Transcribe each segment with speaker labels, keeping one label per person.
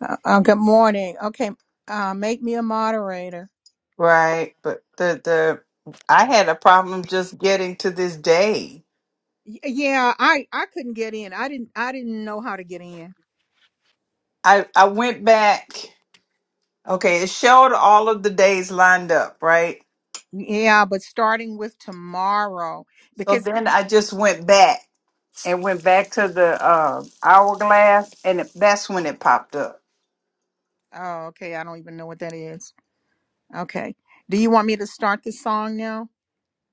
Speaker 1: Uh, uh, good morning. Okay, uh, make me a moderator.
Speaker 2: Right, but the the I had a problem just getting to this day.
Speaker 1: Y- Yeah, I I couldn't get in. I didn't I didn't know how to get in.
Speaker 2: I I went back. Okay, it showed all of the days lined up, right?
Speaker 1: Yeah, but starting with tomorrow
Speaker 2: So
Speaker 1: because the,
Speaker 2: then I just went back and went back to the uh, hourglass, and it, that's when it popped up.
Speaker 1: oh okay, I don't even know what that is. Okay, do you want me to start the song now?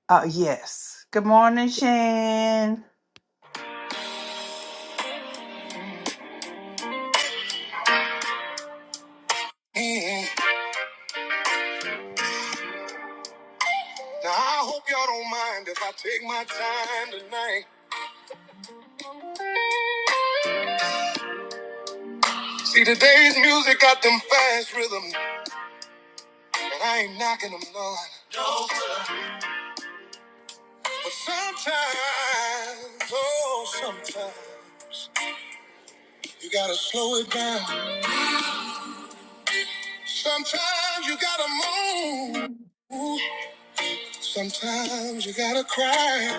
Speaker 2: Oh yes. Good morning, Shan.
Speaker 1: Mhm. Now I hope y'all don't mind if I take my time tonight. See today's music got them fast rhythms, and I ain't knocking them none. But sometimes, oh sometimes. You gotta slow it down. Sometimes you gotta moan. Sometimes you gotta cry.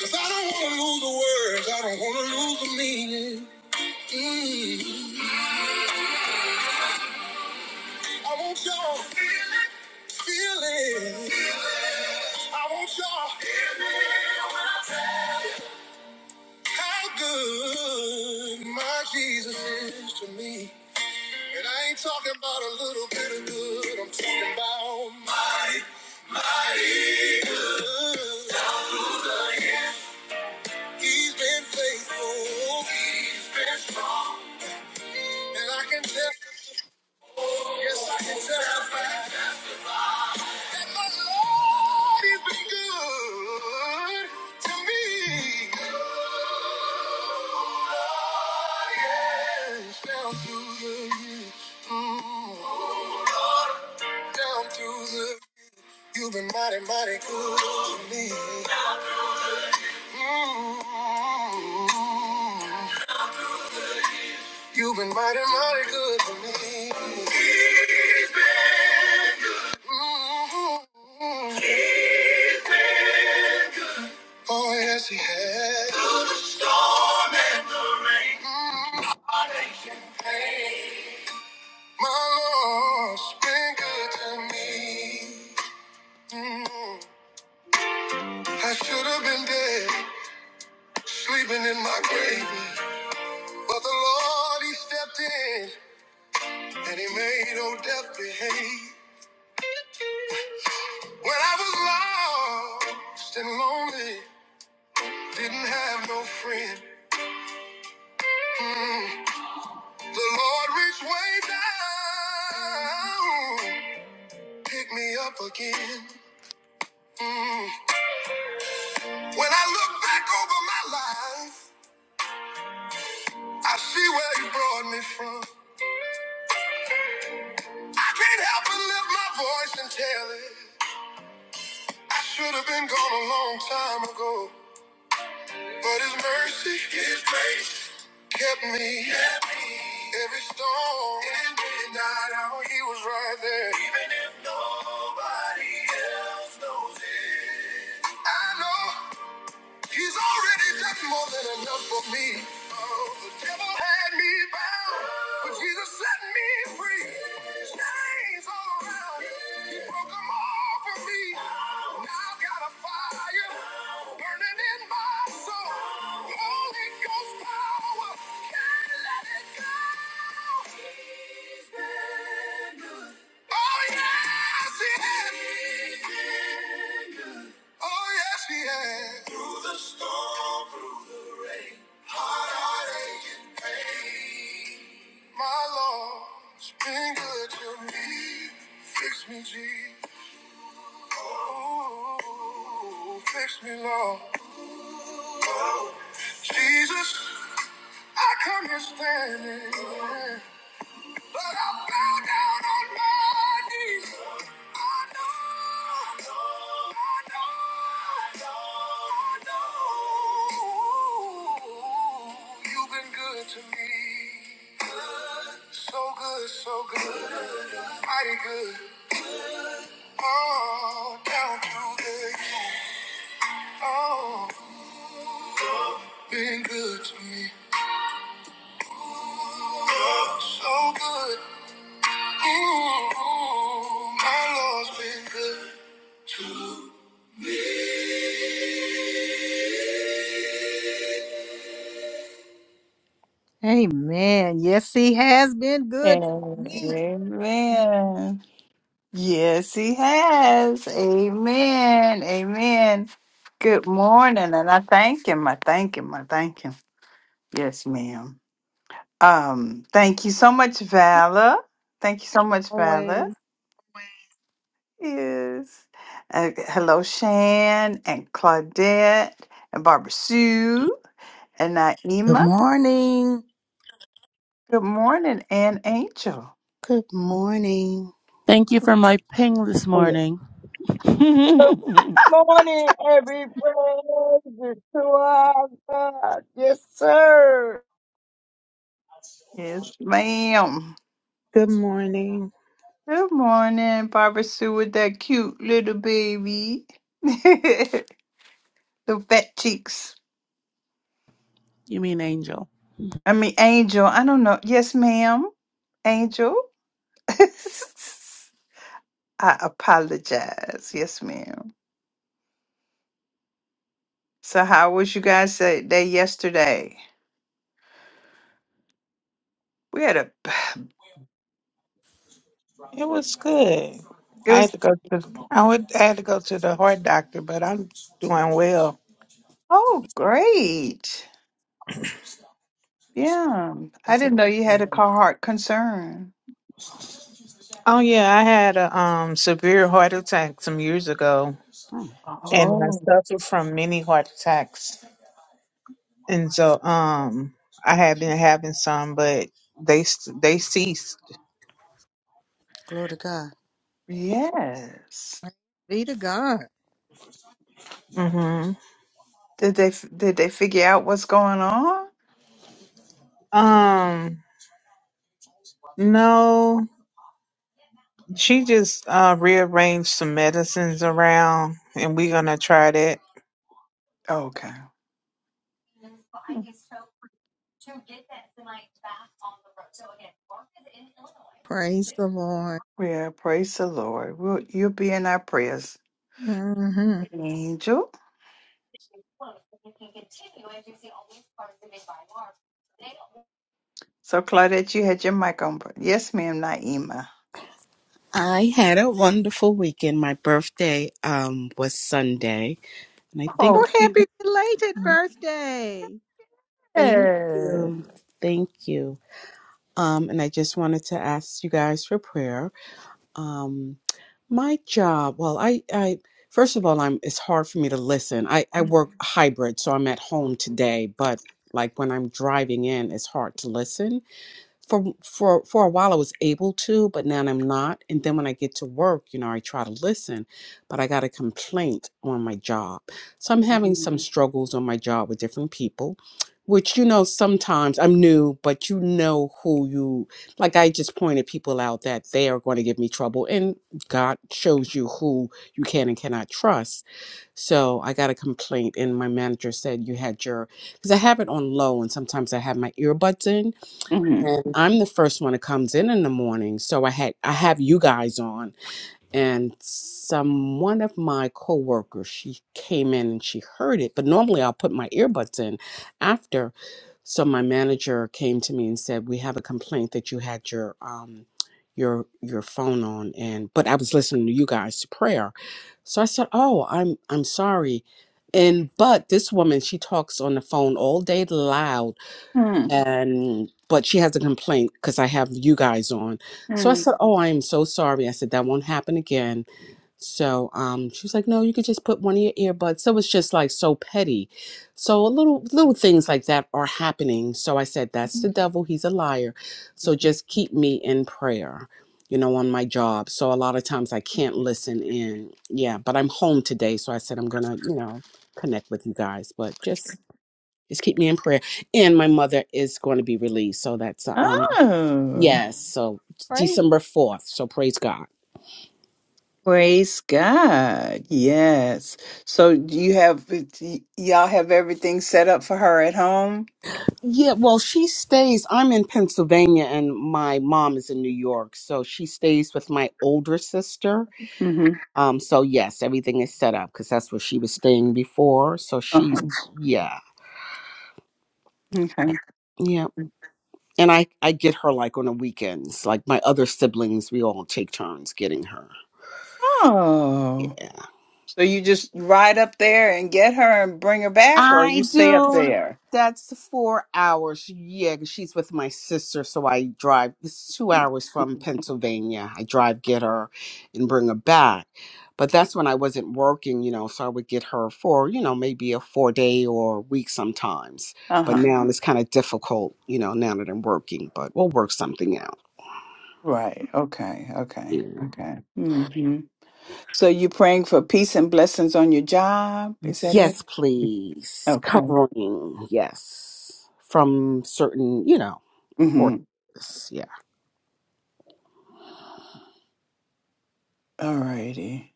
Speaker 1: Cause I don't wanna lose the words. I don't wanna lose the meaning. Mm. I want y'all feeling. I want y'all how good my Jesus is to me. And I ain't talking about a little bit of good. I'm talking about mighty, mighty good. He's been faithful. He's been strong. And I can testify. Yes, I can testify. that my Lord has been good to me. Oh, yes. Down through the years. Mm. Down through the You've been mighty, mighty good to me. Mm. You've been mighty, mighty good to me. Oh, yes, he has. My Lord's been good to me. Mm. I should have been dead, sleeping in my grave. But the Lord, he stepped in and he made old death behave. When I was lost and lonely, didn't have no friend. The Lord reached way down, picked me up again. Mm. When I look back over my life, I see where You brought me from. I can't help but lift my voice and tell it. I should have been gone a long time ago, but His mercy, His grace, kept me. Kept me. Every storm, and midnight hour, He was right there. Even if nobody else knows it. I know he's already done more than enough for me. Oh, the devil had me bound, but Jesus set me free. Chains all around, he broke them all for me. Now I've got a fire burning in my soul. Holy Ghost power, can't let it go. He's been good. Oh, yes, he has. Oh, yes, he has. Through the storm, through the rain, heartache and pain. My Lord's been good to me. Fix me, Jesus. Oh, fix me, Lord. Oh, Jesus, I come here standing. But I'm down on my knees. I know, I know, I know. You've been good to me. good. So good, so good. Mighty good. Oh, down through the years. Oh, been good to me. So good. Amen. Yes, he has been good to me.
Speaker 2: Amen. Yes, he has. Amen. Amen. Good morning. And I thank him. I thank him. I thank him. Yes, ma'am. Um, thank you so much, Vala. Thank you so much, Vala.
Speaker 1: Always
Speaker 2: Yes. Uh, hello, Shan and Claudette and Barbara Sue and
Speaker 3: Good
Speaker 2: Naima.
Speaker 3: morning.
Speaker 2: Good morning, and Angel.
Speaker 4: Good morning.
Speaker 5: Thank you for my ping this
Speaker 6: Yeah.
Speaker 5: morning.
Speaker 6: Good
Speaker 5: you
Speaker 6: morning, every praise is to our God. Yes, sir.
Speaker 2: Yes, ma'am.
Speaker 7: Good morning.
Speaker 2: Good morning, Barbara Sue with that cute little baby. The fat cheeks.
Speaker 5: mean angel?
Speaker 2: I mean, Angel. I don't know. Yes, ma'am. Angel. I apologize. Yes, ma'am. So, how was you guys say- day yesterday? We had a.
Speaker 7: It was good.
Speaker 2: It
Speaker 7: I had
Speaker 2: was
Speaker 7: to go to I would I had to go to the heart doctor, but I'm doing well.
Speaker 2: oh great. Yeah, I
Speaker 3: Is
Speaker 2: didn't know you
Speaker 3: it-
Speaker 2: had a car heart concern.
Speaker 7: Oh yeah, I had a um severe heart attack some years ago
Speaker 3: Hmm,
Speaker 7: and I
Speaker 2: Oh
Speaker 7: suffered from many heart attacks. And so um I have been having some but they s- they ceased.
Speaker 3: glory to God.
Speaker 2: yes.
Speaker 1: be to God.
Speaker 7: Mhm.
Speaker 2: Did they f- did they figure out what's going on?
Speaker 7: Um no, she just uh rearranged some medicines around and we're going to try that
Speaker 2: Okay.
Speaker 1: Praise the Lord.
Speaker 2: Well, praise the Lord. We'll, you'll be in our prayers,
Speaker 1: Mm-hmm.
Speaker 2: Angel. So, Claudette, you had your mic on. but- Yes, ma'am, Naima.
Speaker 4: I had a wonderful weekend. My birthday um was Sunday, and I think
Speaker 1: Well,
Speaker 4: a
Speaker 2: Oh,
Speaker 4: few.
Speaker 1: happy belated birthday.
Speaker 4: Thank
Speaker 2: yes.
Speaker 4: you, thank you. Um, and I just wanted to ask you guys for prayer. Um, my job. Well, I, I first of all, I'm. It's hard for me to listen. I I work hybrid, so I'm at home today, but like when I'm driving in, it's hard to listen. for for for a while I was able to, but now I'm not. And then when I get to work, you know, I try to listen, but I got a complaint on my job. So I'm having some
Speaker 2: Mm,
Speaker 4: struggles on my job with different people, which you know sometimes I'm new, but you know who you like I just pointed people out that they are going to give me trouble and God shows you who you can and cannot trust. So I got a complaint and my manager said you had your cuz I have it on low and sometimes I have my earbuds in
Speaker 2: mm,
Speaker 4: and I'm the first one that comes in in the morning. So I had I have you guys on, and some one of my coworkers she came in and she heard it. But normally I'll put my earbuds in after. So my manager came to me and said, "We have a complaint that you had your um your your phone on," and but I was listening to you guys to prayer. So I said, "Oh, I'm I'm sorry." And but this woman, she talks on the phone all day loud and but she has a complaint because I have you guys on. So I
Speaker 2: mm.
Speaker 4: said, "Oh, I am so sorry." I said that won't happen again. So um, she was like, "No, you could just put one of your earbuds." So it's just like so petty. So a little little things like that are happening. So I said, "That's the devil. He's a liar." So just keep me in prayer. You know, on my job. So a lot of times I can't listen in. Yeah, but I'm home today, so I said I'm gonna, you know, connect with you guys. But just just keep me in prayer. And my mother is going to be released. So that's, uh, um,
Speaker 2: Oh,
Speaker 4: yes. So
Speaker 1: Praise,
Speaker 4: December 4th. So praise God.
Speaker 2: praise God. Yes. So you have y'all have everything set up for her at home?
Speaker 4: Yeah. Well, she stays, I'm in Pennsylvania and my mom is in New York. So she stays with my older sister.
Speaker 2: Mm-hmm.
Speaker 4: Um, so yes, everything is set up because that's where she was staying before. So she's,
Speaker 2: Uh-huh.
Speaker 4: yeah.
Speaker 2: Okay.
Speaker 4: Yeah. And I, I get her like on the weekends. Like my other siblings, we all take turns getting her.
Speaker 2: Oh. So you just ride up there and get her and bring her back or you
Speaker 4: I
Speaker 2: stay up
Speaker 4: do.
Speaker 2: there?
Speaker 4: That's four hours. Yeah, 'cause she's with my sister, so I drive. It's two hours from Pennsylvania. I drive, get her, and bring her back. But that's when I wasn't working, you know, so I would get her for, you know, maybe a four day or a week sometimes. But
Speaker 2: Uh-huh.
Speaker 4: now it's kind of difficult, you know, now that I'm working, but we'll work something out.
Speaker 2: Right. Okay.
Speaker 4: Yeah.
Speaker 2: Okay. Okay. So you're praying for peace and blessings on your job? Is that it?
Speaker 4: Yes, please.
Speaker 2: Okay.
Speaker 4: Covering, yes. From certain, you know,
Speaker 2: Mm-hmm.
Speaker 4: courses.
Speaker 2: All righty.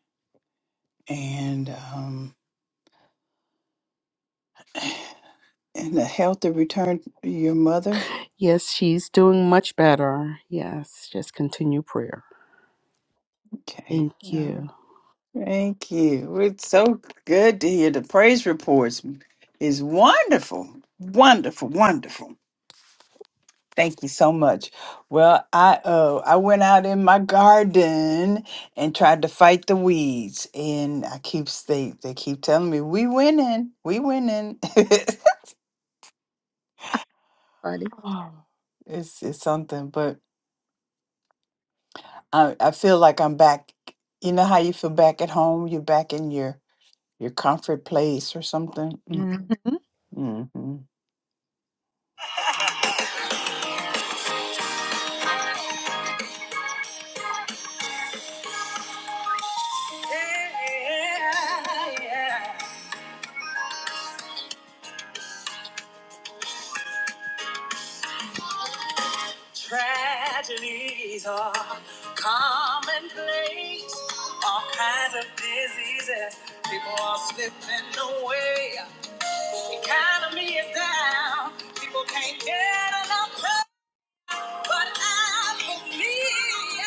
Speaker 2: And um and a healthy return to your mother.
Speaker 4: Yes, she's doing much better. Yes, just continue prayer.
Speaker 2: Okay. All
Speaker 4: Thank you.
Speaker 2: right. Thank you. It's so good to hear the praise reports. Is wonderful. Wonderful. Wonderful. Thank you so much. Well, I uh I went out in my garden and tried to fight the weeds, and I keep they they keep telling me we winning, we winning.
Speaker 1: buddy.
Speaker 2: Oh, it's it's something, but I I feel like I'm back. You know how you feel back at home? You're back in your your comfort place or something. Mm,
Speaker 1: hmm
Speaker 2: Mm-hmm.
Speaker 1: Tragedies are commonplace. All kinds of diseases. People are slipping away. Economy is down. People can't get enough. pay. But I believe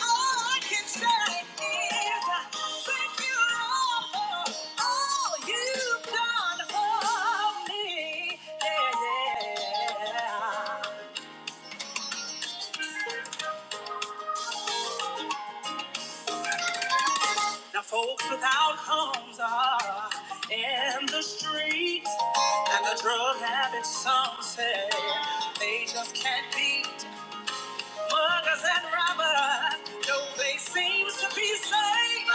Speaker 1: all I can say is thank you, Lord, for all you've done for me. Yeah, yeah. Now folks without homes are in the streets, and the drug habits some say they just can't beat. Muggers and robbers, though they seem to be safe,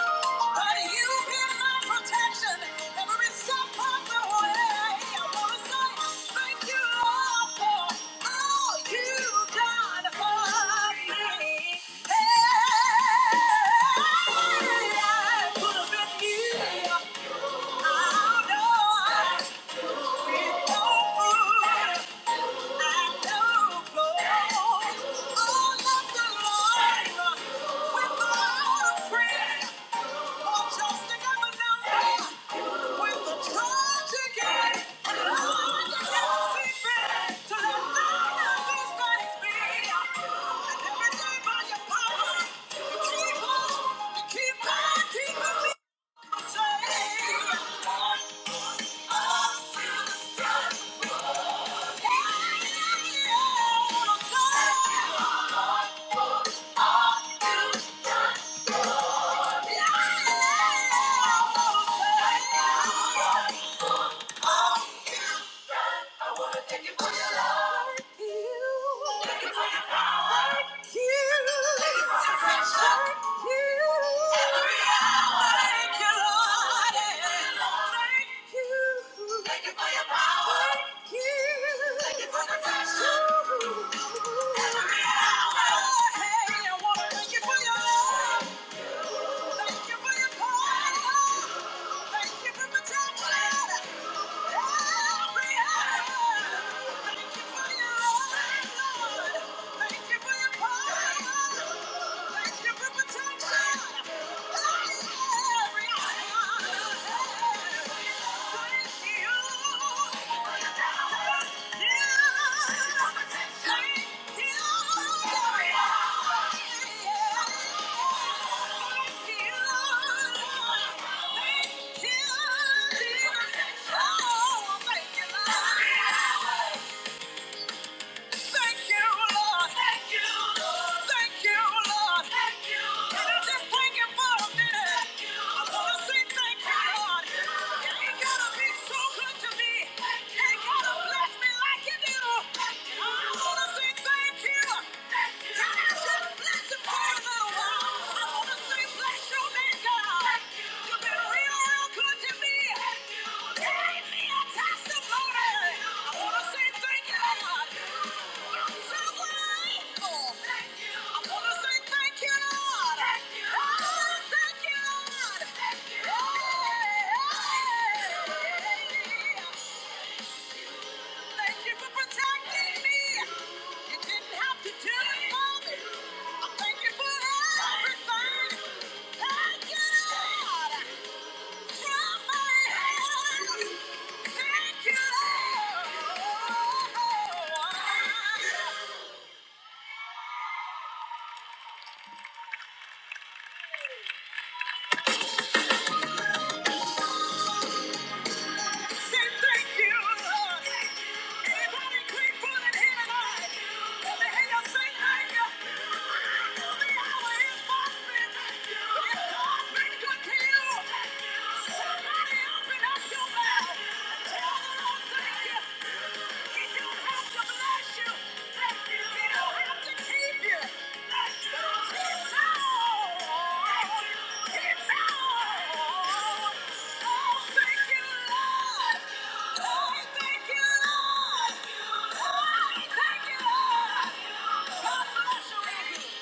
Speaker 1: but you've been my protection every step of the way. I wanna say thank you, Lord, for all you've done for me. Hey, I could have been you. I know I've been no fool. Keep on, keep on me safe. Thank you. I wanna thank you for your love. Thank you for your power. Thank you for your friendship. Every hour. Thank you, Lord. you. Thank you for your power. Thank you for protection. Every hour. Hey, I wanna thank you for your love. Thank you. Thank you. Thank you, Lord. Thank you, Lord. Thank you, Lord. Thank you. Can I just thank him for a minute? Thank you. I wanna say thank you, Lord. you. You ain't gotta be so good to me. you. Ain't gotta bless me like you do. I wanna say thank you. Thank you. Can I just bless him for a little while? I wanna say bless you. Thank you. Thank you for protecting me. You didn't have to do it for me. I Thank you for everything. Thank you, Lord. From my heart. Thank you, Lord. Somebody open up your mouth. and Tell the Lord thank you. He don't have to Thank you.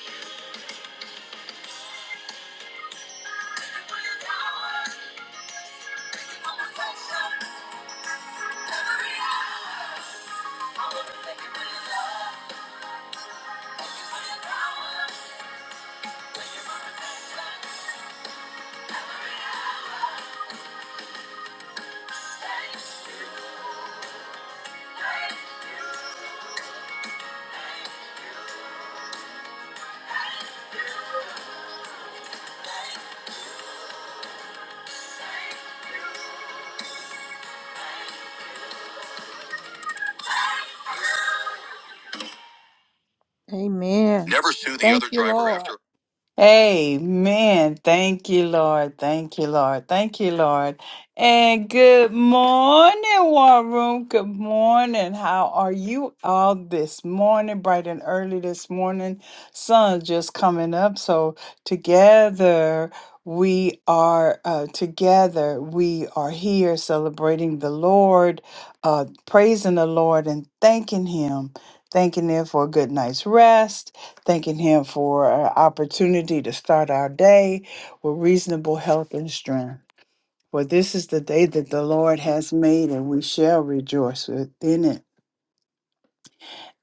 Speaker 1: Amen. Never sue the Thank other you, driver Lord. after.
Speaker 2: Amen. Thank you, Lord. Thank you, Lord. Thank you, Lord. And good morning, War Room. Good morning. How are you all this morning? Bright and early this morning. Sun's just coming up. So together we are uh, together. We are here celebrating the Lord, uh, praising the Lord and thanking Him, thanking Him for a good night's rest thanking Him for our opportunity to start our day with reasonable health and strength. For this is the day that the Lord has made, and we shall rejoice within it.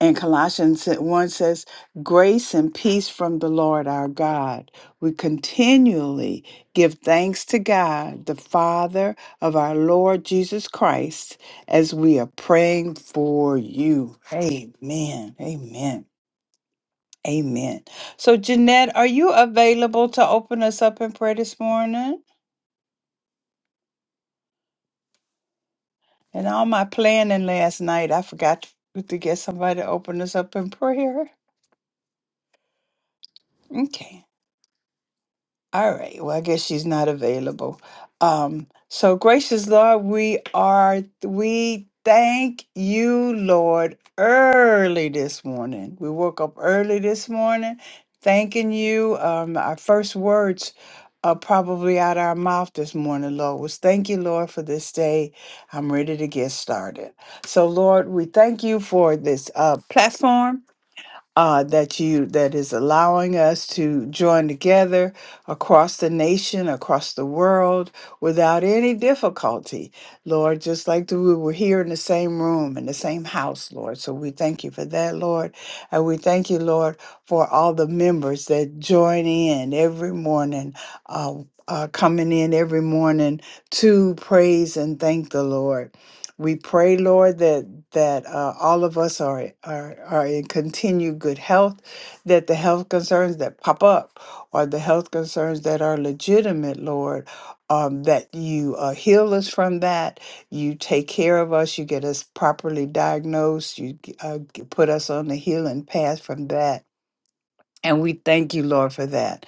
Speaker 2: And Colossians 1 says, Grace and peace from the Lord our God. We continually give thanks to God, the Father of our Lord Jesus Christ, as we are praying for you. Amen. Amen. Amen. So, Jeanette, are you available to open us up in prayer this morning? And all my planning last night, I forgot to to get somebody to open us up in prayer. Okay. All right. Well, I guess she's not available. Um, so gracious Lord, we are we thank you, Lord, early this morning. We woke up early this morning, thanking you. Um, our first words are probably out our mouth this morning, Lord, was thank you, Lord, for this day. I'm ready to get started. So, Lord, we thank you for this uh, platform uh, that you that is allowing us to join together across the nation, across the world, without any difficulty, Lord. Just like the, we were here in the same room in the same house, Lord. So we thank you for that, Lord, and we thank you, Lord, for all the members that join in every morning. Uh, uh, coming in every morning to praise and thank the Lord. We pray, Lord, that that uh, all of us are, are are in continued good health, that the health concerns that pop up or the health concerns that are legitimate, Lord, um, that you uh, heal us from that, you take care of us, you get us properly diagnosed, you g- uh, g- put us on the healing path from that and we thank you, Lord, for that.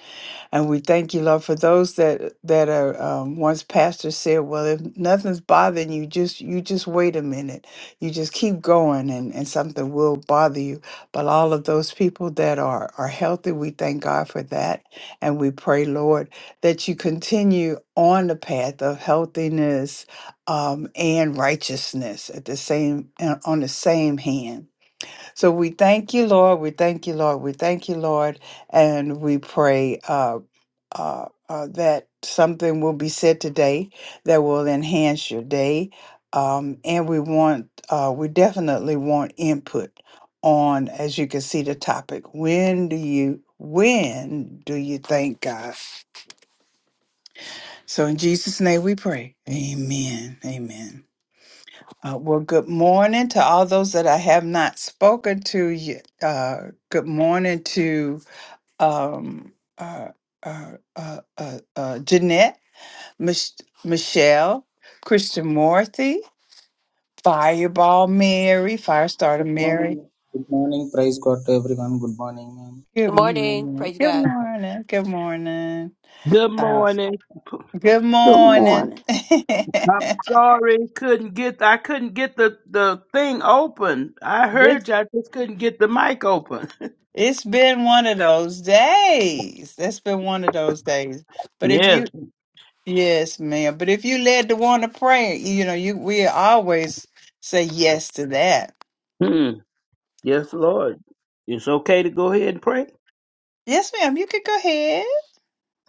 Speaker 2: And we thank you, Lord, for those that that are um, once pastor said, well, if nothing's bothering you, just you just wait a minute. You just keep going and, and something will bother you. But all of those people that are are healthy, we thank God for that. And we pray, Lord, that you continue on the path of healthiness um, and righteousness at the same uh, on the same hand. So we thank you, Lord. We thank you, Lord. We thank you, Lord. And we pray uh, uh, uh, that something will be said today that will enhance your day. Um, and we want, uh, we definitely want input on, as you can see, the topic. When do you, when do you thank God? So in Jesus' name we pray. Amen. Amen. Uh, well, good morning to all those that I have not spoken to yet. Uh, good morning to um, uh, uh, uh, uh, uh, Jeanette, Mich- Michelle, Christian Morthy, Fireball Mary, Firestarter
Speaker 8: Good morning.
Speaker 2: Mary.
Speaker 8: Good morning. Praise God to everyone. Good morning, ma'am.
Speaker 2: Good
Speaker 9: Good morning.
Speaker 2: morning.
Speaker 9: Praise
Speaker 2: Good
Speaker 9: God.
Speaker 2: morning. Good morning.
Speaker 10: Good
Speaker 2: Uh,
Speaker 10: morning.
Speaker 2: good
Speaker 11: Good
Speaker 2: morning.
Speaker 11: morning.
Speaker 10: I'm sorry, couldn't get I couldn't get the the thing open. I
Speaker 2: this,
Speaker 10: heard you, I just couldn't get the mic open.
Speaker 2: it's been one of those days. it has been one of those days. But if you
Speaker 10: Yes.
Speaker 2: Yes, ma'am. But if you led the one to prayer, you know, you we always say yes to that.
Speaker 10: Hmm. Yes, Lord. It's okay to go ahead and pray.
Speaker 2: Yes, ma'am. You can go ahead.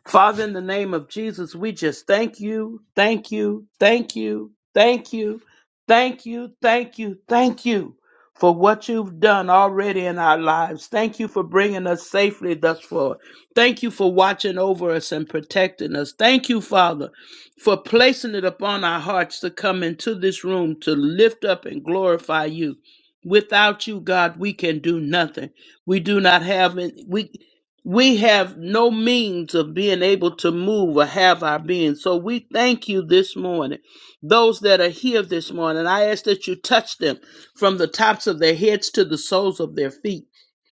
Speaker 10: Father, in the name of Jesus, we just thank you, thank you, thank you, thank you, thank you, thank you, thank you for what you've done already in our lives. Thank you for bringing us safely thus far. Thank you for watching over us and protecting us. Thank you, Father, for placing it upon our hearts to come into this room to lift up and glorify you. Without you, God, we can do nothing. We do not have any. we we have no means of being able to move or have our being. So we thank you this morning. Those that are here this morning, I ask that you touch them from the tops of their heads to the soles of their feet.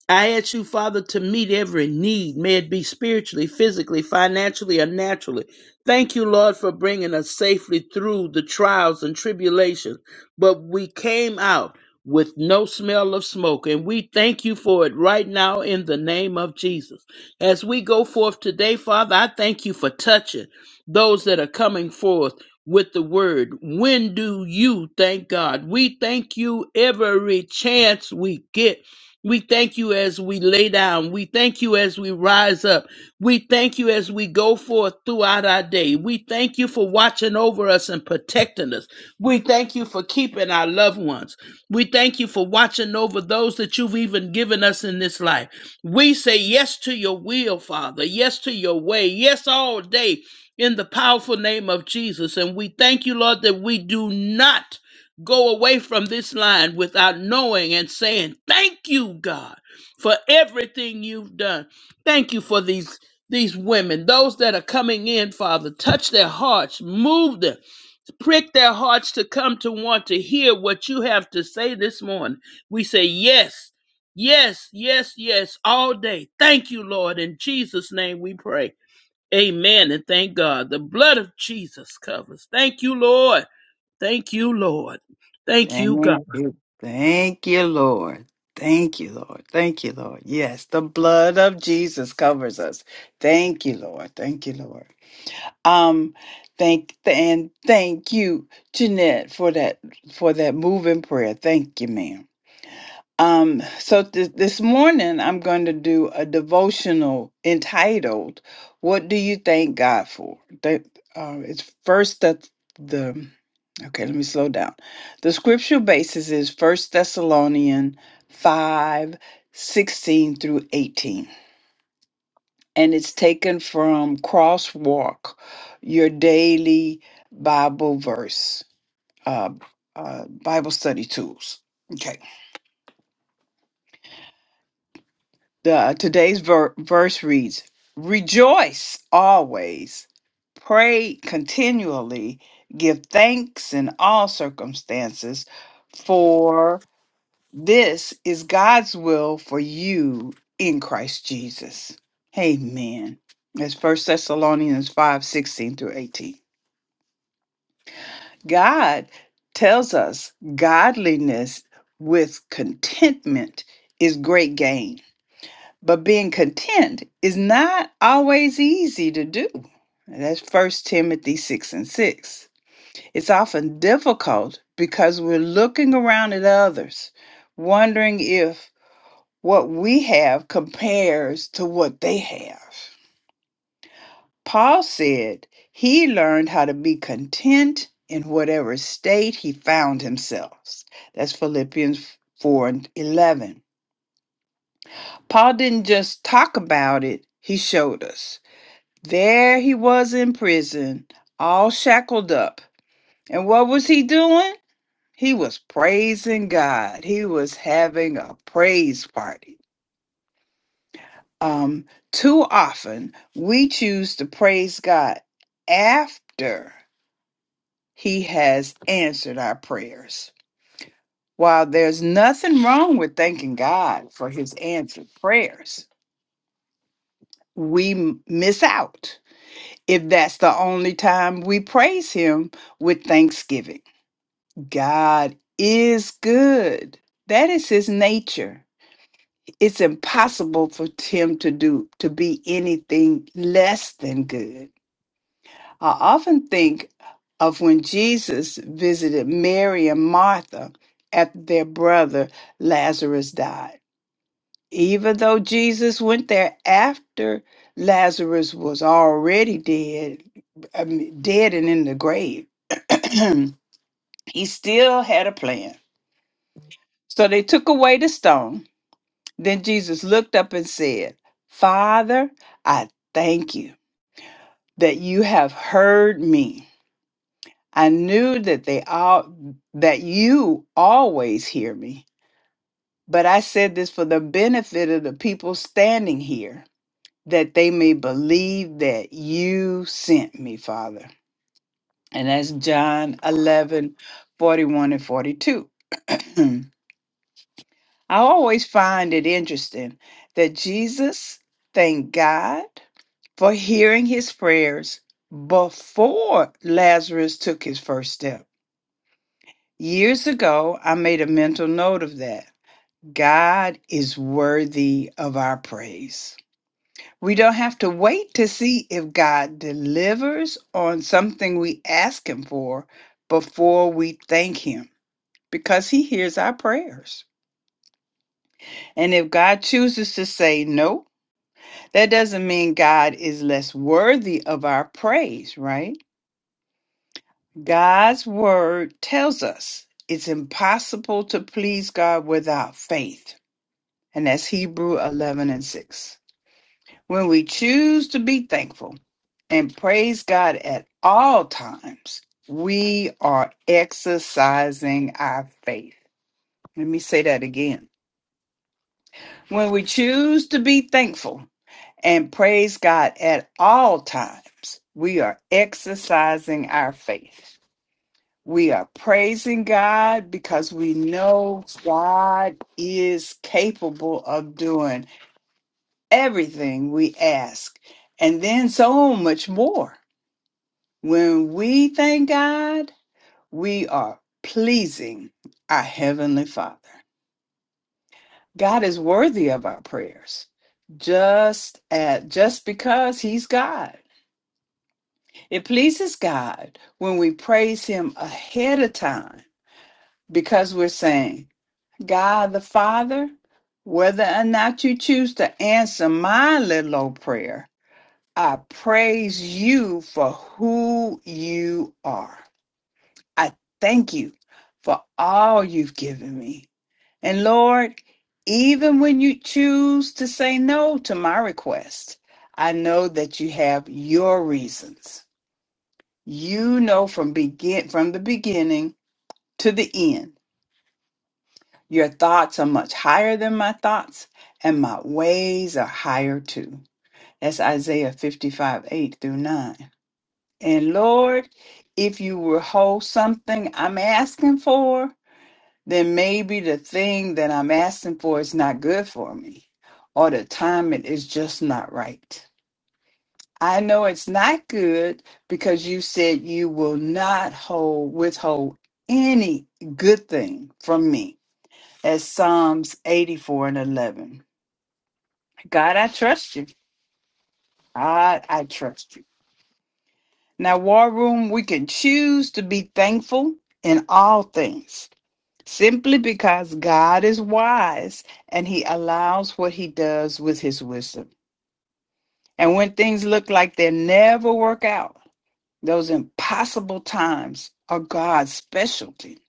Speaker 10: I ask you, Father, to meet every need, may it be spiritually, physically, financially, or naturally. Thank you, Lord, for bringing us safely through the trials and tribulations. But we came out with no smell of smoke, and we thank you for it right now in the name of Jesus. As we go forth today, Father, I thank you for touching those that are coming forth. With the word, when do you thank God? We thank you every chance we get we thank you as we lay down. We thank you as we rise up. We thank you as we go forth throughout our day. We thank you for watching over us and protecting us. We thank you for keeping our loved ones. We thank you for watching over those that you've even given us in this life. We say yes to your will, Father. Yes to your way. Yes all day in the powerful name of Jesus. And we thank you, Lord, that we do not go away from this line without knowing and saying, Thank you, God, for everything you've done. Thank you for these. These women, those that are coming in, Father, touch their hearts, move them, prick their hearts to come to want to hear what you have to say this morning. We say, Yes, yes, yes, yes, all day. Thank you, Lord. In Jesus' name we pray. Amen. And thank God. The blood of Jesus covers. Thank you, Lord. Thank you, Lord. Thank you, God.
Speaker 2: Thank you. Thank you, Lord. Thank you, Lord. Thank you, Lord. Yes, the blood of Jesus covers us. Thank you, Lord. Thank you, Lord. Um, thank and thank you, Jeanette, for that for that moving prayer. Thank you, ma'am. Um, so th- this morning I'm going to do a devotional entitled "What Do You Thank God For?" That uh, it's first that the okay. Let me slow down. The scripture basis is First Thessalonians five sixteen through eighteen, and it's taken from Crosswalk, your daily Bible verse, uh, uh, Bible study tools. Okay. The uh, today's ver- verse reads, "Rejoice always, pray continually, give thanks in all circumstances, for this is God's will for you in Christ Jesus." Amen. That's First Thessalonians 5 16 through 18. God tells us godliness with contentment is great gain but being content is not always easy to do. That's First Timothy 6 and 6. It's often difficult because we're looking around at others, wondering if what we have compares to what they have. Paul said he learned how to be content in whatever state he found himself. That's Philippians 4 and 11. Paul didn't just talk about it, he showed us. There he was in prison, all shackled up. And what was he doing? He was praising God. He was having a praise party. Um, too often we choose to praise God after he has answered our prayers. While there's nothing wrong with thanking God for his answered prayers, we m- miss out if that's the only time we praise him with thanksgiving. God is good. That is his nature. It's impossible for him to do to be anything less than good. I often think of when Jesus visited Mary and Martha after their brother Lazarus died. Even though Jesus went there after Lazarus was already dead, I mean, dead and in the grave, he still had a plan. So they took away the stone Then Jesus looked up and said, Father, I thank you that you have heard me. I knew that they all that you always hear me, but I said this for the benefit of the people standing here, that they may believe that you sent me, Father. And that's John 11, 41 and 42. I always find it interesting that Jesus thanked God for hearing his prayers before Lazarus took his first step. Years ago, I made a mental note of that. God is worthy of our praise. We don't have to wait to see if God delivers on something we ask Him for before we thank Him because He hears our prayers. And if God chooses to say no, That doesn't mean God is less worthy of our praise, right? God's word tells us it's impossible to please God without faith. And that's Hebrew 11 and 6. When we choose to be thankful and praise God at all times, we are exercising our faith. Let me say that again. When we choose to be thankful and praise God at all times. We are exercising our faith. We are praising God because we know God is capable of doing everything we ask, and then so much more. When we thank God, we are pleasing our Heavenly Father. God is worthy of our prayers just at just because he's God. It pleases God when we praise Him ahead of time because we're saying, God the Father, whether or not you choose to answer my little old prayer, I praise you for who you are. I thank you for all you've given me. And Lord, even when you choose to say no to my request, I know that you have your reasons. You know from begin from the beginning to the end. Your thoughts are much higher than my thoughts, and my ways are higher too. That's Isaiah 55, 8 through 9. And Lord, if you withhold something I'm asking for, then maybe the thing that I'm asking for is not good for me, or the timing is just not right. I know it's not good because you said you will not hold withhold any good thing from me. As Psalms 84 and 11. God, I trust you. God, I trust you. Now, War Room, we can choose to be thankful in all things simply because God is wise and he allows what he does with his wisdom. And when things look like they never work out, Those impossible times are God's specialty.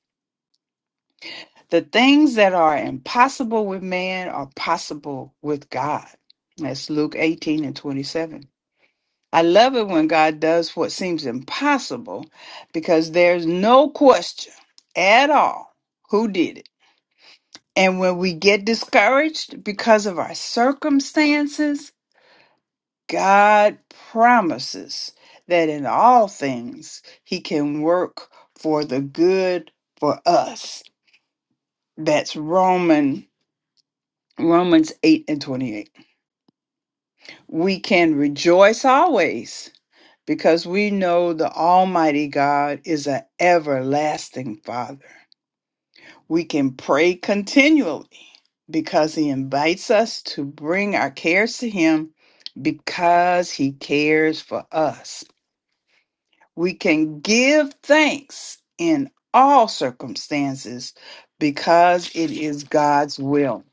Speaker 2: The things that are impossible with man are possible with God. That's Luke 18 and 27. I love it when God does what seems impossible because there's no question at all who did it. And when we get discouraged because of our circumstances, God promises that in all things he can work for the good for us. That's Roman Romans 8 and 28. We can rejoice always because we know the almighty God is an everlasting father. We can pray continually because he invites us to bring our cares to him because he cares for us. We can give thanks in all circumstances because it is God's will.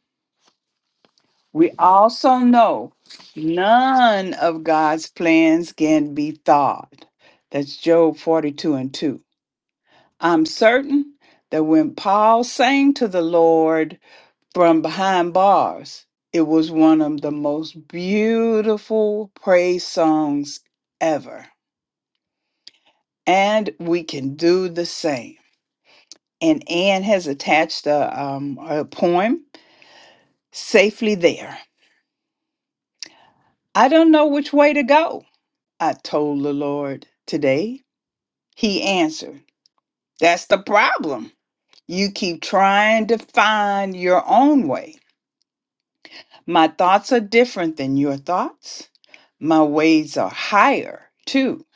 Speaker 2: We also know none of God's plans can be thwarted. That's Job 42 and 2. I'm certain that when Paul sang to the Lord from behind bars, it was one of the most beautiful praise songs ever. And we can do the same. and Anne has attached a, um, a poem, Safely There. I don't know which way to go, I told the Lord today. He answered, That's the problem. You keep trying to find your own way. My thoughts are different than your thoughts. My ways are higher, too.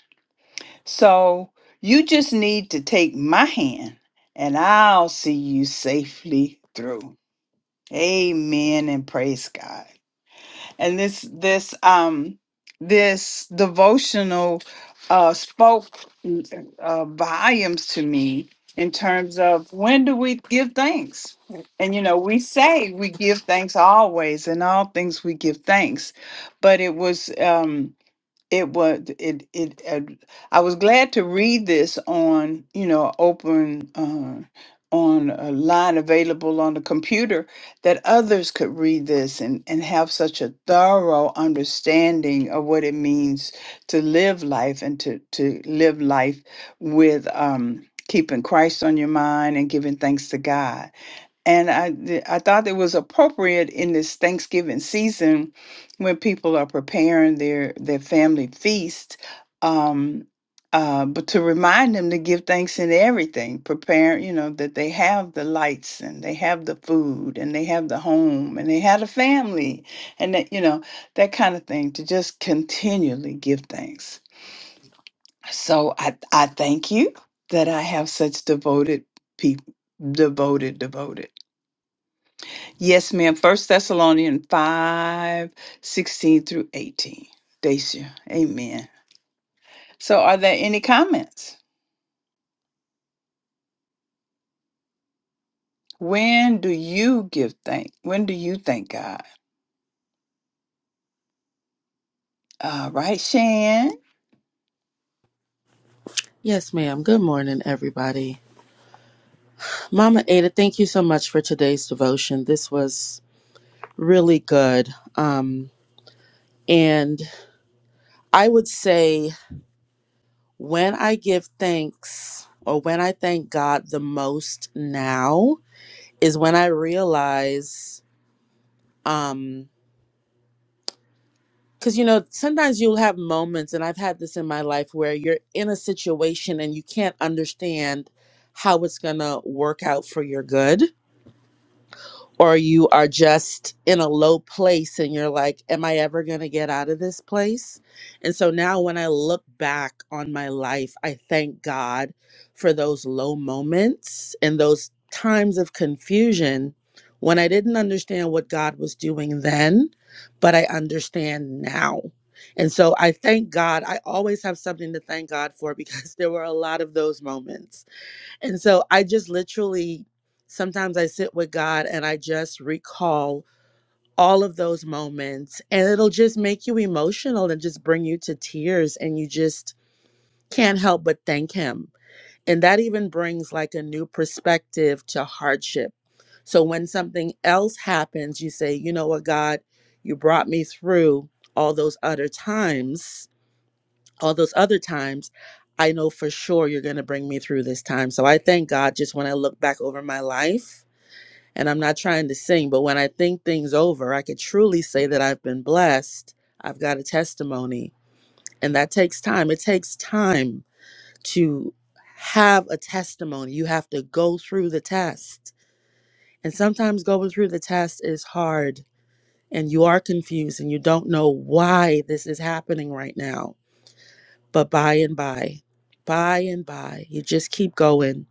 Speaker 2: So you just need to take my hand and I'll see you safely through. Amen and praise God. and this this um this devotional uh spoke uh, volumes to me in terms of when do we give thanks and you know we say we give thanks always in all things we give thanks but it was um it was it it uh, i was glad to read this on you know open uh, on a line available on the computer that others could read this and and have such a thorough understanding of what it means to live life and to to live life with um keeping christ on your mind and giving thanks to god and I, th- I thought it was appropriate in this Thanksgiving season when people are preparing their their family feast, um, uh, but to remind them to give thanks in everything. Prepare, you know, that they have the lights and they have the food and they have the home and they had a family and that you know that kind of thing. To just continually give thanks. So I I thank you that I have such devoted people, devoted, devoted. Yes, ma'am. First Thessalonians 5 16 through 18. Dacia. Amen. So are there any comments? When do you give thank? When do you thank God? All right, Shan.
Speaker 5: Yes, ma'am. Good morning, everybody. Mama Ada, thank you so much for today's devotion. This was really good. Um, and I would say when I give thanks or when I thank God the most now is when I realize. Um, Because, you know, sometimes you'll have moments, and I've had this in my life, where you're in a situation and you can't understand how it's going to work out for your good or you are just in a low place and you're like, Am I ever going to get out of this place? And so now when I look back on my life, I thank God for those low moments and those times of confusion when I didn't understand what God was doing then, but I understand now. And so I thank God. I always have something to thank God for because there were a lot of those moments and so I just literally sometimes I sit with God and I just recall all of those moments and it'll just make you emotional and just bring you to tears and you just can't help but thank him. And that even brings like a new perspective to hardship. So when something else happens, you say, "You know what, God, you brought me through all those other times." all those other times, I know for sure you're going to bring me through this time. So I thank God just when I look back over my life, and I'm not trying to sing, but when I think things over, I could truly say that I've been blessed. I've got a testimony, and that takes time. It takes time to have a testimony. You have to go through the test. And sometimes going through the test is hard, and you are confused, and you don't know why this is happening right now But by and by, by and by, you just keep going.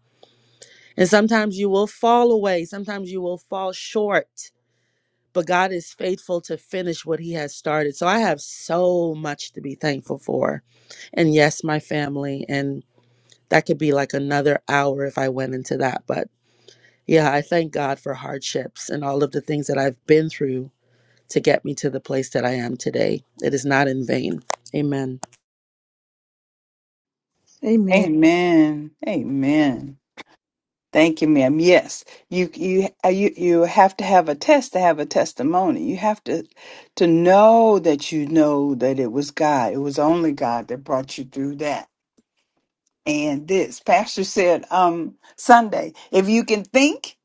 Speaker 5: And sometimes you will fall away, sometimes you will fall short, but God is faithful to finish what He has started. So I have so much to be thankful for. And yes, my family. And that could be like another hour if I went into that. But yeah, I thank God for hardships and all of the things that I've been through to get me to the place that I am today. It is not in vain. Amen.
Speaker 1: Amen.
Speaker 2: Amen. Amen. Thank you, ma'am. Yes, you you uh, you you have to have a test to have a testimony. You have to to know that you know that it was God. It was only God that brought you through that and this pastor said um sunday if you can think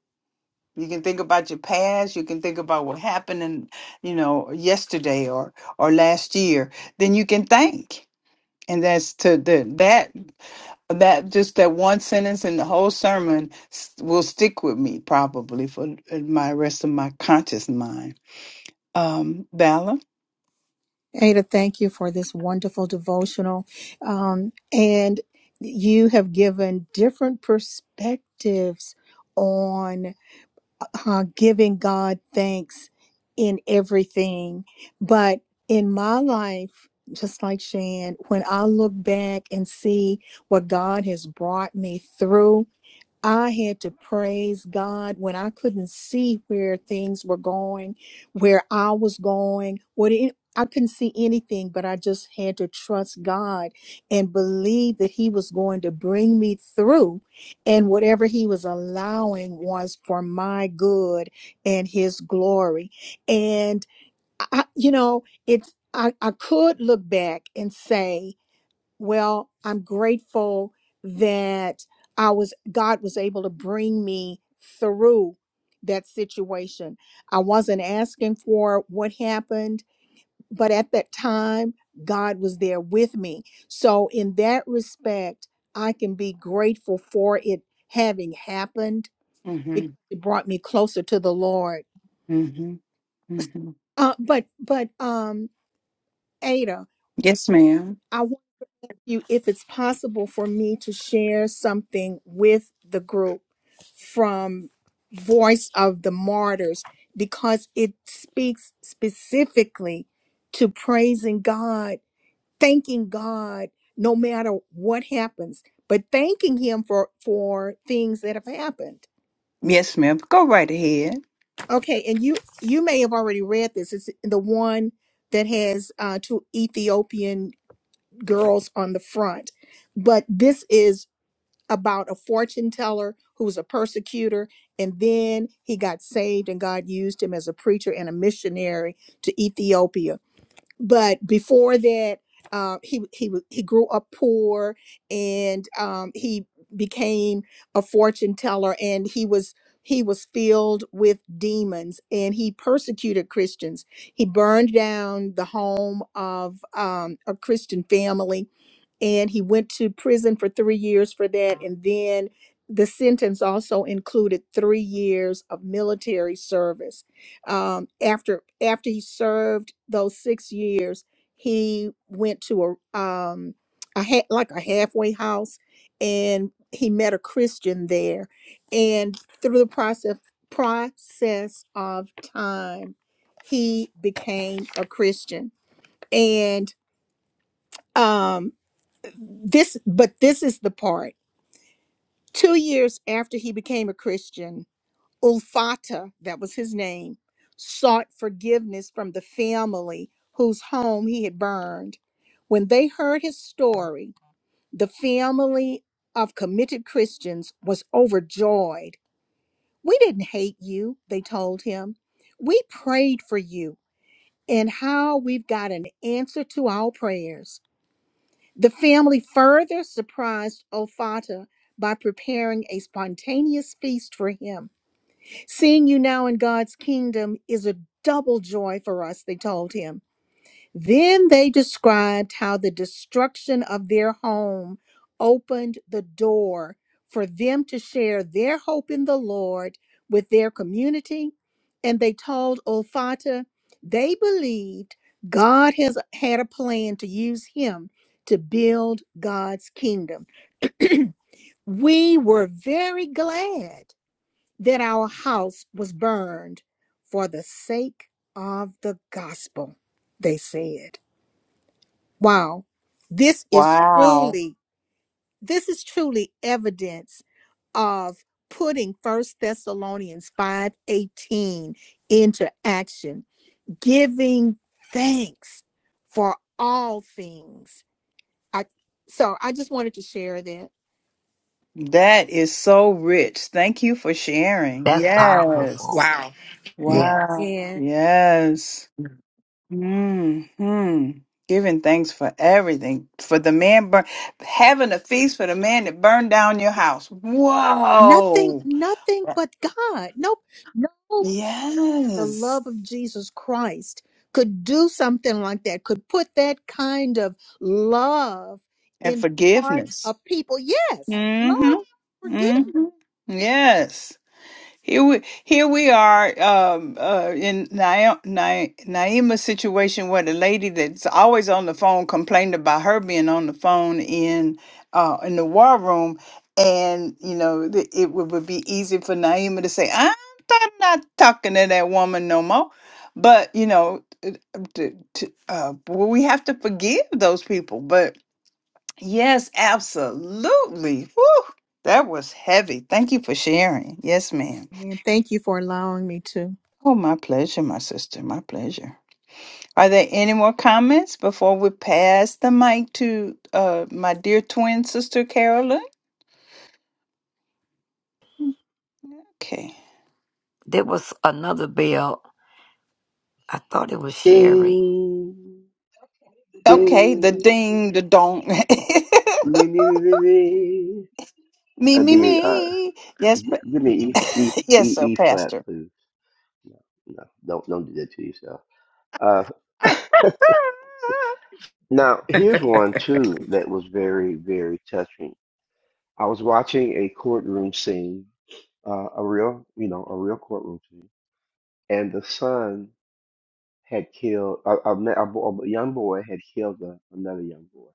Speaker 2: you can think about your past you can think about what happened in you know yesterday or or last year then you can think and that's to the that that just that one sentence in the whole sermon s- will stick with me probably for my rest of my conscious mind um bella
Speaker 1: Ada, thank you for this wonderful devotional. Um, and you have given different perspectives on uh, giving God thanks in everything. But in my life, just like Shan, when I look back and see what God has brought me through, I had to praise God when I couldn't see where things were going, where I was going, what it, I couldn't see anything, but I just had to trust God and believe that He was going to bring me through. And whatever He was allowing was for my good and His glory. And, I, I- you know, it's, I, I could look back and say, well i'm grateful that i was god was able to bring me through that situation i wasn't asking for what happened but at that time god was there with me so in that respect i can be grateful for it having happened
Speaker 2: mm-hmm,
Speaker 1: because it brought me closer to the lord
Speaker 2: mm-hmm, mm-hmm.
Speaker 1: uh, but but um ada
Speaker 2: yes ma'am
Speaker 1: I you if it's possible for me to share something with the group from Voice of the Martyrs because it speaks specifically to praising God, thanking God no matter what happens, but thanking him for for things that have happened.
Speaker 2: yes ma'am go right ahead
Speaker 1: Okay, and you you may have already read this. It's the one that has uh, two Ethiopian girls on the front, but this is about a fortune teller who was a persecutor and then he got saved and God used him as a preacher and a missionary to Ethiopia. But before that, uh, he he wa- he grew up poor and um, he became a fortune teller and he was he was filled with demons and he persecuted Christians. He burned down the home of um, a Christian family and he went to prison for three years for that. And then the sentence also included three years of military service. Um, after after he served those six years, he went to a um, a ha- like a halfway house, and he met a Christian there. And through the process process of time, he became a Christian. And um this but this is the part two years after he became a christian ulfata that was his name sought forgiveness from the family whose home he had burned when they heard his story the family of committed christians was overjoyed we didn't hate you they told him we prayed for you and how we've got an answer to our prayers The family further surprised Olfata by preparing a spontaneous feast for him. Seeing you now in God's kingdom is a double joy for us, they told him. Then they described how the destruction of their home opened the door for them to share their hope in the Lord with their community. And they told Olfata they believed God has had a plan to use him to build God's kingdom. we were very glad that our house was burned for the sake of the gospel, they said. Wow. This is
Speaker 2: wow
Speaker 1: truly, this is truly evidence of putting First Thessalonians 5:18 into action, giving thanks for all things. I so I just wanted to share that.
Speaker 2: That is so rich. Thank you for sharing.
Speaker 12: That's powerful.
Speaker 2: Yes.
Speaker 13: Wow.
Speaker 12: Yeah.
Speaker 2: Wow.
Speaker 1: Amen.
Speaker 2: Yes. hmm Giving thanks for everything. For the man burn having a feast for the man that burned down your house.
Speaker 1: Nothing,
Speaker 2: Whoa.
Speaker 1: nothing but God. Nope. No the
Speaker 2: Yes.
Speaker 1: love of Jesus Christ could do something like that, could put that kind of love
Speaker 2: And
Speaker 1: in the hearts
Speaker 2: forgiveness.
Speaker 1: of people. Yes, love,
Speaker 2: Mm-hmm.
Speaker 1: forgiveness.
Speaker 2: Mm-hmm. Yes. Here we here we are um, uh, in Naim, Na- Naima's situation where the lady that's always on the phone complained about her being on the phone in uh, in the war room, and you know the, it would, would be easy for Naima to say, "I'm th- not talking to that woman no more," but you know, it- to, to, uh, well, we have to forgive those people. But yes, absolutely. Whew, that was heavy. Thank you for sharing. Yes, ma'am.
Speaker 1: And thank you for allowing me to.
Speaker 2: Oh, my pleasure, my sister. My pleasure. Are there any more comments before we pass the mic to uh, my dear twin sister, Carolyn? Okay.
Speaker 12: There was another bill. I thought it was Sherry.
Speaker 14: Ding,
Speaker 2: Okay,
Speaker 14: ding,
Speaker 2: the ding, the dong.
Speaker 14: me, me, me, me, me.
Speaker 2: me,
Speaker 14: I
Speaker 2: me,
Speaker 14: mean, uh,
Speaker 2: me. Yes,
Speaker 14: g-
Speaker 2: pa-
Speaker 14: give me E, E, E,
Speaker 2: yes, sir,
Speaker 14: E flat,
Speaker 2: Pastor.
Speaker 14: please. No, no, don't, don't do that to yourself. Uh, now, here's one too that was very, very touching. I was watching a courtroom scene, uh, a real, you know, a real courtroom scene, and the son had killed a, a, ma- a, bo- a young boy had killed a, another young boy.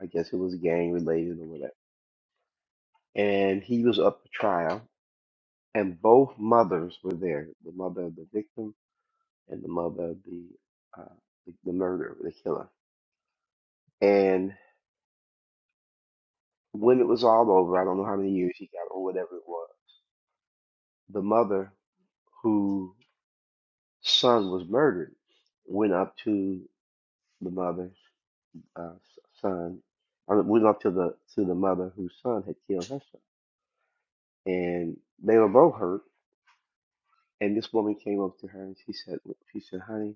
Speaker 14: I guess it was gang related or whatever and he was up for trial, and both mothers were there, the mother of the victim and the mother of the uh, the, the murderer, the killer. And when it was all over, I don't know how many years he got or whatever it was, the mother whose son was murdered went up to the mother's uh, s- son, I mean, went up to the to the mother whose son had killed her son, and they were both hurt. And this woman came up to her and she said, she said, honey,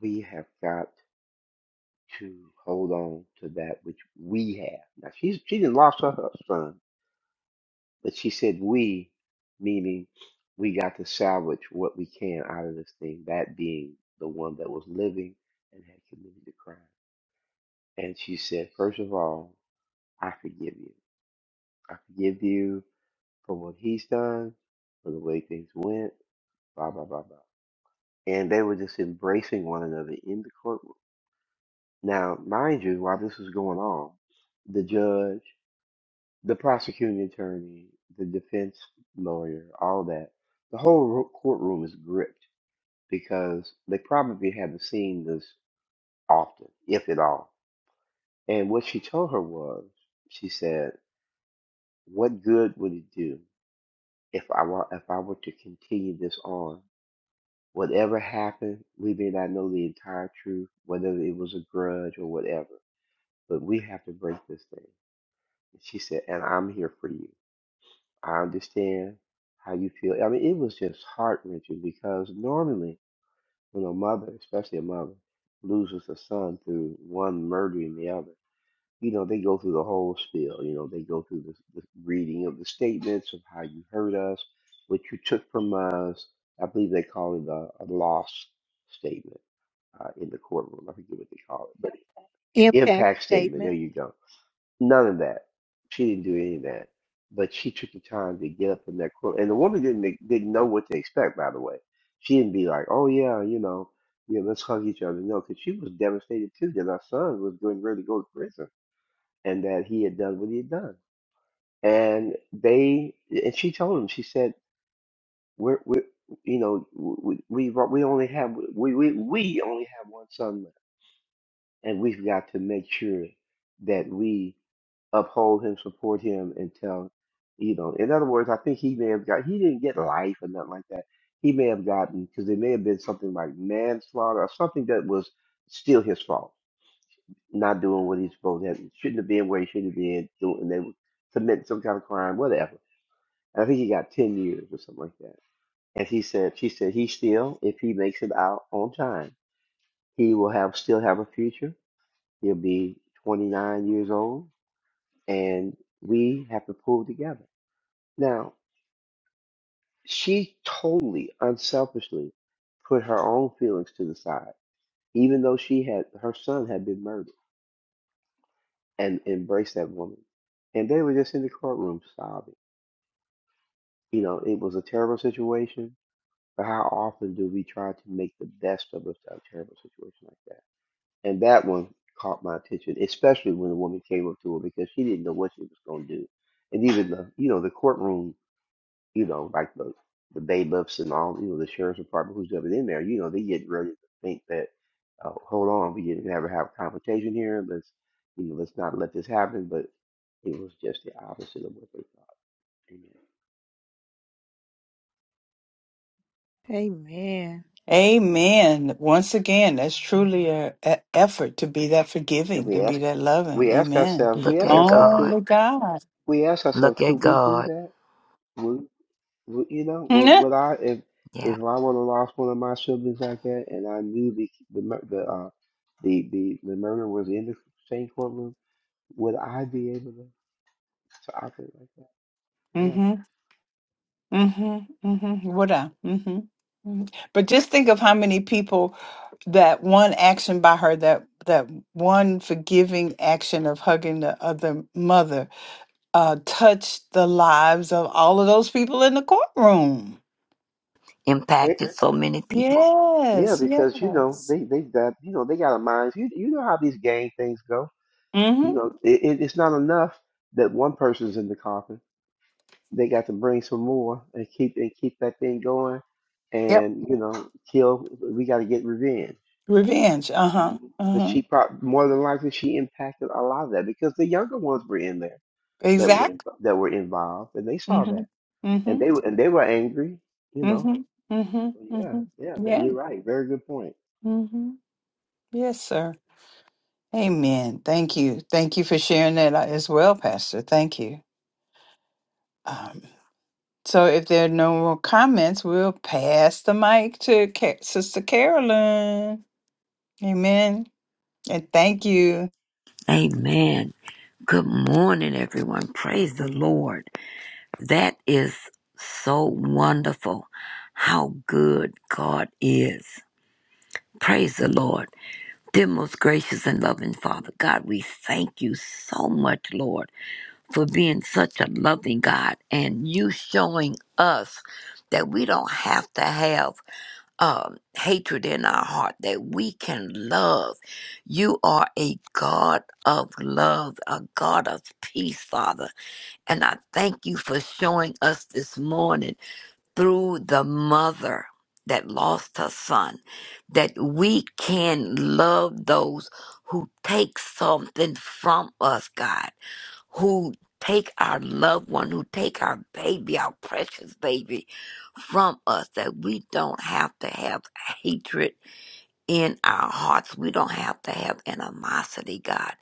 Speaker 14: we have got to hold on to that which we have. Now she's she didn't lost her her son, but she said we, meaning we got to salvage what we can out of this thing, that being the one that was living and had committed the crime. And she said, First of all, I forgive you. I forgive you for what he's done, for the way things went, blah blah blah blah. And they were just embracing one another in the courtroom. Now, mind you, while this was going on, the judge the prosecuting attorney, the defense lawyer, all that. The whole ro- courtroom is gripped because they probably haven't seen this often, if at all. And what she told her was, she said, "What good would it do if I were, if I were to continue this on? Whatever happened, we may not know the entire truth, whether it was a grudge or whatever, but we have to break this thing." And She said, "And I'm here for you." I understand how you feel. I mean, it was just heart wrenching because normally when a mother, especially a mother, loses a son through one murdering the other, you know, they go through the whole spiel. You know, they go through the, the reading of the statements of how you hurt us, what you took from us. I believe they call it a, a loss statement uh, in the courtroom. I forget what they call it, but
Speaker 1: Impact
Speaker 14: impact statement. There
Speaker 1: statement.
Speaker 14: you go None of that. She didn't do any of that. But she took the time to get up in that court, and the woman didn't didn't know what to expect. By the way, she didn't be like, "Oh yeah, you know, yeah, let's hug each other." No, because she was devastated too that our son was going ready to go to prison, and that he had done what he had done. And they and she told him, she said, "We're we, you know, we we we only have we we we only have one son left, and we've got to make sure that we." uphold him, support him, and tell, you know, in other words, I think he may have got, he didn't get life or nothing like that. He may have gotten, because it may have been something like manslaughter or something that was still his fault, not doing what he's supposed to, have, shouldn't have been where he should have been, doing, and they were committing some kind of crime, whatever. And I think he got 10 years or something like that. And he said, she said, he still, if he makes it out on time, he will have still have a future. He'll be 29 years old, and we have to pull together Now, she totally unselfishly put her own feelings to the side, even though she had her son had been murdered and embraced that woman. And they were just in the courtroom sobbing. You know, it was a terrible situation, but how often do we try to make the best of a a terrible situation like that? And that one caught my attention, especially when the woman came up to her because she didn't know what she was going to do. And even the, you know, the courtroom you know, like the the day buffs and all, you know, the sheriff's department who's ever in there, you know, they get ready to think that, uh, hold on, we didn't ever have a confrontation here. Let's, you know, let's not let this happen. But it was just the opposite of what they thought. Amen.
Speaker 1: Amen.
Speaker 2: Amen. Once again, that's truly a, a effort to be that
Speaker 14: And
Speaker 2: forgiving, to
Speaker 14: we
Speaker 2: be
Speaker 14: ask,
Speaker 2: that loving.
Speaker 14: we ask
Speaker 2: Amen.
Speaker 14: ourselves, we
Speaker 12: Look
Speaker 14: ask
Speaker 12: at
Speaker 14: ourselves, could
Speaker 12: God.
Speaker 2: Only God.
Speaker 14: we ask ourselves,
Speaker 12: Look
Speaker 14: could
Speaker 12: at
Speaker 14: we do
Speaker 12: God.
Speaker 14: that? Would, would you know, would, would I, if
Speaker 12: Yeah.
Speaker 14: if I would have lost one of my siblings like that, and I knew the the mur- the uh, the the, the murder was in the same courtroom Would I be able to, to operate like that? Yeah.
Speaker 2: hmm Mm-hmm. Mm-hmm. Would I? Mm-hmm. hmm But just think of how many people that one action by her, that that one forgiving action of hugging the other mother, uh, touched the lives of all of those people in the courtroom.
Speaker 14: Eh,
Speaker 12: Impacted so many people.
Speaker 14: yeah,
Speaker 2: Yes.
Speaker 14: because you know
Speaker 2: Yes.
Speaker 14: they they got you know they got a mind. You you know how these gang things go.
Speaker 2: Mm-hmm.
Speaker 14: You know it, it, it's not enough that one person's in the coffin. They got to bring some more and keep and keep that thing going,
Speaker 2: Yep.
Speaker 14: and you know kill. We got to get revenge.
Speaker 2: Revenge. Uh-huh.
Speaker 14: Mhm. But
Speaker 2: Uh-huh.
Speaker 14: she probably more than likely she impacted a lot of that because the younger ones were in there that were in,
Speaker 2: Exactly.
Speaker 14: that were involved and they saw
Speaker 2: Mm-hmm.
Speaker 14: that and
Speaker 2: Mm-hmm.
Speaker 14: they were and they were angry. You know
Speaker 2: Mm-hmm. Mm-hmm.
Speaker 14: Yeah, yeah,
Speaker 2: Mm-hmm.
Speaker 14: that
Speaker 2: Yeah.
Speaker 14: you're right. Very good point.
Speaker 2: Mm-hmm. Yes, sir. Amen. Thank you. Thank you for sharing that uh, as well, Pastor. Thank you. Um, so, if there are no more comments, we'll pass the mic to Ca- Sister Carolyn. Amen. And thank you.
Speaker 12: Amen. Good morning, everyone. Praise the Lord. That is so wonderful how good God is. Praise the Lord. Dear most gracious and loving Father, God, we thank you so much, Lord. for being such a loving God and you showing us that we don't have to have um, hatred in our heart, that we can love. You are a God of love, a God of peace, Father. And I thank you for showing us this morning through the mother that lost her son that we can love those who take something from us, God who take our loved one, who take our baby, our precious baby from us, that we don't have to have hatred in our hearts. We don't have to have animosity, God.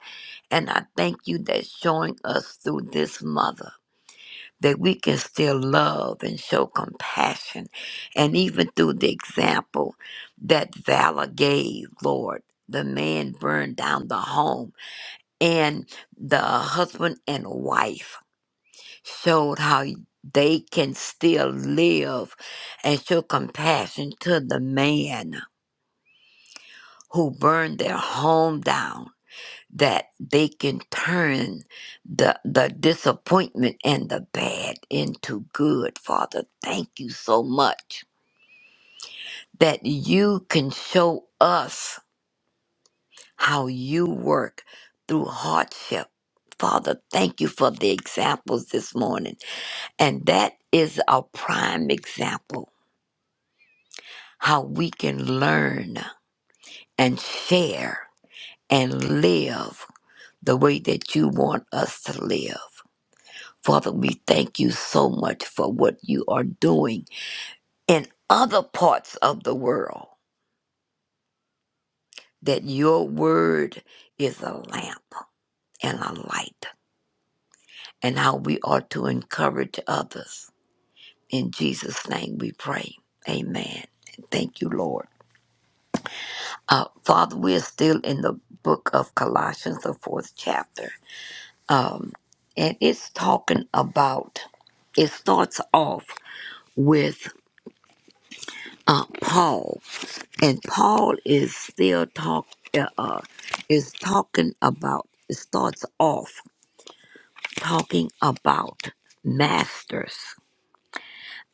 Speaker 12: And I thank you that showing us through this mother that we can still love and show compassion. And even through the example that Vala gave, Lord, the man burned down the home and the husband and wife showed how they can still live and showed compassion to the man who burned their home down that they can turn the the disappointment and the bad into good father thank you so much that you can show us how you work through hardship father thank you for the examples this morning and that is our prime example how we can learn and share and live the way that you want us to live. Father, we thank you so much for what you are doing in other parts of the world, that your word is a lamp and a light, and how we are to encourage others. In Jesus' name we pray. Amen. Thank you, Lord. Uh, Father, we are still in the book of Colossians, the fourth chapter. Um, and it's talking about, it starts off with uh, Paul. And Paul is still talk, uh, uh, is talking about, it starts off talking about masters.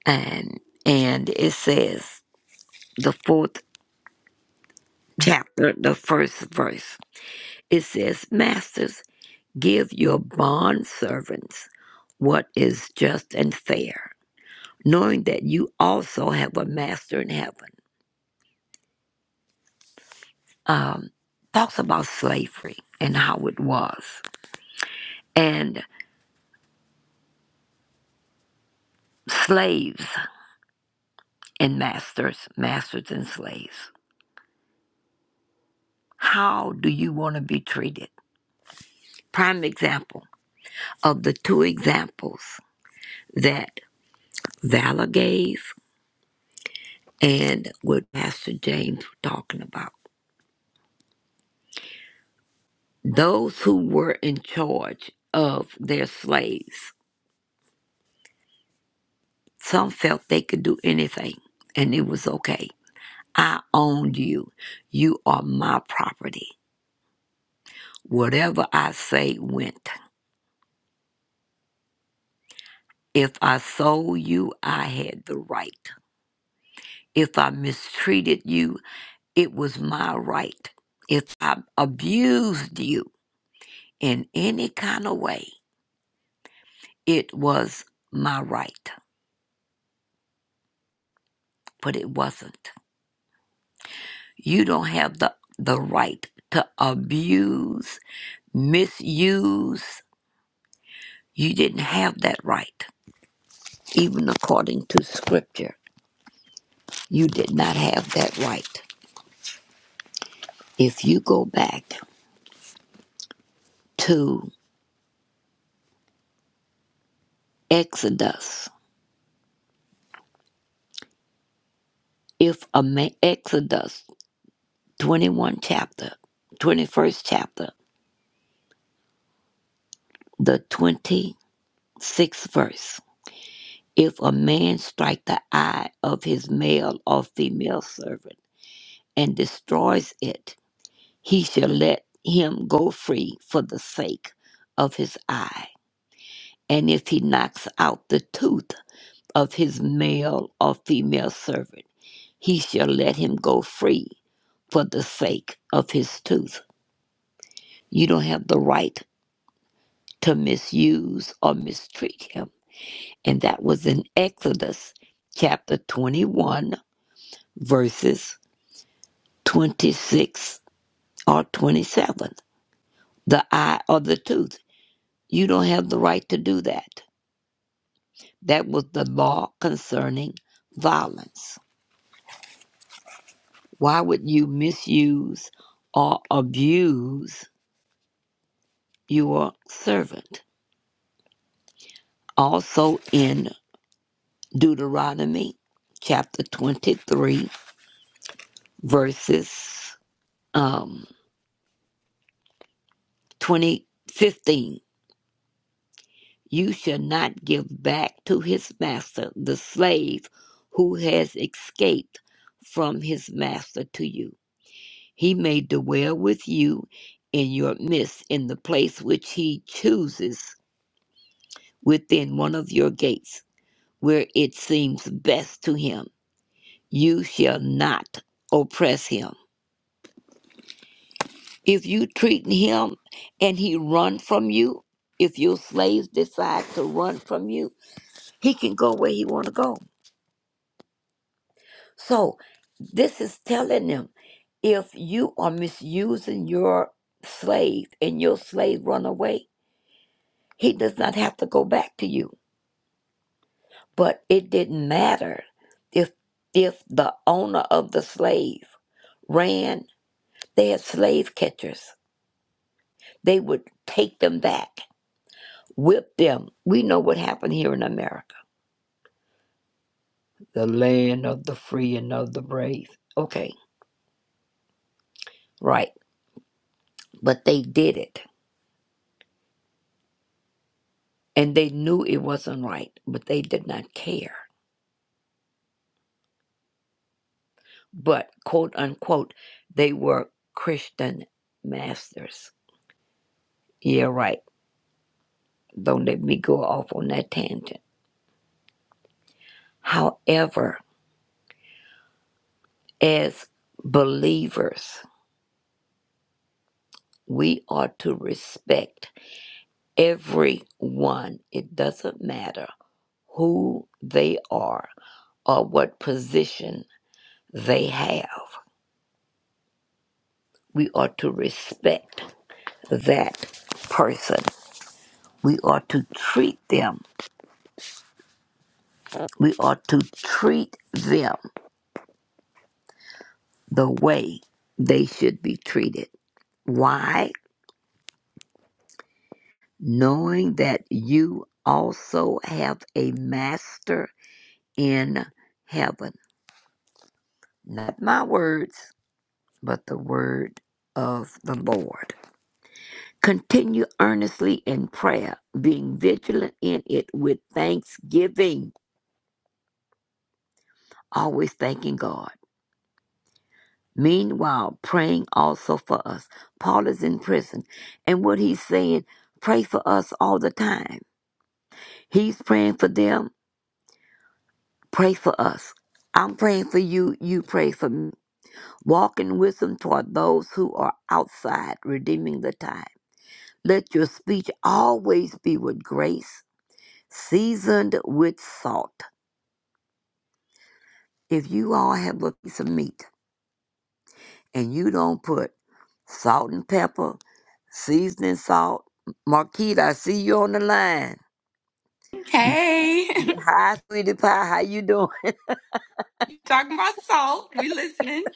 Speaker 12: And, and it says, the fourth chapter, the first verse, it says, Masters, give your bond servants what is just and fair knowing that you also have a master in heaven, um, talks about slavery and how it was, and slaves and masters, masters and slaves. How do you want to be treated? Prime example of the two examples that Vala gave and what Pastor James was talking about. Those who were in charge of their slaves, some felt they could do anything and it was okay I own you. You are my property. Whatever I say went. If I sold you, I had the right. If I mistreated you, it was my right. If I abused you in any kind of way, it was my right. But it wasn't. You don't have the, the right to abuse, misuse. You didn't have that right, even according to scripture. You did not have that right. If you go back to Exodus, if a ma- Exodus 21 chapter, 21st chapter, the 26th verse, if a man strike the eye of his male or female servant and destroys it, he shall let him go free for the sake of his eye. And if he knocks out the tooth of his male or female servant, he shall let him go free for the sake of his tooth. You don't have the right to misuse or mistreat him. And that was in Exodus chapter 21, verses 26 or 27. The eye or the tooth. You don't have the right to do that. That was the law concerning violence. Why would you misuse or abuse your servant? also in Deuteronomy chapter 23, verses um, 20, fifteen, You shall not give back to his master the slave who has escaped from his master to you. He may dwell with you in your midst in the place which he chooses within one of your gates, where it seems best to him. You shall not oppress him If you treat him and he run from you, if your slaves decide to run from you, he can go where he want to go. So this is telling them, if you are misusing your slave and your slave run away, he does not have to go back to you. But it didn't matter if if the owner of the slave ran, they had slave catchers. They would take them back, whip them. We know what happened here in America the land of the free and of the brave. Okay, right. But they did it. And they knew it wasn't right, but they did not care. But, quote unquote, they were Christian masters. Yeah, right. Don't let me go off on that tangent. However, as believers, we ought to respect everyone. It doesn't matter who they are or what position they have. we ought to respect that person. We ought to treat them. We ought to treat them the way they should be treated. Why? Knowing that you also have a master in heaven. Not my words, but the word of the Lord. Continue earnestly in prayer, being vigilant in it with thanksgiving, always thanking God Meanwhile, praying also for us. Paul is in prison, and what he's saying, pray for us all the time. He's praying for them, pray for us. I'm praying for you, you pray for me. Walk in wisdom toward those who are outside, redeeming the time. Let your speech always be with grace, seasoned with salt. If you all have a piece of meat, and you don't put salt and pepper, seasoning salt. Marquita, I see you on the line.
Speaker 13: Hey,
Speaker 12: Hi, sweetie pie. How you doing?
Speaker 13: talking about salt. We listening.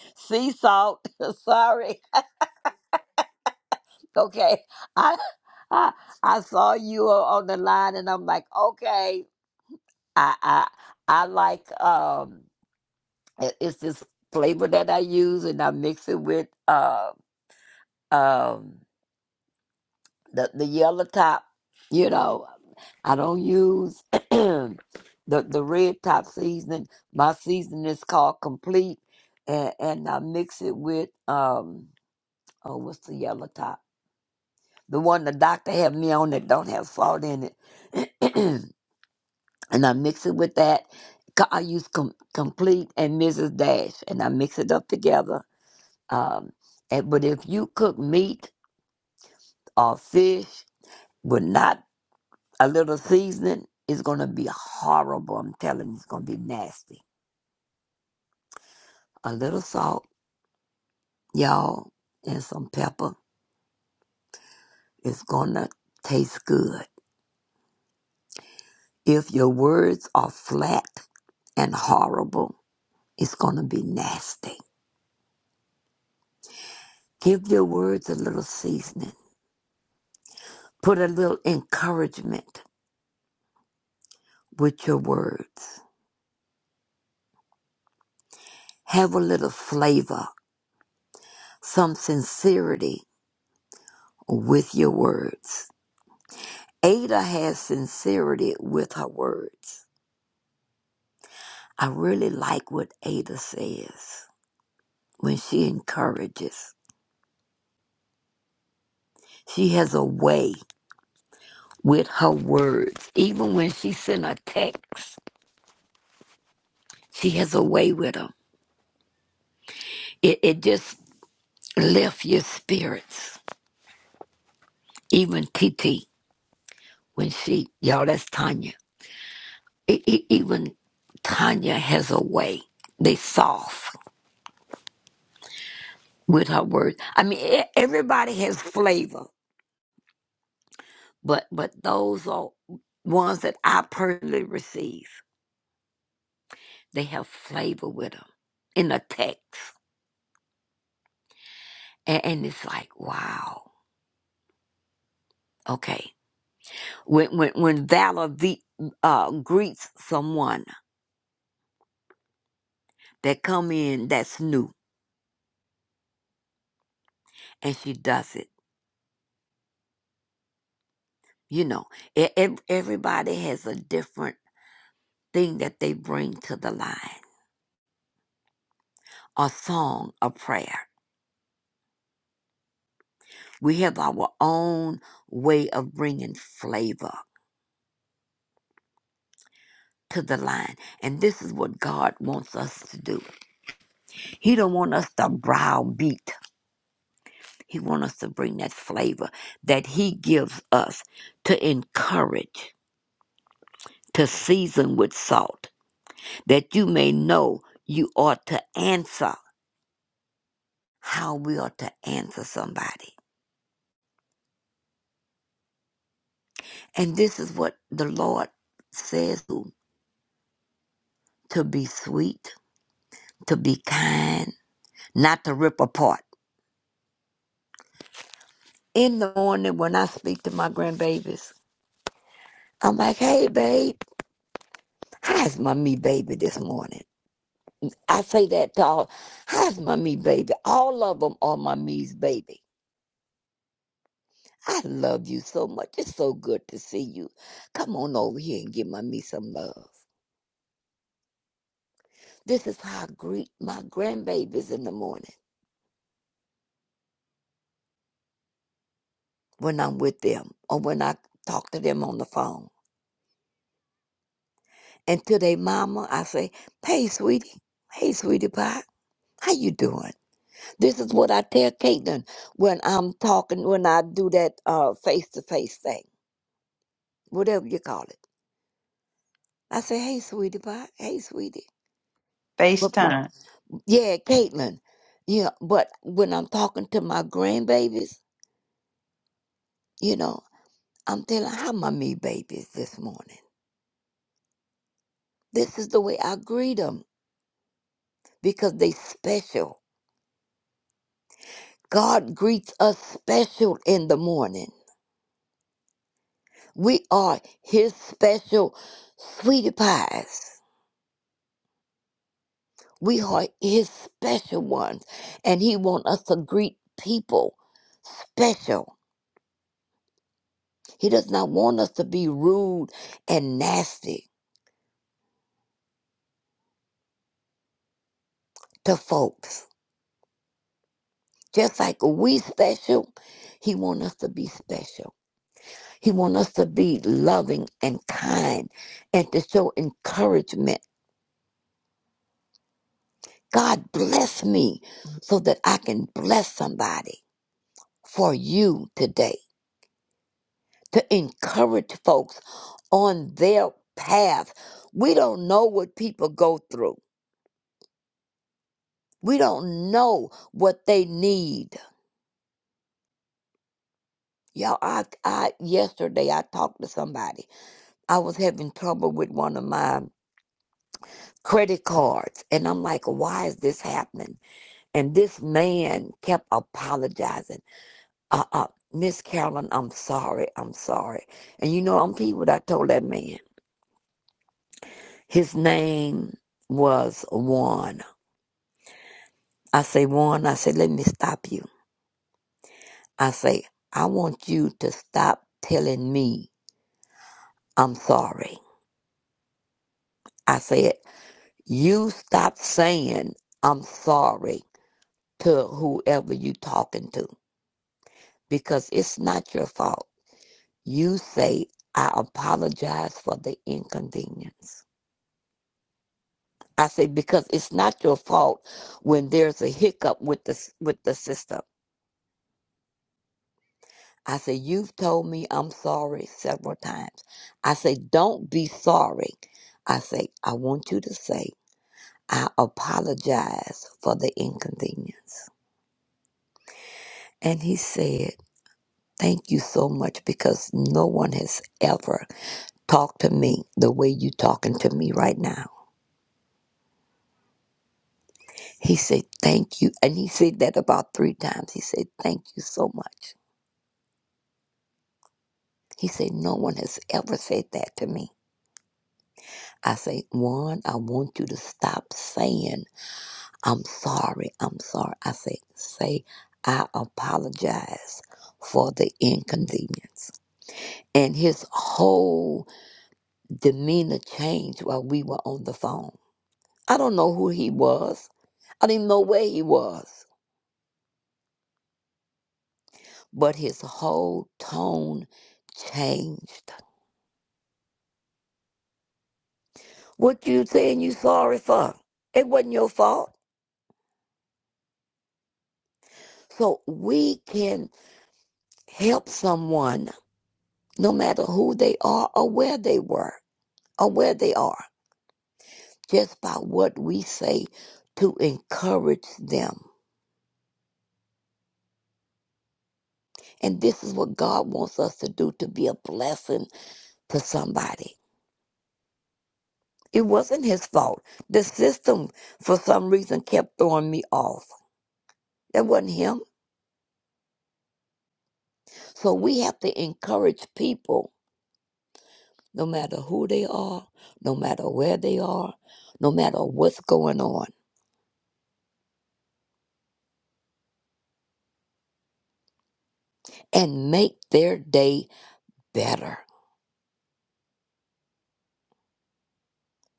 Speaker 12: Sea salt. Sorry. Okay. I I I saw you o- on the line, and I'm like, okay. I I I like um. it- It's this flavor that I use, and I mix it with um um. the the yellow top. You know, I don't use the the red top seasoning. My seasoning is called complete, and and I mix it with um oh what's the yellow top? The one the doctor had me on that don't have salt in it, and I mix it with that. Co- I use com- complete and Mrs. Dash, and I mix it up together. Um, and but if you cook meat or fish, would not A little seasoning is going to be horrible. I'm telling you, it's going to be nasty. A little salt, y'all, and some pepper is going to taste good. If your words are flat and horrible, it's going to be nasty. Give your words a little seasoning. Put a little encouragement with your words. Have a little flavor, some sincerity with your words. Ada has sincerity with her words. I really like what Ada says when she encourages. She has a way with her words. Even when she sent a text, she has a way with them. It, it just lifts your spirits. Even TT, when she, y'all, that's Tanya. E- e- even Tanya has a way. They soft with her words. I mean, e- everybody has flavor, but but those are ones that I personally receive. They have flavor with them in the text. And, and it's like, wow. Okay. When, when, when Valor ve- uh, greets someone that come in that's new and she does it, you know, e- ev- everybody has a different thing that they bring to the line, a song, a prayer. We have our own way of bringing flavor to the line. And this is what God wants us to do. He don't want us to browbeat He wants us to bring that flavor that He gives us to encourage, to season with salt, that you may know you ought to answer how we ought to answer somebody. And this is what the Lord says to, to be sweet, to be kind, not to rip apart. In the morning when I speak to my grandbabies, I'm like, hey, babe, how's my me baby this morning? I say that to all. How's my me baby? All of them are my me's baby. I love you so much. It's so good to see you. Come on over here and give my me some love. This is how I greet my grandbabies in the morning when I'm with them or when I talk to them on the phone. And to their mama, I say, "Hey, sweetie. Hey, sweetie pie. How you doing?" This is what I tell Caitlin when I'm talking when I do that uh face to face thing, whatever you call it. I said, "Hey, sweetie pie. Hey, sweetie." But my
Speaker 2: FaceTime.
Speaker 12: yeah, Caitlin. Yeah, but when I'm talking to my grandbabies, you know, I'm telling how my me babies this morning. This is the way I greet them because they special. God greets us special in the morning. We are His special sweetie pies. We are His special ones, and He want us to greet people special. He does not want us to be rude and nasty to folks. Just like we special, he want us to be special. He want us to be loving and kind and to show encouragement. God bless me so that I can bless somebody for you today to encourage folks on their path. We don't know what people go through. We don't know what they need. Y'all, I, I yesterday I talked to somebody. I was having trouble with one of my credit cards, and I'm like, "Why is this happening?" And this man kept apologizing. Uh, uh, Miss Carolyn, I'm sorry, I'm sorry. And you know, I'm people what I told that man. His name was Juan. I say, Juan, I say, let me stop you. I say, I want you to stop telling me I'm sorry. I said. You stop saying I'm sorry to whoever you are talking to because it's not your fault. You say I apologize for the inconvenience. I say because it's not your fault when there's a hiccup with the with the system. I say you've told me I'm sorry several times. I say don't be sorry. I say I want you to say I apologize for the inconvenience. And he said. Thank you so much because no one has ever talked to me the way you talking to me right now. He said, Thank you. And he said that about three times. He said, Thank you so much. He said, No one has ever said that to me. I say, One, I want you to stop saying, I'm sorry, I'm sorry. I say, Say, I apologize for the inconvenience. And his whole demeanor changed while we were on the phone I don't know who he was. I didn't know where he was. But his whole tone changed. What you saying you sorry for? It wasn't your fault. So we can help someone, no matter who they are or where they were or where they are, just by what we say to encourage them. And this is what God wants us to do to be a blessing to somebody. It wasn't his fault. The system, for some reason, kept throwing me off. That wasn't him. So we have to encourage people, no matter who they are, no matter where they are, no matter what's going on, and make their day better.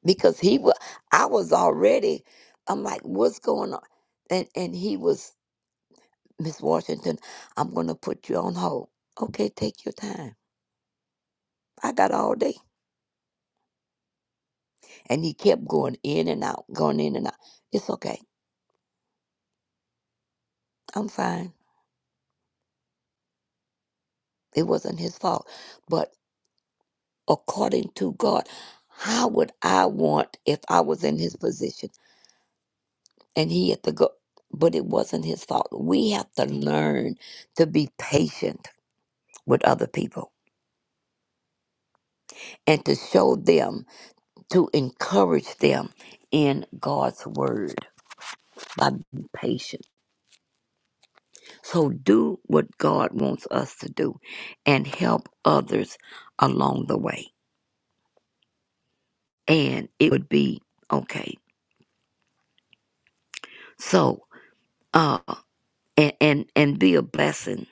Speaker 12: Because he was, I was already, I'm like, what's going on? And and he was, Miss Washington, I'm gonna put you on hold. Okay, take your time. I got all day. And he kept going in and out, going in and out. It's okay. I'm fine. It wasn't his fault. But according to God, how would I want if I was in his position and he had to go? But it wasn't his fault. We have to learn to be patient with other people and to show them, to encourage them in God's word by being patient. So do what God wants us to do and help others along the way. and it would be okay. So, uh, and and and be a blessing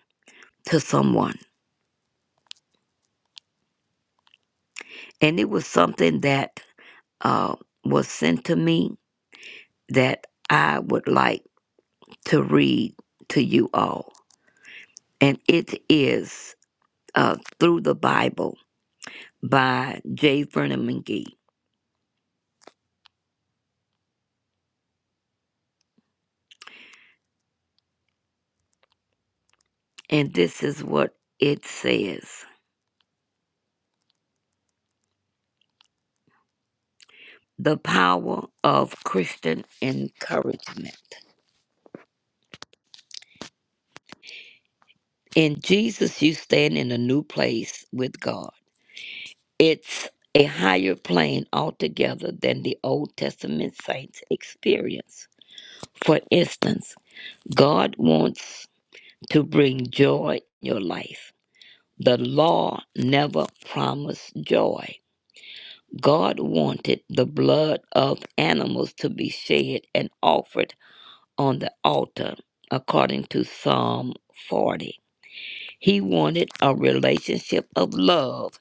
Speaker 12: to someone. And it was something that uh was sent to me that I would like to read to you all, and it is uh through the Bible by J. Vernon McGee, and this is what it says: the power of Christian encouragement. In Jesus, you stand in a new place with God It's a higher plane altogether than the Old Testament saints experience. For instance, God wants to bring joy in your life. The law never promised joy. God wanted the blood of animals to be shed and offered on the altar, according to Psalm 40. He wanted a relationship of love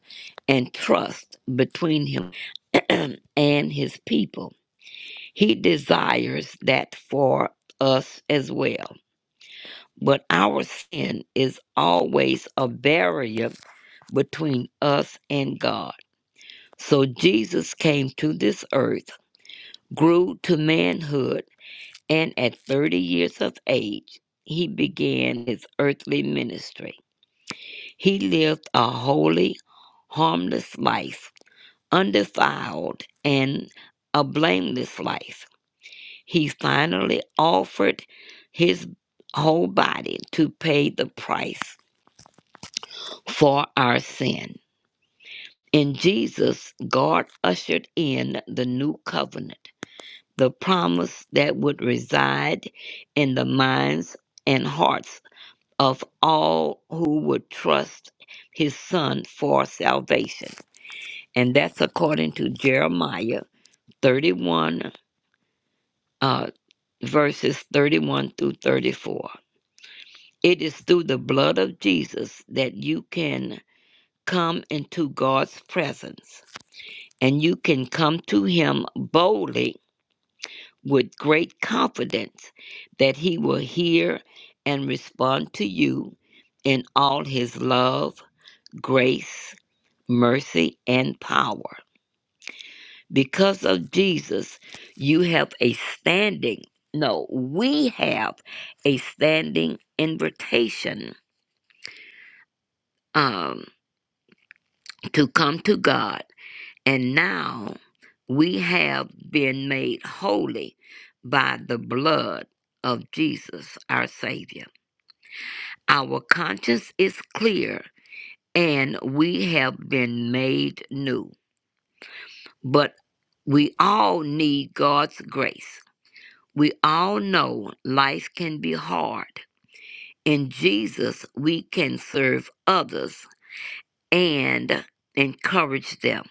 Speaker 12: and trust between him and his people. He desires that for us as well. But our sin is always a barrier between us and God. So Jesus came to this earth, grew to manhood, and at 30 years of age, he began his earthly ministry. He lived a holy, harmless life, undefiled, and a blameless life. He finally offered his whole body to pay the price for our sin. In Jesus, God ushered in the new covenant, the promise that would reside in the minds and hearts of all who would trust his son for salvation. and that's according to Jeremiah 31, uh, verses 31 through 34. It is through the blood of Jesus that you can come into God's presence, and you can come to Him boldly with great confidence that He will hear and respond to you in all His love, grace, mercy, and power. Because of Jesus, you have a standing. No, we have a standing invitation um, to come to God. And now we have been made holy by the blood of Jesus, our Savior. Our conscience is clear and we have been made new. But we all need God's grace We all know life can be hard. In Jesus, we can serve others and encourage them.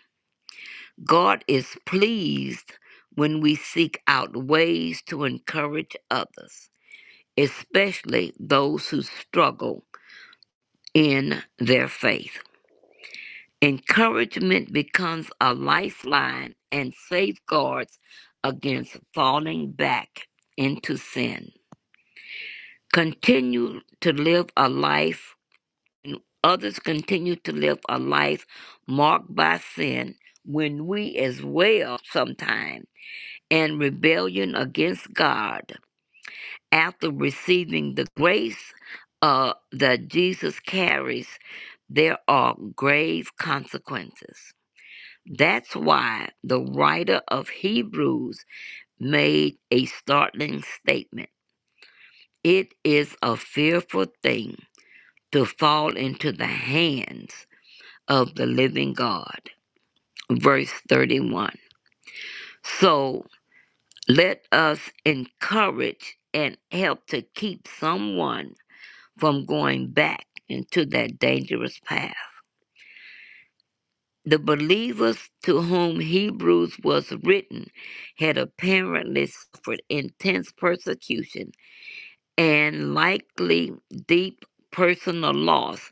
Speaker 12: God is pleased when we seek out ways to encourage others, especially those who struggle in their faith. Encouragement becomes a lifeline and safeguards against falling back into sin. Continue to live a life and others continue to live a life marked by sin when we as well sometimes in rebellion against God after receiving the grace uh, that Jesus carries, there are grave consequences. That's why the writer of Hebrews made a startling statement. It is a fearful thing to fall into the hands of the living God. Verse 31. So let us encourage and help to keep someone from going back into that dangerous path. The believers to whom Hebrews was written had apparently suffered intense persecution and likely deep personal loss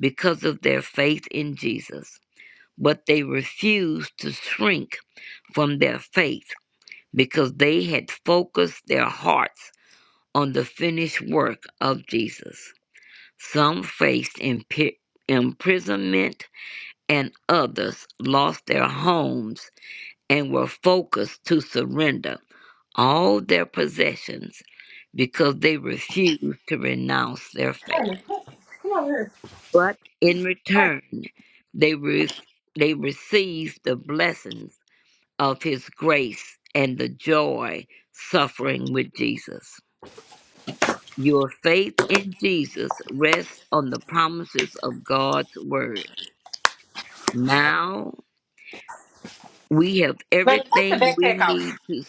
Speaker 12: because of their faith in Jesus. but they refused to shrink from their faith because they had focused their hearts on the finished work of Jesus. Some faced impi- imprisonment, and others lost their homes and were forced to surrender all their possessions because they refused to renounce their
Speaker 15: Wait
Speaker 12: faith.
Speaker 15: Come come over here.
Speaker 12: But in
Speaker 15: All right.
Speaker 12: return, they, re- they received the blessings of his grace and the joy suffering with Jesus. Your faith in Jesus rests on the promises of God's word. Now we have
Speaker 15: Man, take the
Speaker 12: everything we
Speaker 15: backpack out.
Speaker 12: need to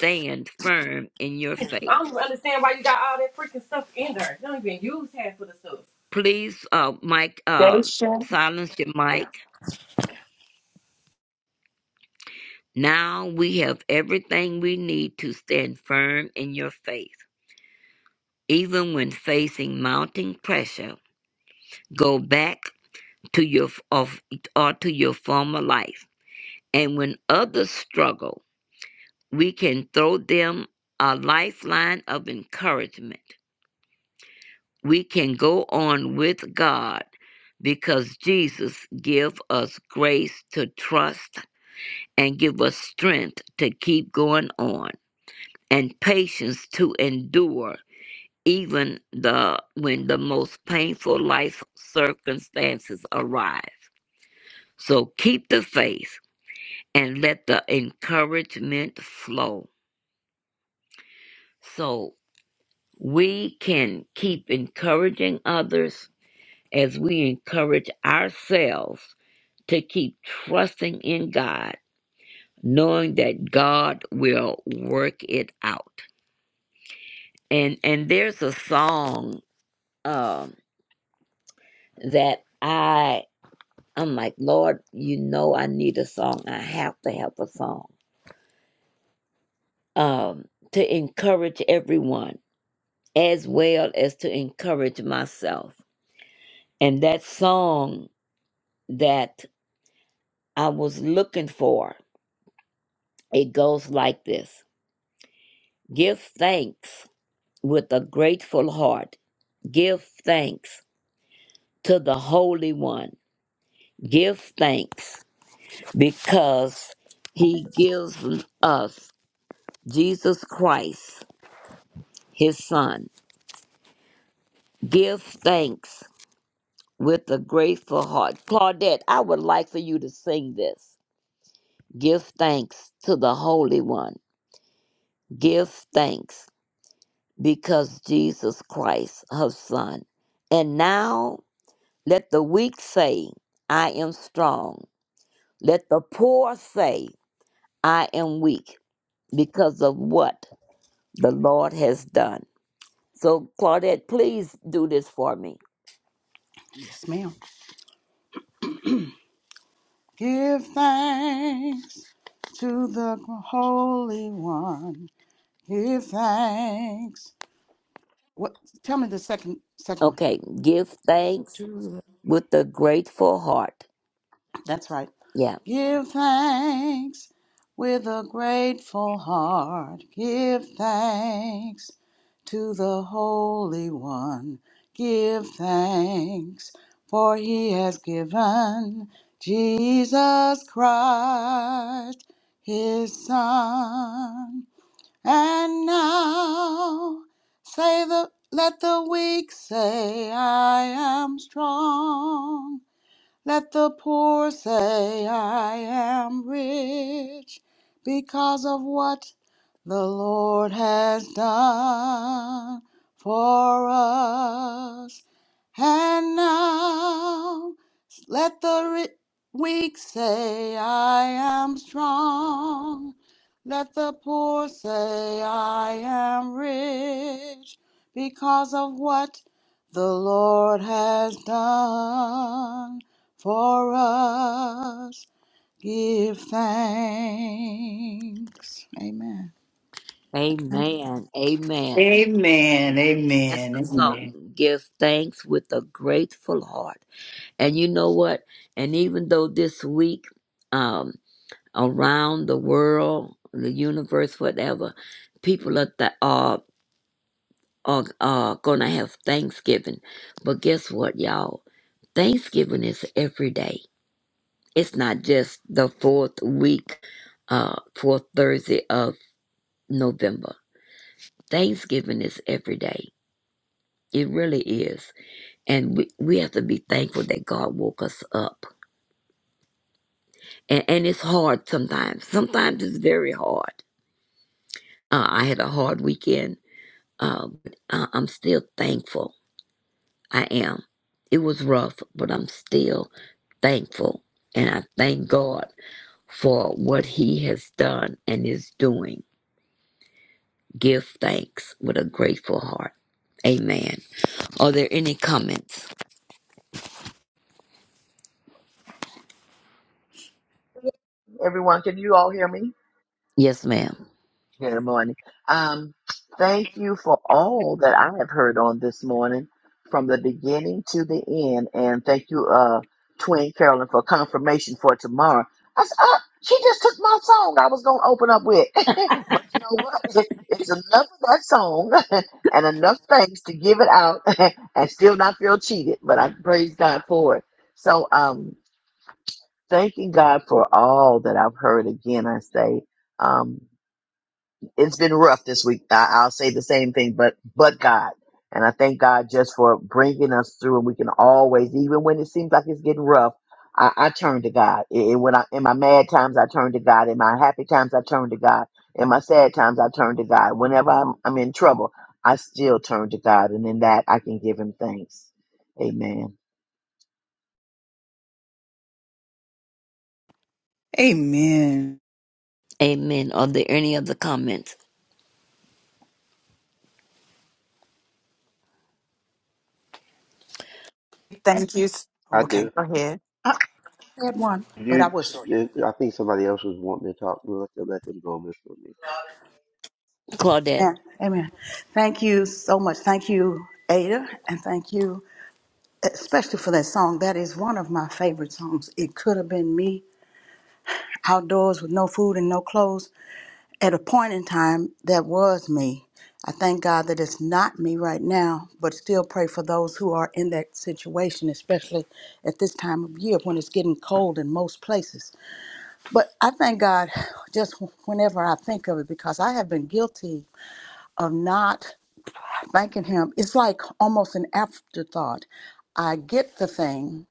Speaker 12: stand firm in your
Speaker 15: I
Speaker 12: faith.
Speaker 15: don't understand why you got all that freaking stuff in there. You don't even use half of the stuff.
Speaker 12: Please, uh, Mike, uh,
Speaker 2: Dacia.
Speaker 12: silence your mic. Now we have everything we need to stand firm in your faith. Even when facing mounting pressure, go back to your of or to your former life. And when others struggle, we can throw them a lifeline of encouragement. We can go on with God because Jesus gives us grace to trust and give us strength to keep going on and patience to endure even the when the most painful life circumstances arrive. So keep the faith and let the encouragement flow. So we can keep encouraging others as we encourage ourselves to keep trusting in God, knowing that God will work it out. And and there's a song um, that I I'm like Lord, you know I need a song. I have to have a song um, to encourage everyone as well as to encourage myself. And that song that I was looking for, it goes like this Give thanks with a grateful heart. Give thanks to the Holy One. Give thanks because He gives us Jesus Christ, His Son. Give thanks with a grateful heart. Claudette, I would like for you to sing this. Give thanks to the Holy One. Give thanks because Jesus Christ, her Son. And now let the weak say, I am strong. Let the poor say, I am weak because of what the Lord has done. So, Claudette, please do this for me.
Speaker 3: Yes, ma'am. Give thanks to the Holy One. Give thanks. What? Tell me the second second
Speaker 12: Okay, give thanks
Speaker 3: one.
Speaker 12: with a grateful heart.
Speaker 3: That's right.
Speaker 12: Yeah.
Speaker 3: Give thanks with a grateful heart. Give thanks to the Holy One. Give thanks, for he has given Jesus Christ, his Son. And now say the let the weak say I am strong. Let the poor say, I am rich because of what the Lord has done for us. And now let the ri- weak say, I am strong. Let the poor say, I am rich because of what the Lord has done for us. Give thanks. Amen. Thank you.
Speaker 12: Amen. Amen.
Speaker 2: Amen.
Speaker 12: That's
Speaker 2: Amen.
Speaker 12: the song.
Speaker 2: Amen.
Speaker 12: Give thanks with a grateful heart. And you know what? And even though this week, um, around the world, the universe, whatever, people are th- are are, are going to have Thanksgiving. But guess what, y'all? Thanksgiving is every day. It's not just the fourth week, uh, fourth Thursday of November. Thanksgiving is every day. It really is And we, we have to be thankful that God woke us up. And, and it's hard sometimes. Sometimes it's very hard. Uh, I had a hard weekend, uh, but I- I'm still thankful. I am. It was rough, but I'm still thankful. And I thank God for what He has done and is doing. Give thanks with a grateful heart. Amen. Are there any comments? Yes, ma'am.
Speaker 2: Amen.
Speaker 12: Amen. Are there any other comments?
Speaker 2: Thank you. s-
Speaker 14: I
Speaker 2: Okay,
Speaker 14: do.
Speaker 2: go ahead.
Speaker 3: I had one, but I
Speaker 14: You,
Speaker 3: was
Speaker 14: I think somebody else was wanting to talk. We'll let them, let them go before me.
Speaker 12: Claudette.
Speaker 3: Amen. Amen. Thank you so much. Thank you, Ada, and thank you especially for that song. That is one of my favorite songs. It could have been me outdoors with no food and no clothes, at a point in time that was me. I thank God that it's not me right now, but still pray for those who are in that situation, especially at this time of year when it's getting cold in most places. But I thank God just whenever I think of it because I have been guilty of not thanking Him. It's like almost an afterthought. I get the thing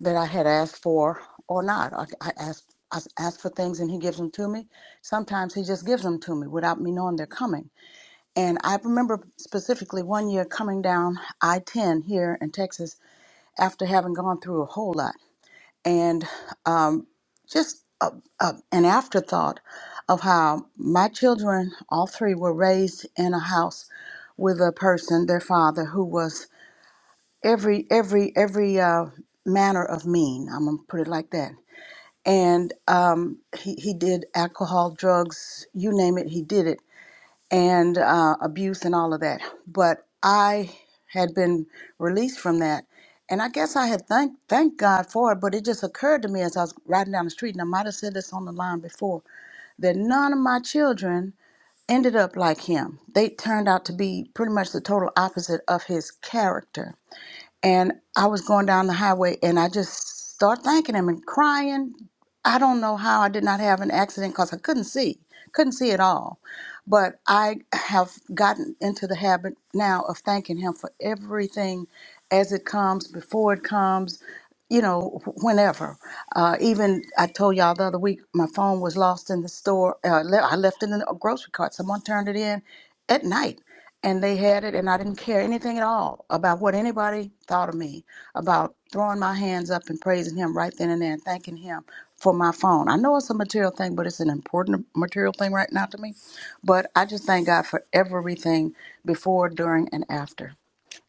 Speaker 3: that I had asked for or not. I, I asked I ask for things and He gives them to me. Sometimes He just gives them to me without me knowing they're coming. And I remember specifically one year coming down I 10 here in Texas after having gone through a whole lot. And um, just a, a, an afterthought of how my children, all three, were raised in a house with a person, their father, who was every, every, every uh, manner of mean. I'm going to put it like that. And um, he, he did alcohol, drugs, you name it, he did it and uh, abuse and all of that. But I had been released from that. And I guess I had thank thank God for it, but it just occurred to me as I was riding down the street, and I might have said this on the line before, that none of my children ended up like him. They turned out to be pretty much the total opposite of his character and I was going down the highway and I just start thanking him and crying. I don't know how I did not have an accident because I couldn't see, couldn't see at all. But I have gotten into the habit now of thanking him for everything as it comes, before it comes, you know, wh- whenever. Uh, even I told y'all the other week, my phone was lost in the store. Uh, le- I left it in a grocery cart. Someone turned it in at night and they had it and i didn't care anything at all about what anybody thought of me about throwing my hands up and praising him right then and there and thanking him for my phone i know it's a material thing but it's an important material thing right now to me but i just thank god for everything before during and after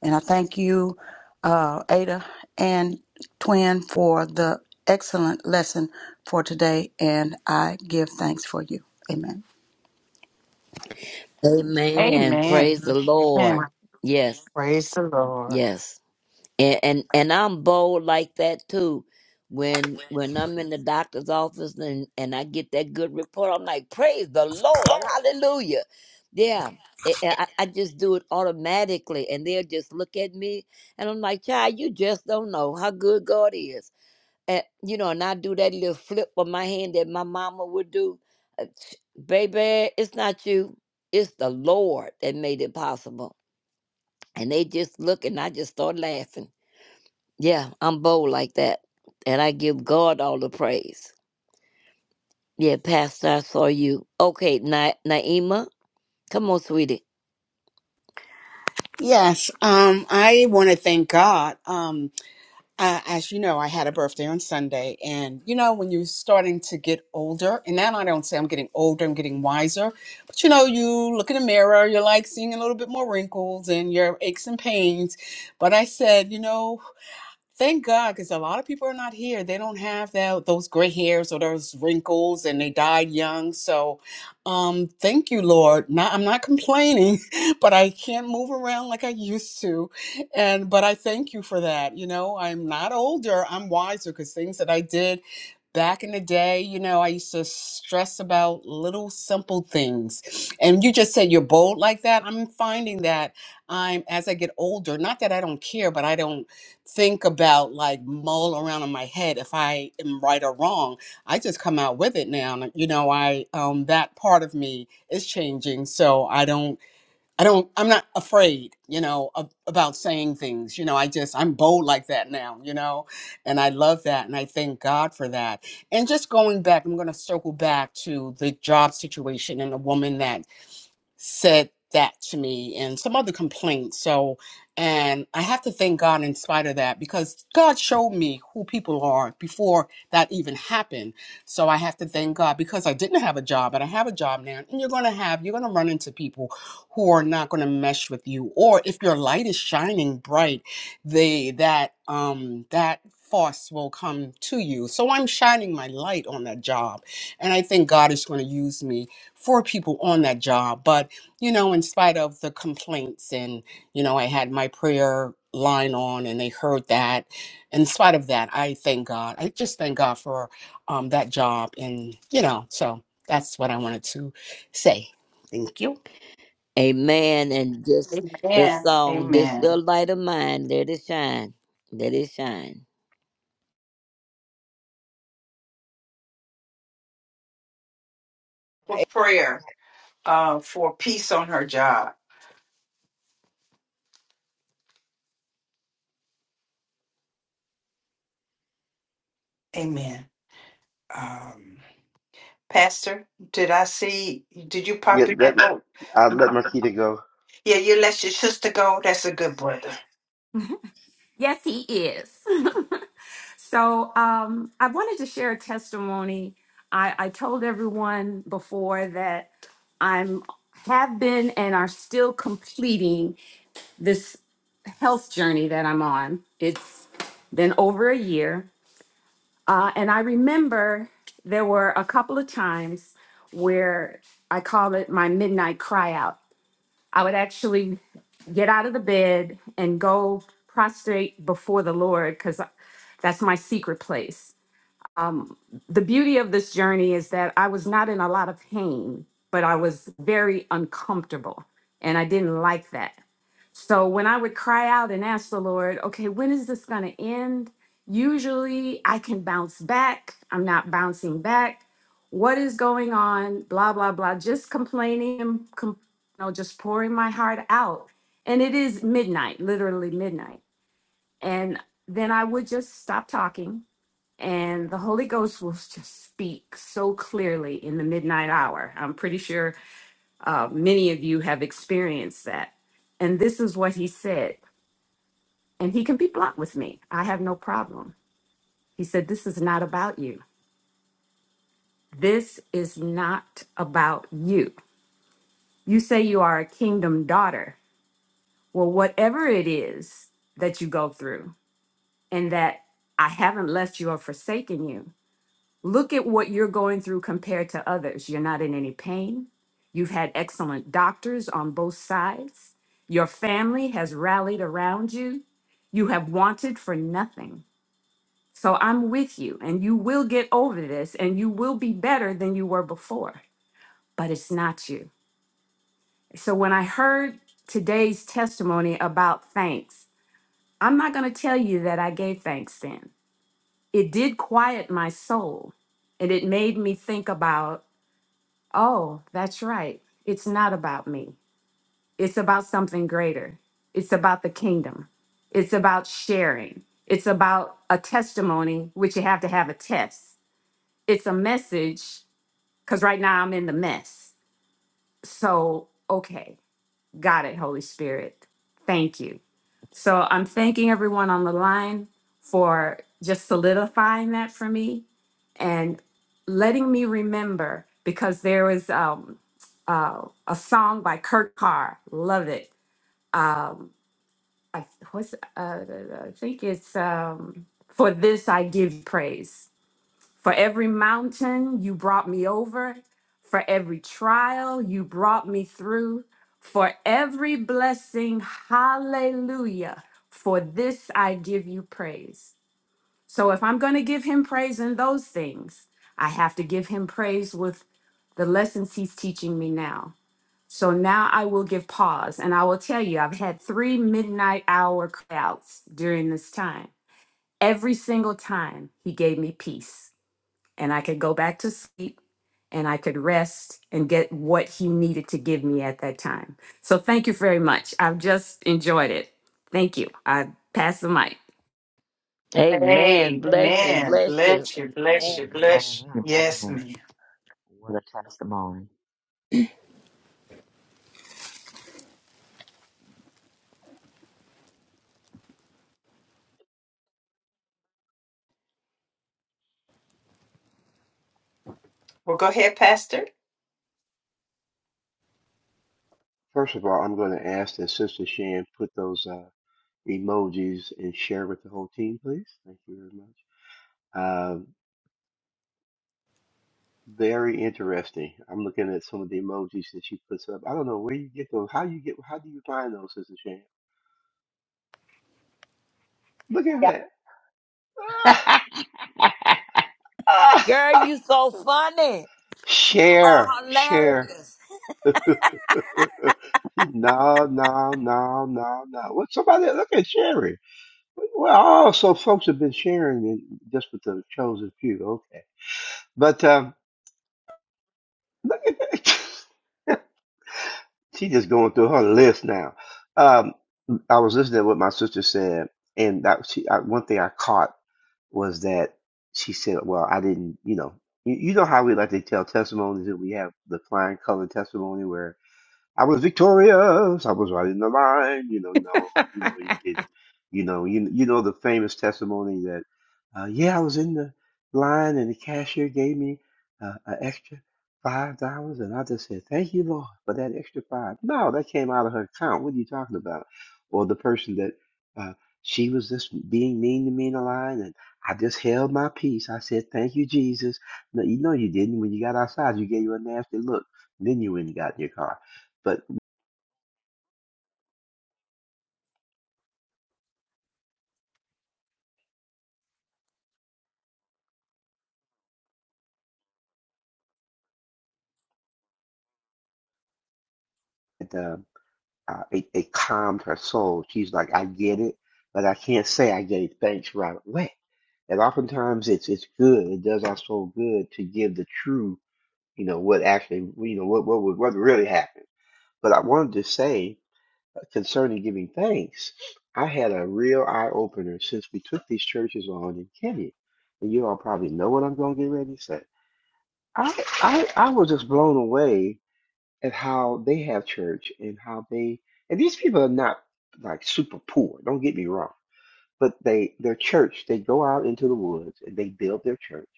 Speaker 3: and i thank you uh, ada and twin for the excellent lesson for today and i give thanks for you amen
Speaker 12: Amen.
Speaker 2: Amen.
Speaker 12: Praise the
Speaker 2: Amen.
Speaker 12: Lord. Yes,
Speaker 2: Praise the Lord.
Speaker 12: yes. And, and and I'm bold like that too. When when I'm in the doctor's office and, and I get that good report, I'm like, praise the Lord, hallelujah. Yeah. I, I I just do it automatically and they'll just look at me and I'm like, child, you just don't know how good God is and you know, and I do that little flip with my hand that my mama would do. Uh, sh- Baby, it's not you. It's the Lord that made it possible. And they just look and I just start laughing. Yeah, I'm bold like that. And I give God all the praise. Yeah, Pastor, I saw you. Okay, Na- Naima, come on, sweetie.
Speaker 4: Yes, um, I want to thank God. Um, I, as you know, I had a birthday on Sunday, and you know, when you're starting to get older, and now I don't say I'm getting older, I'm getting wiser, but you know, you look in the mirror, you're like seeing a little bit more wrinkles and your aches and pains. But I said, you know. Thank God, because a lot of people are not here. They don't have that those gray hairs or those wrinkles, and they died young. So, um, thank you, Lord. Not, I'm not complaining, but I can't move around like I used to, and but I thank you for that. You know, I'm not older. I'm wiser because things that I did back in the day, you know, I used to stress about little simple things, and you just said you're bold like that. I'm finding that I'm as I get older. Not that I don't care, but I don't think about like mull around in my head if I am right or wrong. I just come out with it now. And, you know, I um that part of me is changing. So I don't I don't I'm not afraid, you know, of, about saying things. You know, I just I'm bold like that now, you know. And I love that and I thank God for that. And just going back, I'm going to circle back to the job situation and the woman that said that to me and some other complaints. So, and I have to thank God in spite of that because God showed me who people are before that even happened. So I have to thank God because I didn't have a job and I have a job now. And you're going to have, you're going to run into people who are not going to mesh with you. Or if your light is shining bright, they, that, um, that, force will come to you. So I'm shining my light on that job and I think God is going to use me for people on that job. But you know, in spite of the complaints, and, you know, I had my prayer line on and they heard that. In spite of that, I thank God. I just thank God for um, that job. And, you know, so that's what I wanted to say. Thank you.
Speaker 12: Amen. And just the
Speaker 2: Amen.
Speaker 12: song, This
Speaker 2: Amen.
Speaker 12: Little Light of Mine, let it shine. Let it shine.
Speaker 2: For prayer uh, for peace on her job. Amen. Um, Pastor, did I see? Did you
Speaker 14: Yeah,
Speaker 2: pop in?
Speaker 14: let
Speaker 2: Oh,
Speaker 14: I let Marquita go.
Speaker 2: yeah, you let your sister go. That's a good brother.
Speaker 13: Yes, he is. so um, I wanted to share a testimony. I, I told everyone before that I'm have been and are still completing this health journey that I'm on. It's been over a year, uh, and I remember there were a couple of times where I call it my midnight cry out. I would actually get out of the bed and go prostrate before the Lord because that's my secret place. Um, the beauty of this journey is that I was not in a lot of pain, but I was very uncomfortable and I didn't like that. So when I would cry out and ask the Lord, okay, when is this going to end? Usually I can bounce back. I'm not bouncing back. What is going on? Blah, blah, blah. Just complaining, and com- you know, just pouring my heart out. And it is midnight, literally midnight. And then I would just stop talking and the Holy Ghost will just speak so clearly in the midnight hour. I'm pretty sure uh, many of you have experienced that. And this is what he said. And he can be blunt with me. I have no problem. He said, This is not about you. This is not about you. You say you are a kingdom daughter. Well, whatever it is that you go through, and that I haven't left you or forsaken you, Look at what you're going through compared to others. You're not in any pain. You've had excellent doctors on both sides. Your family has rallied around you. You have wanted for nothing. So I'm with you, and you will get over this, and you will be better than you were before. But it's not you. So when I heard today's testimony about thanks, I'm not going to tell you that I gave thanks then. It did quiet my soul, and it made me think about Oh, that's right. It's not about me. It's about something greater. It's about the kingdom. It's about sharing. It's about a testimony, which you have to have a test. It's a message, because right now I'm in the mess. So, okay, got it, Holy Spirit. Thank you. So I'm thanking everyone on the line for just solidifying that for me and letting me remember because there was um, uh, a song by Kurt Carr, love it. Um, I, what's, uh, I think it's um, For This I Give You Praise for every mountain, you brought me over. For every trial, you brought me through. For every blessing, hallelujah. For this, I give you praise. So if I'm going to give him praise in those things, I have to give him praise with the lessons he's teaching me now. So now I will give pause and I will tell you, I've had three midnight hour crowds during this time. Every single time, he gave me peace and I could go back to sleep and I could rest and get what he needed to give me at that time. So thank you very much. I've just enjoyed it. Thank you. I pass the mic.
Speaker 12: Amen. Bless you.
Speaker 2: Amen.
Speaker 12: Bless you.
Speaker 2: Bless you, bless
Speaker 12: Amen.
Speaker 2: you, bless you. Yes, ma'am. Well, go ahead, Pastor.
Speaker 14: First of all, I'm going to ask that Sister Shan put those uh, emojis and share with the whole team, please. Thank you very much. Um, very interesting. I'm looking at some of the emojis that she puts up. I don't know where you get those. How you get? How do you find those, Sister Shan? Look at that. Ah,
Speaker 12: Girl,
Speaker 14: ah.
Speaker 12: you so funny. You
Speaker 14: share,
Speaker 12: are
Speaker 14: share.
Speaker 12: hilarious.
Speaker 14: No, no, no, no, no. What somebody look at sharing. Well, oh, so folks have been sharing it just with the chosen few. Okay, but um, look at that. She just going through her list now. Um, I was listening to what my sister said, and that she I, one thing I caught was that she said, "Well, I didn't, you know, you, you know how we like to tell testimonies that we have the flying color testimony where." I was victorious. I was right in the line. You know, no, you know, he didn't. You know, you, you know the famous testimony that, uh, yeah, I was in the line and the cashier gave me uh, an extra five dollars, and I just said, "Thank you, Lord, for that extra five. No, that came out of her account. What are you talking about? Or the person that uh, she was just being mean to me in the line, and I just held my peace. I said, "Thank you, Jesus." No, you know you didn't. When you got outside, you gave her a nasty look. Then you went and got in your car. the uh, it, it calmed her soul. She's like, I get it, but I can't say I gave thanks right away. And oftentimes it's it's good. It does our soul good to give the true, you know, what actually, you know, what what would- what really happened. But I wanted to say uh, concerning giving thanks, I had a real eye opener since we took these churches on in Kenya. And you all probably know what I'm going to get ready to say. I I I was just blown away at how they have church and how they and these people are not like super poor, don't get me wrong, but they their church, they go out into the woods and they build their church.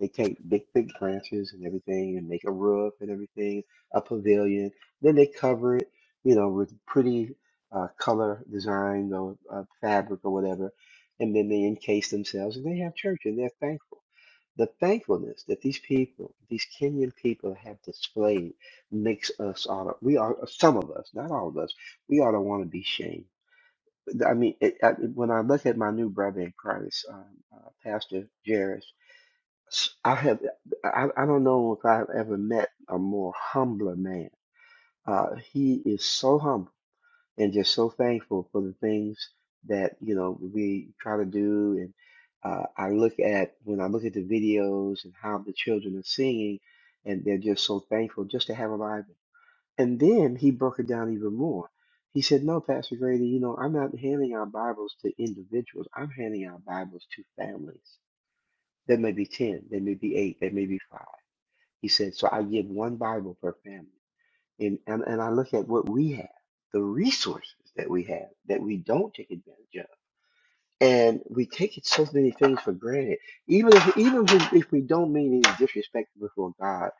Speaker 14: They take big, big branches and everything and make a roof and everything, a pavilion. Then they cover it, you know, with pretty uh, color design or uh, fabric or whatever. And then they encase themselves and they have church and they're thankful. The thankfulness that these people, these Kenyan people have displayed makes us all, we are, some of us, not all of us, we ought to want to be shamed. I mean, it, I, when I look at my new brother in Christ, um, uh, Pastor Jairus, s- I have, I, I don't know if I've ever met a more humbler man. Uh, he is so humble and just so thankful for the things that you know we try to do and uh, i look at when i look at the videos and how the children are singing and they're just so thankful just to have a bible and then he broke it down even more he said no pastor grady you know i'm not handing out bibles to individuals i'm handing out bibles to families there may be 10 there may be 8 there may be 5." he said so i give one bible per family and, and, and I look at what we have, the resources that we have that we don't take advantage of. And we take it so many things for granted. Even if even if, if we don't mean any disrespect before God,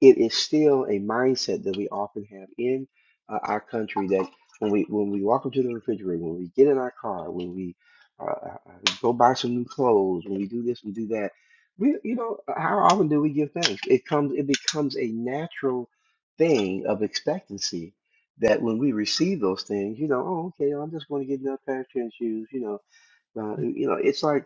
Speaker 14: it is still a mindset that we often have in uh, our country that when we when we walk into the refrigerator, when we get in our car, when we uh, uh, uh, go buy some new clothes, when we do this, and do that. We you know how often do we give thanks? It comes it becomes a natural thing of expectancy that when we receive those things, you know, oh okay, I'm just going to get another pair of tennis shoes, you know. Uh, you know, it's like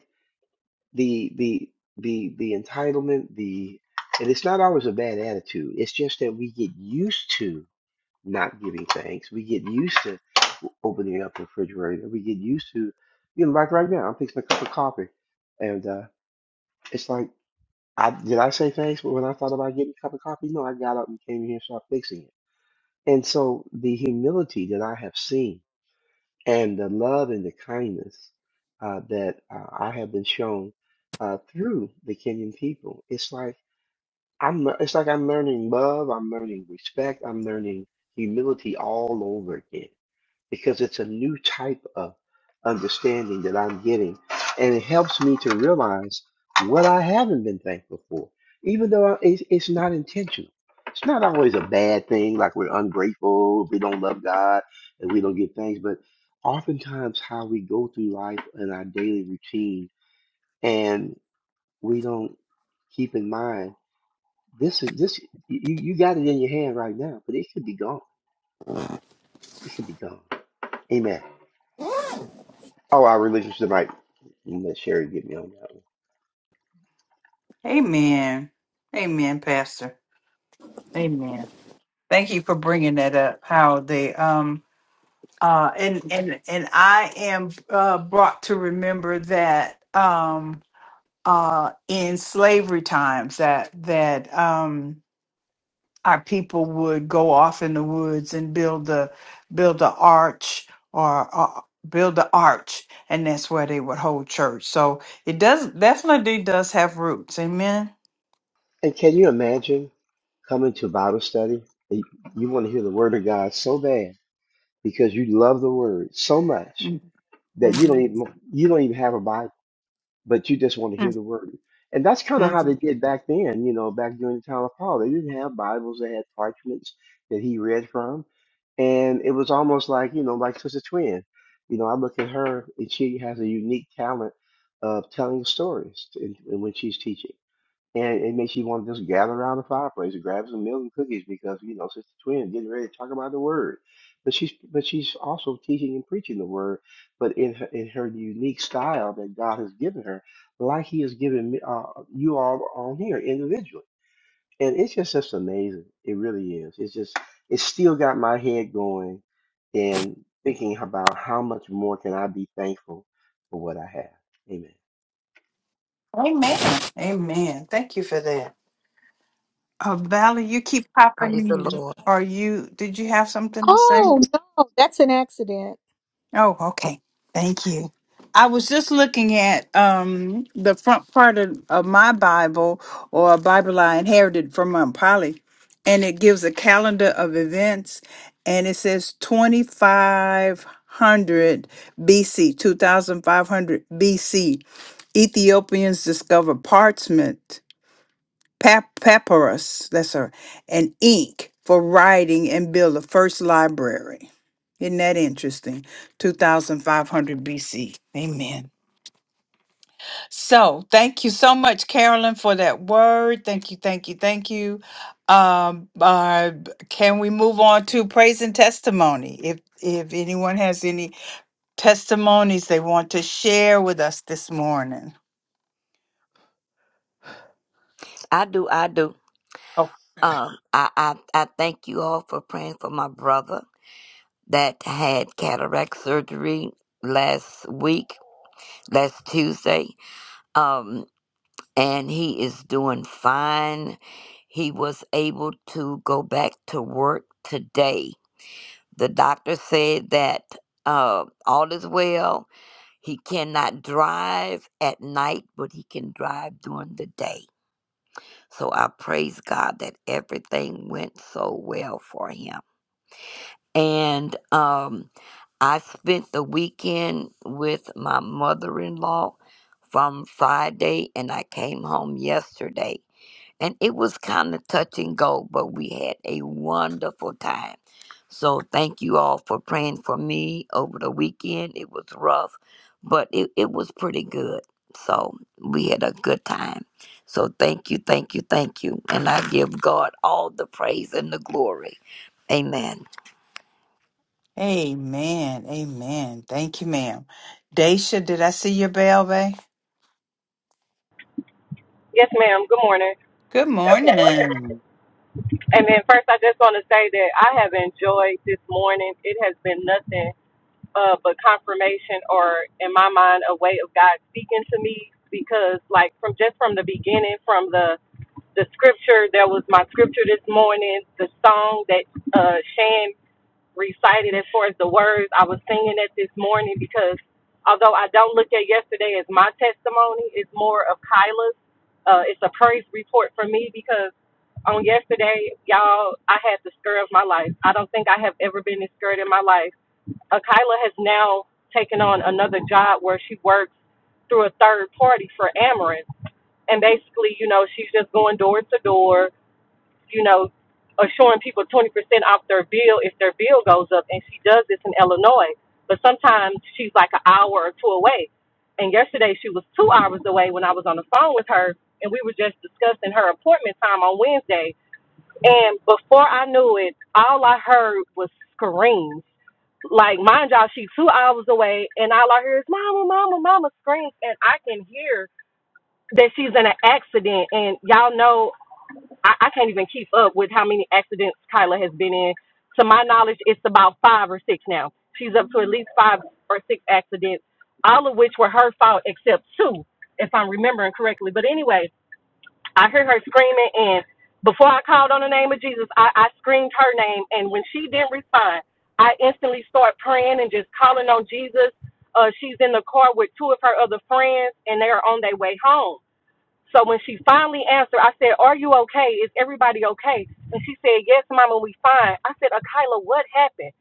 Speaker 14: the the the the entitlement, the and it's not always a bad attitude. It's just that we get used to not giving thanks. We get used to opening up the refrigerator. We get used to, you know, like right now, I'm fixing a cup of coffee, and uh, it's like, I did I say thanks when I thought about getting a cup of coffee? No, I got up and came here and started fixing it. And so the humility that I have seen. and the love and the kindness uh, that uh, I have been shown uh, through the Kenyan people. It's like I'm le- it's like I'm learning love, I'm learning respect, I'm learning humility all over again because it's a new type of understanding that I'm getting. And it helps me to realize what I haven't been thankful for, even though I- it's, it's not intentional. It's not always a bad thing, like we're ungrateful, we don't love God, and we don't give thanks. But oftentimes, how we go through life and our daily routine, and we don't keep in mind this is this you, you got it in your hand right now, but it could be gone. It could be gone. Amen. Oh, our relationship might Let Sherry get me on that one.
Speaker 2: Amen. Amen, Pastor. Amen. Thank you for bringing that up. How they um uh and and and I am uh brought to remember that um. uh, in slavery times that that um, our people would go off in the woods and build the build the arch or uh, build the arch, and that's where they would hold church. So it does definitely does have roots. Amen.
Speaker 14: And can you imagine coming to Bible study? and You want to hear the Word of God so bad because you love the Word so much that you
Speaker 2: Mm-hmm.
Speaker 14: don't even you don't even have a Bible. but you just want to hear the word. And that's kind of how
Speaker 2: Mm-hmm.
Speaker 14: they did back then, you know, back during the time of Paul. They didn't have Bibles, they had parchments that he read from. And it was almost like, you know, like Sister Twin. You know, I look at her and she has a unique talent of telling stories and and when she's teaching. And it makes you want to just gather around the fireplace and grab some milk and cookies because, you know, Sister Twin is getting ready to talk about the word. But she's but she's also teaching and preaching the word, but in her, in her unique style that God has given her, like He has given me, uh, you all on here individually. And it's just just amazing. It really is. It's just it's still got my head going and thinking about how much more can I be thankful for what I have. Amen.
Speaker 2: Amen. Amen. Thank you for that. Uh, Valerie, you keep popping
Speaker 12: Praise the
Speaker 2: in.
Speaker 12: Lord.
Speaker 2: Are you? Did you have something to say?
Speaker 1: Oh, no, that's an accident.
Speaker 2: Oh, okay. Thank you. I was just looking at um, the front part of, of my Bible or a Bible I inherited from Aunt Polly, and it gives a calendar of events, and it says 2500 BC, 2500 BC, Ethiopians discover parchment pap- papyrus, that's her, and ink for writing and build the first library. Isn't that interesting? 2500 BC. Amen. So thank you so much, Carolyn, for that word. Thank you, thank you, thank you. Um, uh, can we move on to praise and testimony? If if anyone has any testimonies they want to share with us this morning.
Speaker 12: I do, I do. Um, I, I, I thank you all for praying for my brother that had cataract surgery last week, last Tuesday. Um, and he is doing fine. He was able to go back to work today. The doctor said that uh, all is well He cannot drive at night, but he can drive during the day. So I praise God that everything went so well for him. And um, I spent the weekend with my mother in law from Friday, and I came home yesterday and it was kind of touch and go, but we had a wonderful time. So thank you all for praying for me over the weekend. It was rough, but it, it was pretty good. So we had a good time. So thank you, thank you, thank you. And I give God all the praise and the glory. Amen.
Speaker 2: Amen. Amen. Thank you, ma'am. Daisha, did I see your bell, babe?
Speaker 15: Yes, ma'am. Good morning.
Speaker 2: Good
Speaker 15: Good morning.
Speaker 2: morning.
Speaker 15: And then first, I just want to say that I have enjoyed this morning. It has been nothing uh, but confirmation, or in my mind, a way of God speaking to me. Because, like, from just from the beginning, from the the scripture, there was my scripture this morning, the song that uh, Shan recited as far as the words. I was singing it this morning because although I don't look at yesterday as my testimony, it's more of Kyla's. Uh, it's a praise report for me because on yesterday, y'all, I had the skirt of my life. I don't think I have ever been this skirt in my life. Uh, Kyla has now taken on another job where she works through a third party for Amarin. And basically, you know, she's just going door to door you know, assuring people 20% off their bill if their bill goes up. And she does this in Illinois. But sometimes she's like an hour or two away. And yesterday she was two hours away when I was on the phone with her. And we were just discussing her appointment time on Wednesday. And before I knew it, all I heard was screams. Like, mind y'all, she's two hours away. And all I hear is mama, mama, mama screams. And I can hear that she's in an accident. And y'all know I, I can't even keep up with how many accidents Kyla has been in. To my knowledge, it's about five or six now. She's up to at least five or six accidents, all of which were her fault except two, if I'm remembering correctly. But anyway, I heard her screaming, and before I called on the name of Jesus, I, I screamed her name. And when she didn't respond, I instantly start praying and just calling on Jesus. Uh, she's in the car with two of her other friends, and they are on their way home so when she finally answered, I said, Are you okay? Is everybody okay? And she said, Yes, mama, we fine. I said, Akila, what happened?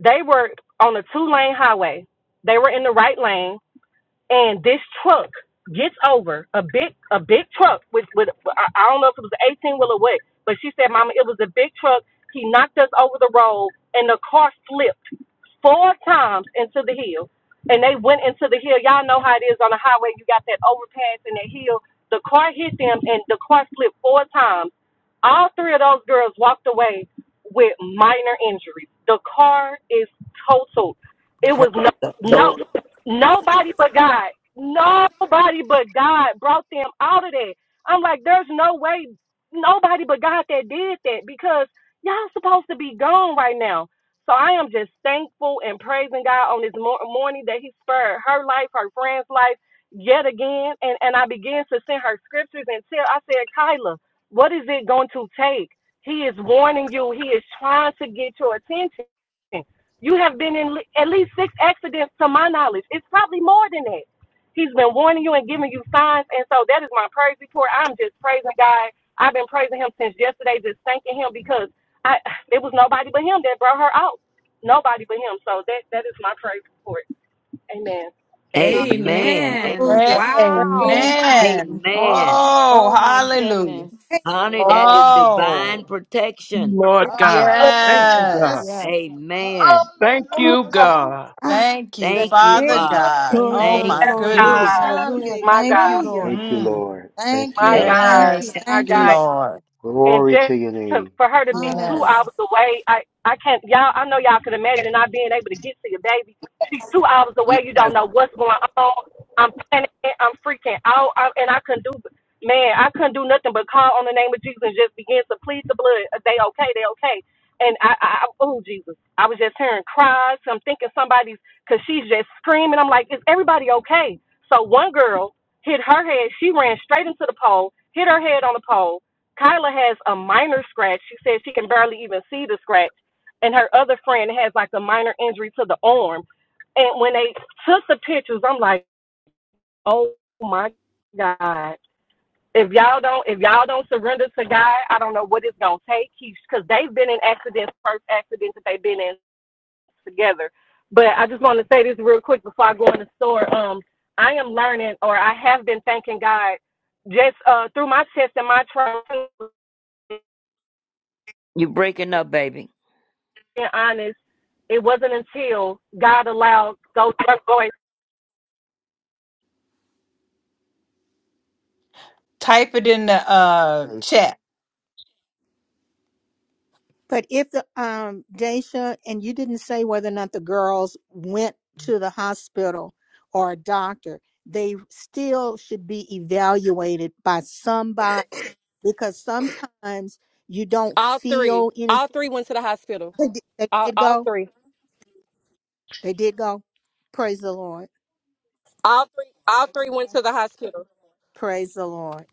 Speaker 15: They were on a two lane highway. They were in the right lane and this truck gets over a big a big truck with with I I don't know if it was an eighteen wheel or what, but she said, "Mama, it was a big truck. He knocked us over the road, and the car slipped four times into the hill, and they went into the hill. Y'all know how it is on the highway. You got that overpass and that hill. The car hit them, and the car slipped four times. All three of those girls walked away with minor injuries. The car is totaled. It
Speaker 12: Praise
Speaker 15: was no
Speaker 12: the Lord.
Speaker 15: no. Nobody but God. Nobody but God brought them out of that. I'm like, there's no way nobody but God that did that because y'all supposed to be gone right now. So I am just thankful and praising God on this mor- morning that He spared her life, her friend's life, yet again. And and I began to send her scriptures and tell. I said, Kyla, what is it going to take? He is warning you. He is trying to get your attention. You have been in le- at least six accidents to my knowledge. It's probably more than that. He's been warning you and giving you signs. And so that is my praise report. I'm just praising God. I've been praising him since yesterday, just thanking him because I it was nobody but him that brought her out. Nobody but him. So that that is my praise report. Amen.
Speaker 12: Amen. A-
Speaker 13: Amen.
Speaker 1: Hallelujah.
Speaker 13: Wow.
Speaker 1: Praise you,
Speaker 2: Amen.
Speaker 12: Amen.
Speaker 2: Oh,
Speaker 13: Oh my
Speaker 2: hallelujah.
Speaker 13: goodness.
Speaker 12: Honey, that is
Speaker 1: Lord.
Speaker 12: divine
Speaker 2: Oh,
Speaker 12: protection.
Speaker 10: Lord
Speaker 1: Yes,
Speaker 10: God. Thank you,
Speaker 1: yes.
Speaker 10: God.
Speaker 2: yes.
Speaker 13: Yes.
Speaker 12: Amen.
Speaker 10: Thank you, God.
Speaker 1: Ah,
Speaker 2: Thank you,
Speaker 1: the
Speaker 12: Thank you,
Speaker 2: Father
Speaker 12: Father.
Speaker 1: name of
Speaker 2: God.
Speaker 1: Jesus.
Speaker 3: Glory,
Speaker 13: Thank
Speaker 2: Oh,
Speaker 3: glory,
Speaker 12: Thank
Speaker 2: my
Speaker 13: you.
Speaker 3: glory, glory.
Speaker 12: you.
Speaker 2: goodness.
Speaker 15: Ah,
Speaker 3: Hallelujah.
Speaker 15: my
Speaker 3: Thank you,
Speaker 15: God.
Speaker 1: Hallelujah.
Speaker 3: Lord.
Speaker 14: Thank you,
Speaker 2: Mm.
Speaker 14: Lord. Thank
Speaker 3: Thank
Speaker 14: you,
Speaker 15: My
Speaker 3: you.
Speaker 12: Hey,
Speaker 15: God.
Speaker 3: Thank
Speaker 2: Yes.
Speaker 14: Jesus.
Speaker 3: you.
Speaker 2: Thank
Speaker 15: My
Speaker 3: Thank
Speaker 2: you,
Speaker 3: you.
Speaker 15: God.
Speaker 2: Lord.
Speaker 15: and
Speaker 14: Glory to
Speaker 15: just
Speaker 14: your
Speaker 15: to
Speaker 14: name.
Speaker 15: for her to be two
Speaker 2: Yes.
Speaker 13: Yes.
Speaker 3: Hallelujah.
Speaker 15: hours away, I I can't y'all. I know y'all can imagine not being able to get to your baby. She's two hours
Speaker 12: you
Speaker 15: away. You don't know what's going on. I'm panicking. I'm freaking out. I, and I couldn't do man. I couldn't do nothing but call on the name of Jesus and just begin to plead the blood. They okay. They okay. And I, I, I oh Jesus, I was just hearing cries. I'm thinking somebody's because she's just screaming. I'm like, is everybody okay? So one girl hit her head. She ran straight into the pole, hit her head on the pole Kyla has a minor scratch. She says she can barely even see the scratch. And her other friend has like a minor injury to the arm. And when they took the pictures, I'm like, oh my God. If y'all don't if y'all don't surrender to God, I don't know what it's gonna take. Because they've been in accidents, first accidents that they've been in together. But I just want to say this real quick before I go in the store. Um, I am learning, or I have been thanking God just uh, through my tests and my trials
Speaker 12: you breaking up, baby.
Speaker 15: being honest, it wasn't until God allowed those those boys.
Speaker 2: Type it in the uh, chat.
Speaker 1: But if the um Daisha and you didn't say whether or not the girls went to the hospital or a doctor, they still should be evaluated by somebody because sometimes you don't
Speaker 15: All three,
Speaker 1: feel
Speaker 15: all
Speaker 1: anything.
Speaker 15: three went to the hospital.
Speaker 1: They did, they
Speaker 15: All,
Speaker 1: did
Speaker 15: all
Speaker 1: go.
Speaker 15: three,
Speaker 1: They did go. Praise the Lord.
Speaker 15: all three, all three went to the hospital.
Speaker 1: Praise the Lord.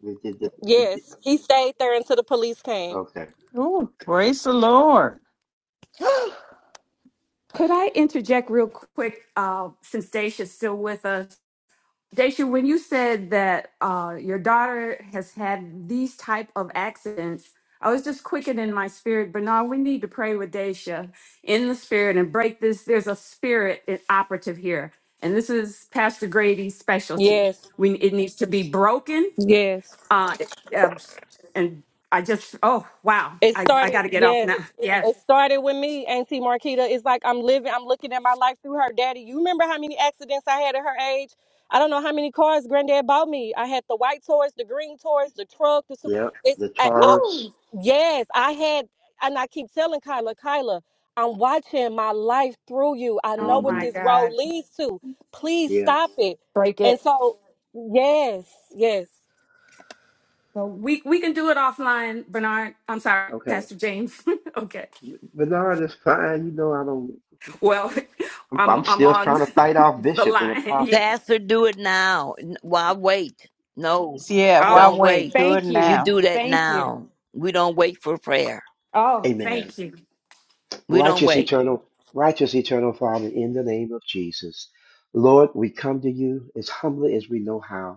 Speaker 14: We did the- we did-
Speaker 15: Yes, he stayed there until the police came.
Speaker 14: Okay.
Speaker 2: Ooh, praise the Lord.
Speaker 13: Could I interject real quick uh, since Daisha's still with us? Daisha, when you said that uh, your daughter has had these type of accidents, I was just quickened in my spirit. Bernard, we need to pray with Daisha in the spirit and break this. There's a spirit i- operative here, and this is Pastor Grady's specialty.
Speaker 15: Yes,
Speaker 13: We it needs to be broken.
Speaker 15: yes.
Speaker 13: Uh, it- uh, and I just oh wow,
Speaker 15: It
Speaker 13: I I got
Speaker 15: started.
Speaker 13: to get off now.
Speaker 15: Yes,
Speaker 13: Yes.
Speaker 15: it started with me, Auntie Marquita. It's like I'm living. I'm looking at my life through her. Daddy, you remember how many accidents I had at her age? I don't know how many cars Granddad bought me. I had the white toys, the green toys, the truck. The su-
Speaker 14: Yep.
Speaker 15: it's
Speaker 14: The
Speaker 15: I, I-
Speaker 14: Taurus.
Speaker 13: Woo!
Speaker 15: Yes, I had, and I keep telling Kyla, Kyla, I'm watching my life through you. I
Speaker 13: Oh
Speaker 15: know
Speaker 14: mm
Speaker 15: what
Speaker 14: hmm
Speaker 13: my
Speaker 15: this road
Speaker 13: God.
Speaker 15: leads to. Please
Speaker 14: Yes.
Speaker 15: stop it.
Speaker 13: Break
Speaker 15: And
Speaker 13: it.
Speaker 15: so, yes, yes.
Speaker 13: So we we can do it offline, Bernard. I'm sorry,
Speaker 14: Okay.
Speaker 13: Pastor James. okay.
Speaker 14: Bernard is fine. You know, I don't.
Speaker 13: Well,
Speaker 14: I'm,
Speaker 13: I'm
Speaker 14: I'm
Speaker 13: I'm
Speaker 14: still
Speaker 13: on
Speaker 14: trying to fight off
Speaker 13: the
Speaker 14: Bishop and
Speaker 13: line.
Speaker 14: Apostle.
Speaker 13: Yeah.
Speaker 12: Pastor, do it now. N- Why wait? No,
Speaker 2: Yeah, why
Speaker 13: Oh,
Speaker 12: don't
Speaker 2: wait?
Speaker 12: wait.
Speaker 2: Do it
Speaker 13: thank
Speaker 12: You
Speaker 13: you.
Speaker 2: now.
Speaker 12: do that
Speaker 13: Thank you.
Speaker 12: now. We don't wait for prayer.
Speaker 13: Oh,
Speaker 14: Amen.
Speaker 13: thank you.
Speaker 12: We don't
Speaker 14: Righteous
Speaker 12: wait.
Speaker 14: eternal, righteous eternal Father, in the name of Jesus. Lord, we come to you as humbly as we know how.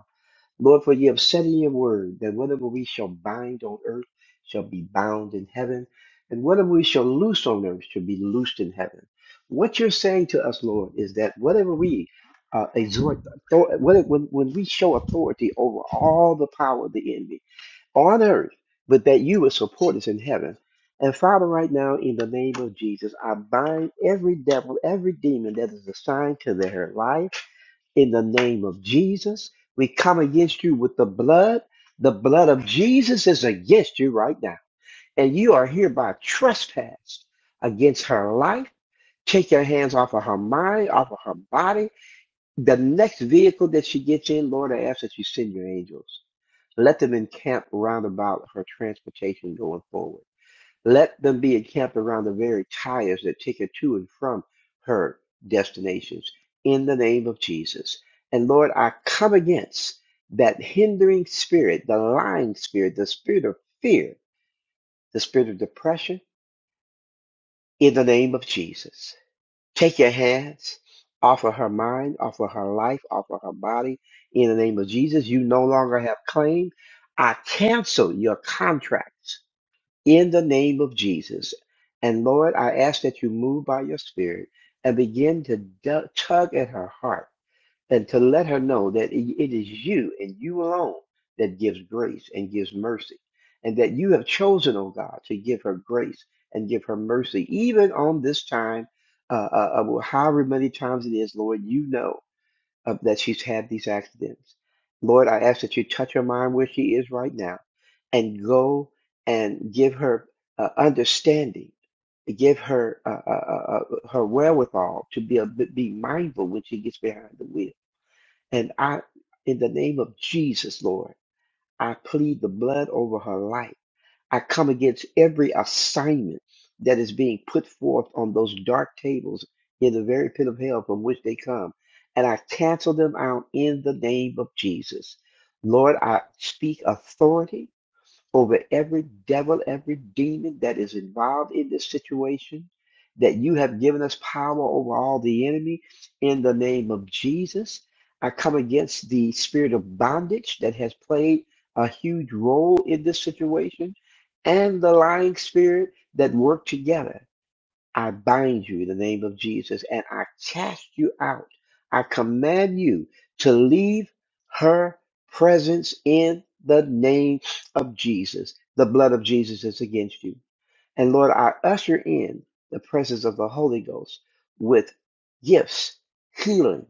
Speaker 14: Lord, for you have said in your word that whatever we shall bind on earth shall be bound in heaven, and whatever we shall loose on earth shall be loosed in heaven. What you're saying to us, Lord, is that whatever we uh, exhort, author- when, when when we show authority over all the power of the enemy, on earth, but that you will support us in heaven. And Father, right now, in the name of Jesus, I bind every devil, every demon that is assigned to their life in the name of Jesus. We come against you with the blood. The blood of Jesus is against you right now. And you are hereby trespassed against her life. Take your hands off of her mind, off of her body. The next vehicle that she gets in, Lord, I ask that you send your angels. Let them encamp round about her transportation going forward. Let them be encamped around the very tires that take her to and from her destinations in the name of Jesus. And Lord, I come against that hindering spirit, the lying spirit, the spirit of fear, the spirit of depression in the name of Jesus. Take your hands off of her mind, off of her life, off of her body in the name of Jesus. You no longer have claim. I cancel your contracts in the name of Jesus. And Lord, I ask that you move by your spirit and begin to du- tug at her heart and to let her know that it it is you and you alone that gives grace and gives mercy. And that you have chosen, oh God, to give her grace and give her mercy, even on this time, uh, uh, uh, well, however many times it is, Lord, you know of that she's had these accidents. Lord, I ask that you touch her mind where she is right now and go and give her uh, understanding, give her uh, uh, uh, uh, her wherewithal to be, a, be mindful when she gets behind the wheel. And I, in the name of Jesus, Lord, I plead the blood over her life. I come against every assignment that is being put forth on those dark tables in the very pit of hell from which they come. And I cancel them out in the name of Jesus. Lord, I speak authority over every devil, every demon that is involved in this situation, that you have given us power over all the enemy in the name of Jesus. I come against the spirit of bondage that has played a huge role in this situation and the lying spirit that work together I bind you in the name of Jesus and I cast you out. I command you to leave her presence in the name of Jesus. The blood of Jesus is against you. And Lord, I usher in the presence of the Holy Ghost with gifts, healing,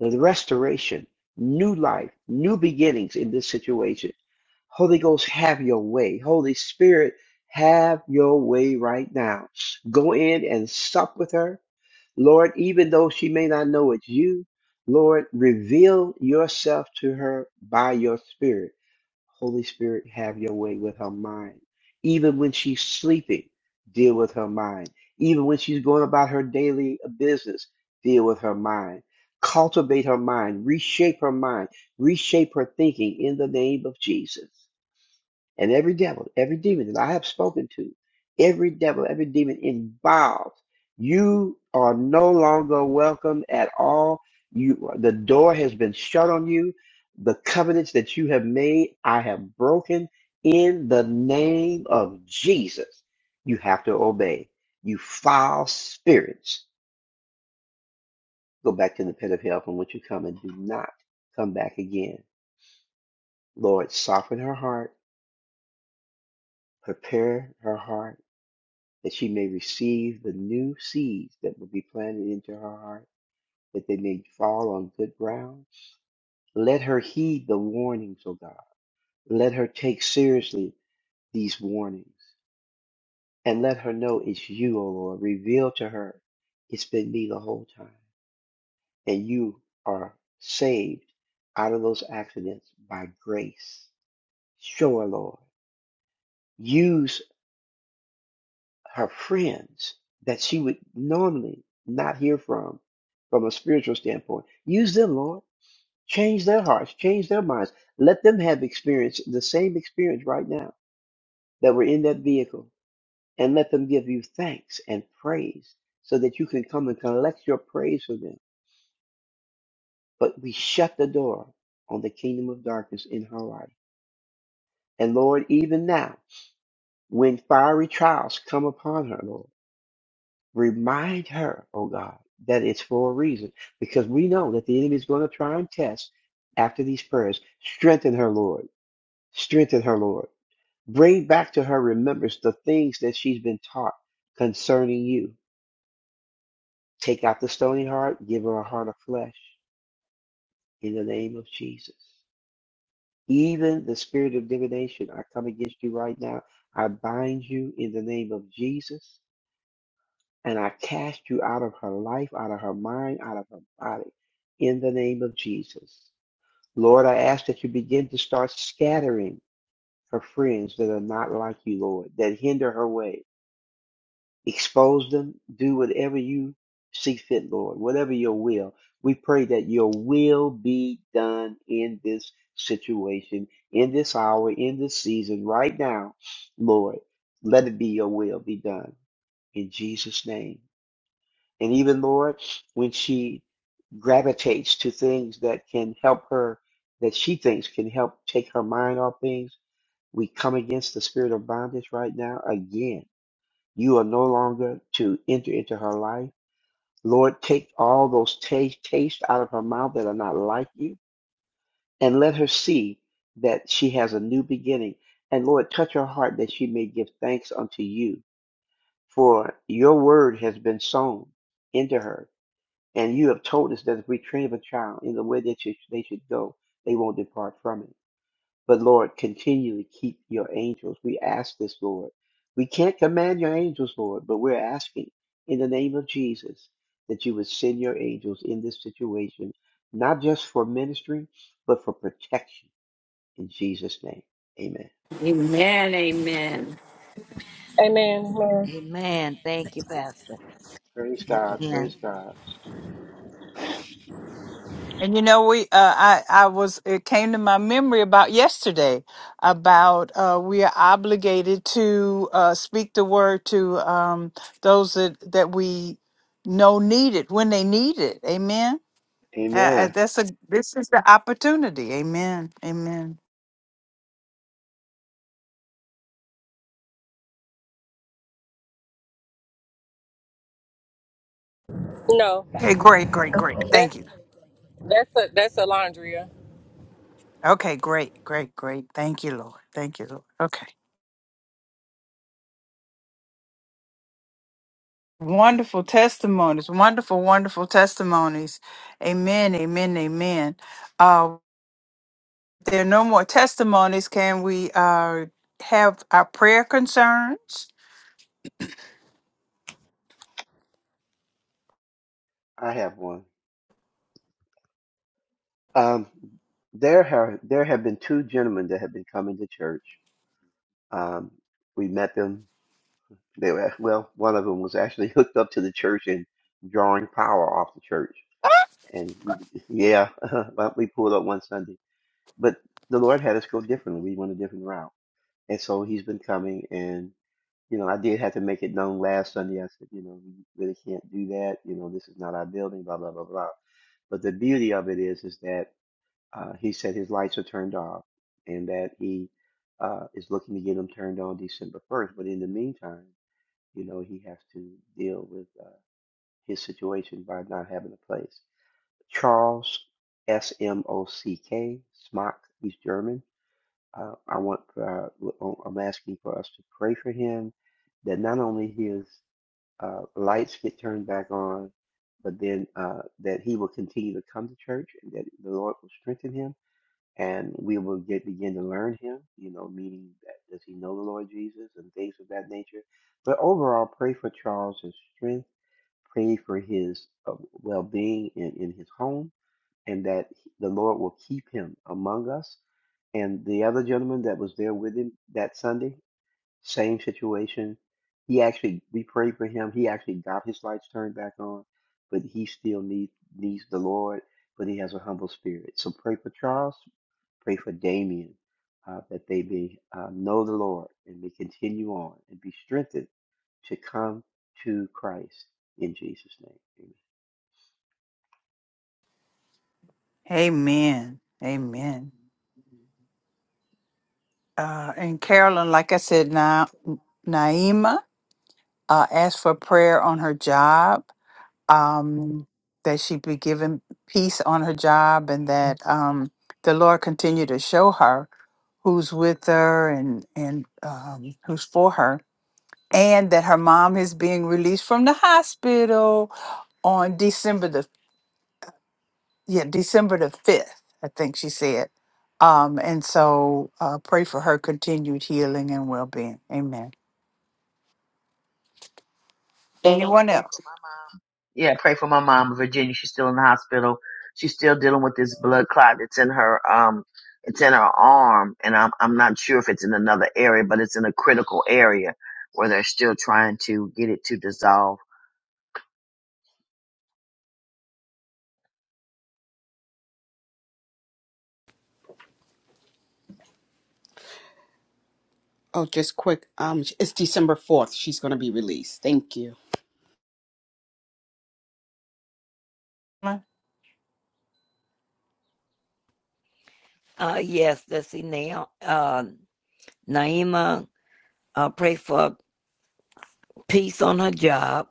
Speaker 14: the restoration, new life, new beginnings in this situation. Holy Ghost, have your way. Holy Spirit, have your way right now. Go in and sup with her. Lord, even though she may not know it's you, Lord, reveal yourself to her by your spirit. Holy Spirit, have your way with her mind. Even when she's sleeping, deal with her mind. Even when she's going about her daily business, deal with her mind. Cultivate her mind, reshape her mind, reshape her thinking in the name of Jesus. And every devil, every demon that I have spoken to, every devil, every demon involved, you are no longer welcome at all. You, the door has been shut on you. The covenants that you have made, I have broken in the name of Jesus. You have to obey. You foul spirits, go back to the pit of hell from which you come and do not come back again. Lord, soften her heart, prepare her heart that she may receive the new seeds that will be planted into her heart, that they may fall on good ground. Let her heed the warnings, O God. Let her take seriously these warnings and let her know it's you, O Lord. Reveal to her it's been me the whole time and you are saved out of those accidents by grace. Show her, Lord. Use her friends that she would normally not hear from from a spiritual standpoint. Use them, Lord. Change their hearts, change their minds. Let them have experience, the same experience right now that were in that vehicle, and let them give you thanks and praise so that you can come and collect your praise for them. But we shut the door on the kingdom of darkness in her life. And Lord, even now, when fiery trials come upon her, Lord. Remind her, oh God, that it's for a reason because we know that the enemy is going to try and test after these prayers. Strengthen her, Lord. Strengthen her, Lord. Bring back to her remembrance the things that she's been taught concerning you. Take out the stony heart, give her a heart of flesh in the name of Jesus. Even the spirit of divination, I come against you right now. I bind you in the name of Jesus. and I cast you out of her life, out of her mind, out of her body, in the name of Jesus. Lord, I ask that you begin to start scattering her friends that are not like you, Lord, that hinder her way. Expose them, do whatever you see fit, Lord, whatever your will. We pray that your will be done in this situation, in this hour, in this season, right now, Lord. Let it be your will be done. In Jesus' name. And even, Lord, when she gravitates to things that can help her, that she thinks can help take her mind off things. We come against the spirit of bondage right now again. You are no longer to enter into her life. Lord, take all those taste, taste out of her mouth that are not like you and let her see that she has a new beginning. And Lord, touch her heart that she may give thanks unto you for your word has been sown into her And you have told us that if we train up a child in the way that should- they should go, they won't depart from it. But Lord, continually keep your angels. We ask this, Lord. We can't command your angels, Lord, but we're asking in the name of Jesus that you would send your angels in this situation, not just for ministry, but for protection. In Jesus' name, amen.
Speaker 13: Amen. Amen.
Speaker 15: Amen. Amen.
Speaker 12: Amen. Thank you, Pastor.
Speaker 14: Praise God.
Speaker 12: And
Speaker 14: Praise God.
Speaker 2: And you know, we uh, I I was it came to my memory about yesterday about uh, we are obligated to uh, speak the word to um, those that that we know need it when they need it. Amen. Uh, uh,
Speaker 14: Amen.
Speaker 2: that's a this is the opportunity. Amen. Amen.
Speaker 15: No,
Speaker 2: Okay, great, great, great. Thank
Speaker 15: that's
Speaker 2: you.
Speaker 15: that's a that's Alondria.
Speaker 2: Okay, great, great, great. Thank you, Lord. Thank you, Lord. Okay. Wonderful testimonies. Wonderful, wonderful testimonies. Amen. Amen. Amen. Uh. there are no more testimonies, can we uh, have our prayer concerns?
Speaker 14: I have one. Um, there have there have been two gentlemen that have been coming to church Um, we met them. They were, well, one of them was actually hooked up to the church and drawing power off the church. And we, yeah, well, we pulled up one Sunday, but the Lord had us go differently. We went a different route. And so he's been coming and, you know, I did have to make it known last Sunday. I said, you know, we really can't do that. You know, this is not our building, blah, blah, blah, blah. But the beauty of it is, is that, uh, he said his lights are turned off and that he, uh, is looking to get them turned on December 1st. But in the meantime, you know, he has to deal with uh, his situation by not having a place. Charles S M O C K Smock. He's German. Uh, I want. Uh, w- I'm asking for us to pray for him that not only his uh, lights get turned back on, but then uh, that he will continue to come to church and that the Lord will strengthen him and we will get begin to learn him, you know, meaning that does he know the Lord Jesus and things of that nature. But overall, pray for Charles' his strength, pray for his uh, well being in, in his home, and that he- the Lord will keep him among us. And the other gentleman that was there with him that Sunday, same situation. He actually, we prayed for him. He actually got his lights turned back on, but he still needs needs the Lord. But he has a humble spirit. So pray for Charles. Pray for Damien uh, that they may uh, know the Lord and may continue on and be strengthened to come to Christ in Jesus' name.
Speaker 2: Amen. Amen.
Speaker 14: Amen.
Speaker 2: Uh, and Carolyn, like I said, Na- Naima uh, asked for prayer on her job, um, that she be given peace on her job, and that um, the Lord continue to show her who's with her and and um, who's for her, and that her mom is being released from the hospital on December the yeah, December the 5th, I think she said. Um, and so uh, pray for her continued healing and well being. Amen. Anyone else?
Speaker 4: Oh, just quick. Um, it's December 4th. She's going to be released. Thank you.
Speaker 12: uh, yes, let's see now. Uh, Naima, uh, pray for peace on her job.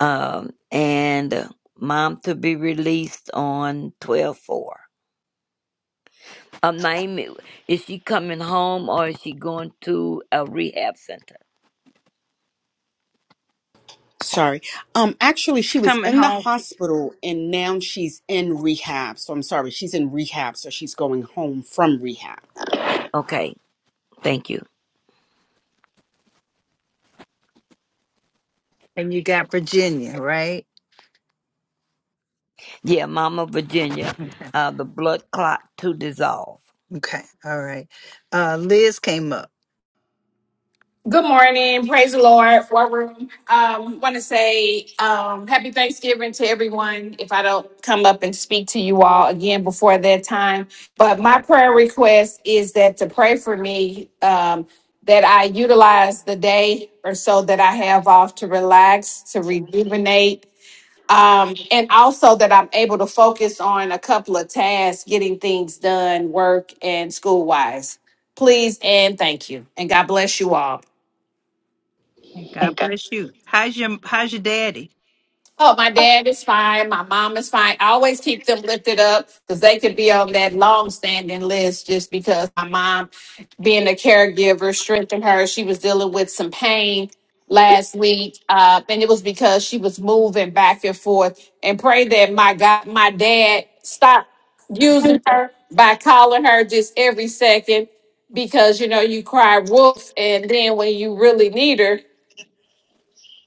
Speaker 12: Um, and uh, mom to be released on 12 4. Um, Naomi, is she coming home or is she going to a rehab center?
Speaker 4: Sorry. Um, actually, she was
Speaker 2: Coming
Speaker 4: in the
Speaker 2: home.
Speaker 4: hospital and now she's in rehab. So I'm sorry. She's in rehab. So she's going home from rehab.
Speaker 12: Okay, thank you.
Speaker 2: And you got Virginia, right?
Speaker 12: Yeah, Mama Virginia,
Speaker 2: Okay.
Speaker 12: uh, the blood clot to dissolve.
Speaker 2: Okay. All right. Uh, Liz came up.
Speaker 16: Good morning. Praise the Lord. War room. Um, want to say um, happy Thanksgiving to everyone. If I don't come up and speak to you all again before that time, but my prayer request is that to pray for me um, that I utilize the day or so that I have off to relax, to rejuvenate, um, and also that I'm able to focus on a couple of tasks, getting things done, work and school wise. Please and thank you. And God bless you all.
Speaker 2: Hey, God bless you. How's your How's your daddy?
Speaker 16: Oh, my dad is fine. My mom is fine. I always keep them lifted up because they could be on that long standing list just because my mom, being a caregiver, strengthened her. She was dealing with some pain last week. Uh, and it was because she was moving back and forth. And pray that my God, my dad stopped using her by calling her just every second because, you know, you cry wolf. And then when you really need her,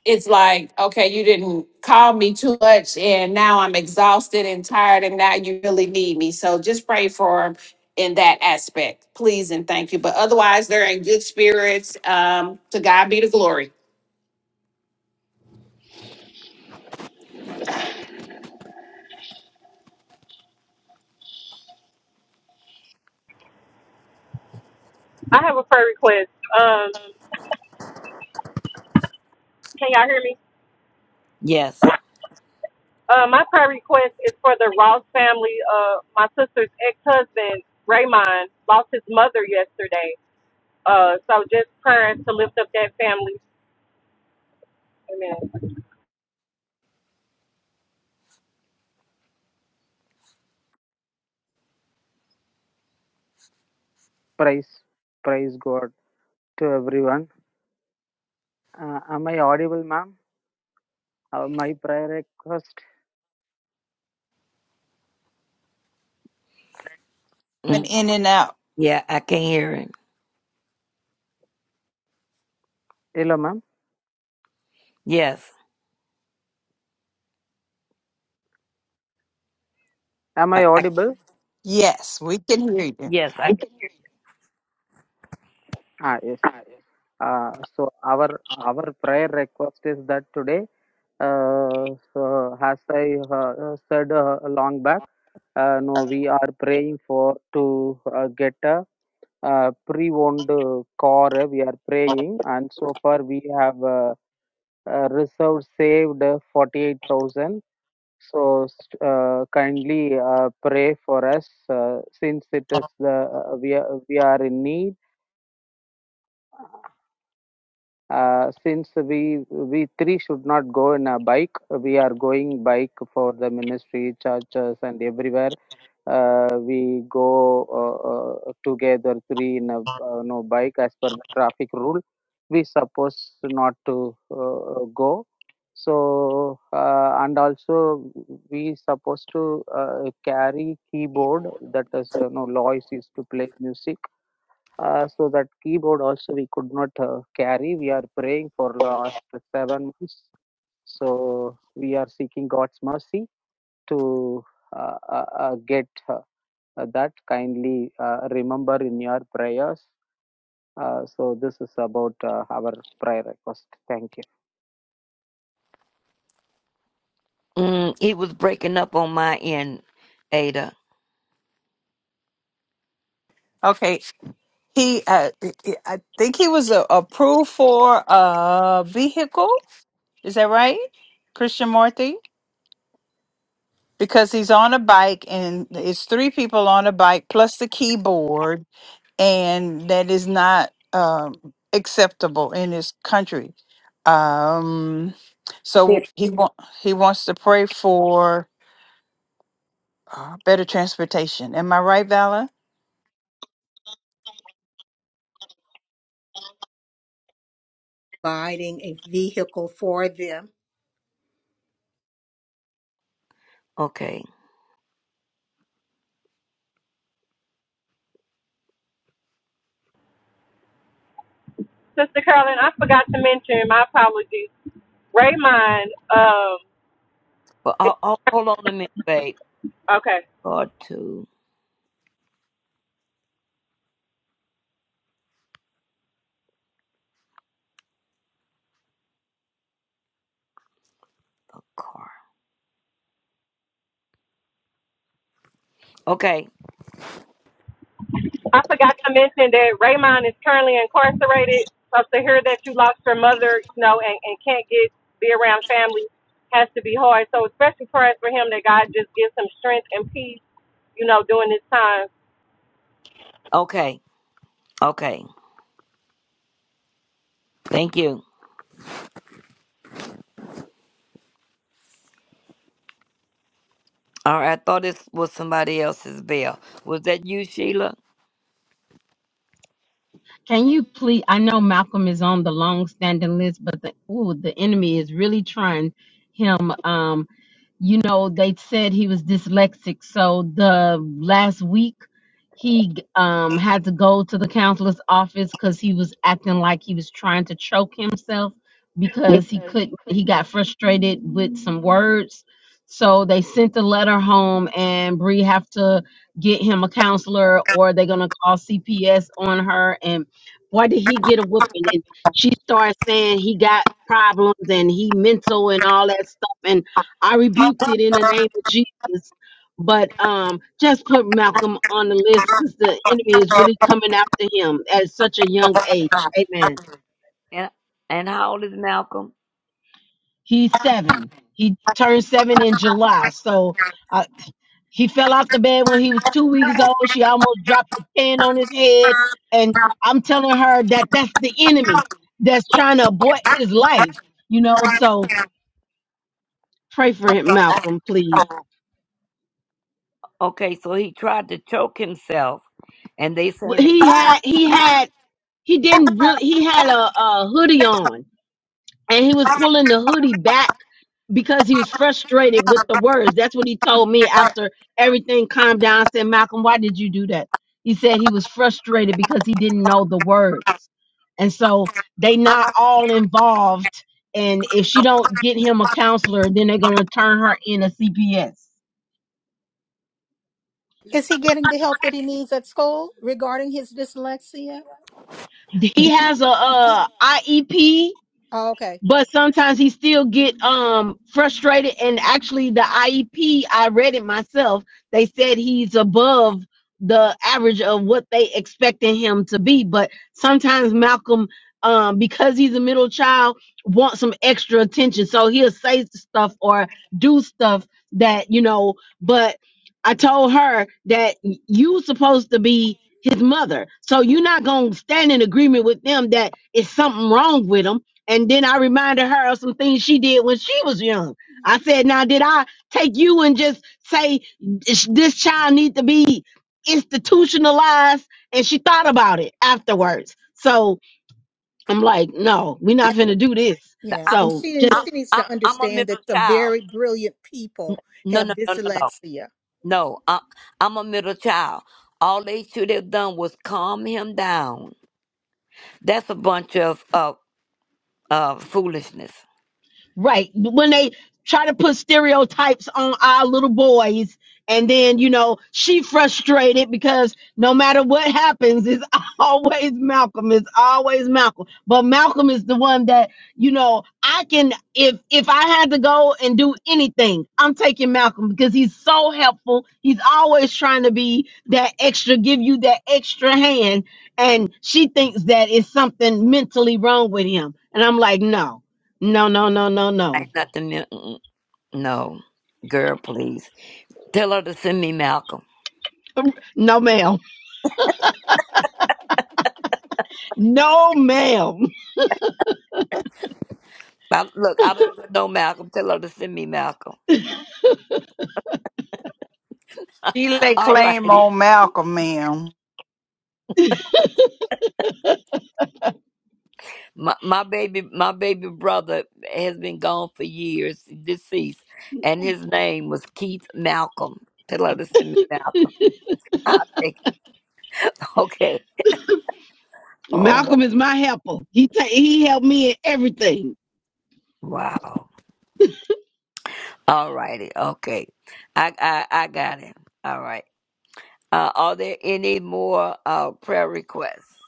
Speaker 16: it's like, okay, you didn't call me too much, and now I'm exhausted and tired, and now you really need me. So just pray for them in that aspect, please and thank you. But otherwise, they're in good spirits. Um, to God be the glory.
Speaker 15: I have a prayer request. Um, can y'all hear me?
Speaker 12: Yes.
Speaker 15: Uh, my prayer request is for the Ross family. Uh, my sister's ex-husband Raymond lost his mother yesterday. Uh, so just prayers to lift up that family. Amen.
Speaker 8: Praise, praise God to everyone. Uh, am I audible, ma'am? Uh, my prayer request.
Speaker 2: And
Speaker 12: Mm,
Speaker 2: in and out.
Speaker 12: yeah, I can hear him.
Speaker 8: Hello, ma'am.
Speaker 12: Yes.
Speaker 8: Am I
Speaker 12: I, I,
Speaker 8: audible?
Speaker 2: Yes, we can hear you.
Speaker 12: yes, I.
Speaker 8: Ah, yes. Uh, so our our prayer request is that today, uh, so as I uh, said uh, long back, uh, no, we are praying for to uh, get a uh, pre-owned uh, car. We are praying, and so far we have. Uh, uh, reserve saved uh, 48,000. So uh, kindly uh, pray for us uh, since it is the uh, we are, we are in need. Uh, since we we three should not go in a bike, we are going bike for the ministry, churches, and everywhere uh, we go uh, uh, together three in a uh, no bike as per the traffic rule we supposed not to uh, go so uh, and also we supposed to uh, carry keyboard that is you know lois used to play music uh, so that keyboard also we could not uh, carry we are praying for last seven months so we are seeking god's mercy to uh, uh, uh, get uh, uh, that kindly uh, remember in your prayers. Uh, so this is about uh, our prayer request. Thank you.
Speaker 12: Mm, it was breaking up on my end, Ada.
Speaker 2: Okay. He, uh, I I think he was uh approved for a vehicle. Is that right, Christian Marthy? because he's on a bike and it's three people on a bike plus the keyboard and that is not um, acceptable in this country um so
Speaker 1: They're
Speaker 2: he want he wants to pray for uh, better transportation am i right vala
Speaker 1: providing a vehicle for them.
Speaker 12: Okay.
Speaker 15: Sister Carolyn, I forgot to mention, my apologies. Raymond, um,
Speaker 12: But ho-
Speaker 15: it-
Speaker 12: ho- hold on a minute, babe.
Speaker 15: okay.
Speaker 12: Or to the car. Okay.
Speaker 15: I forgot to mention that Raymond is currently incarcerated. So to hear that you lost your mother, you know, and, and can't get, be around family has to be hard. So especially prayers for him that God just gives him strength and peace, you know, during this time.
Speaker 12: Okay. Okay. Thank you. All right, I thought this was somebody else's bell. Was that you, Sheila?
Speaker 17: Can you please? I know Malcolm is on the long-standing list, but the ooh, the enemy is really trying him. Um, you know, they said he was dyslexic. So the last week he um, had to go to the counselor's office because he was acting like he was trying to choke himself
Speaker 12: Because
Speaker 17: because he
Speaker 12: he
Speaker 17: couldn't,
Speaker 12: could
Speaker 17: he got frustrated with some words. So they sent the letter home and Bree have to get him a counselor or they're going to call CPS on her. And boy, did he get a whooping. And she started saying he got problems and he mental and all that stuff. And I rebuked it in the name of Jesus. But um, just put Malcolm on the list because the enemy is really coming after him at such a young age. Amen.
Speaker 12: And and how old is Malcolm?
Speaker 17: He's seven. He turned seven in July. So uh, he fell off the bed when he was two weeks old. She almost dropped the pan on his head. And I'm telling her that that's the enemy that's trying to abort his life, you know. So pray for him, Malcolm, please.
Speaker 12: Okay, so he tried to choke himself and they
Speaker 17: Well,
Speaker 12: saying
Speaker 17: He had,
Speaker 12: that
Speaker 17: he had he didn't really he had a, a hoodie on and he was pulling the hoodie back because he was frustrated with the words that's what he told me after everything calmed down I said malcolm why did you do that he said he was frustrated because he didn't know the words and so they not all involved and if she don't get him a counselor then they're going to turn her in a cps
Speaker 1: Is he getting the help that he needs at school regarding his dyslexia?
Speaker 17: he has a, uh iep
Speaker 1: Oh, okay.
Speaker 17: but sometimes he still get um frustrated and actually the iep i read it myself they said he's above the average of what they expecting him to be but sometimes malcolm um because he's a middle child wants some extra attention so he'll say stuff or do stuff that you know but i told her that y- you supposed to be his mother so you're not gonna stand in agreement with them that it's something wrong with him and then I reminded her of some things she did when she was young. I said, now did I take you and just say this this child need to be institutionalized? And she thought about it afterwards. So I'm like, no, we're not finna do this.
Speaker 1: Yeah,
Speaker 12: I,
Speaker 1: and
Speaker 17: So
Speaker 1: she needs-
Speaker 12: I,
Speaker 1: she needs
Speaker 12: I'm,
Speaker 1: to
Speaker 12: I'm a
Speaker 1: understand
Speaker 12: middle
Speaker 1: that some
Speaker 12: child.
Speaker 1: very brilliant people
Speaker 12: No,
Speaker 1: have
Speaker 12: no, no, no, no.
Speaker 1: dyslexia,
Speaker 12: No, I, I'm a middle child. All they should have done was calm him down. That's a bunch of uh, uh, foolishness.
Speaker 17: Right. When they try to put stereotypes on our little boys, and then, you know, she frustrated because no matter what happens, it's always Malcolm. It's always Malcolm. But Malcolm is the one that, you know, I can if if I had to go and do anything, I'm taking Malcolm because he's so helpful. He's always trying to be that extra, give you that extra hand. And she thinks that it's something mentally wrong with him. And I'm like, no. No, no, no, no, no.
Speaker 12: Ain't nothing. mi- mm-mm. No, girl, please tell her to send me Malcolm.
Speaker 17: No, ma'am. No, ma'am.
Speaker 12: I, look, I don't even know Malcolm. Tell her to send me Malcolm.
Speaker 2: she lay
Speaker 12: All
Speaker 2: claim
Speaker 12: righty.
Speaker 2: on malcolm ma'am
Speaker 12: My, my baby, my baby brother has been gone for years, deceased, and his name was Keith Malcolm. Tell her to send me Malcolm. I think okay. Oh wow.
Speaker 17: Malcolm is my helper. He ta- he helped me in everything.
Speaker 12: Wow. All righty. Okay. I I I got him. All right. Uh, are there any more uh prayer requests?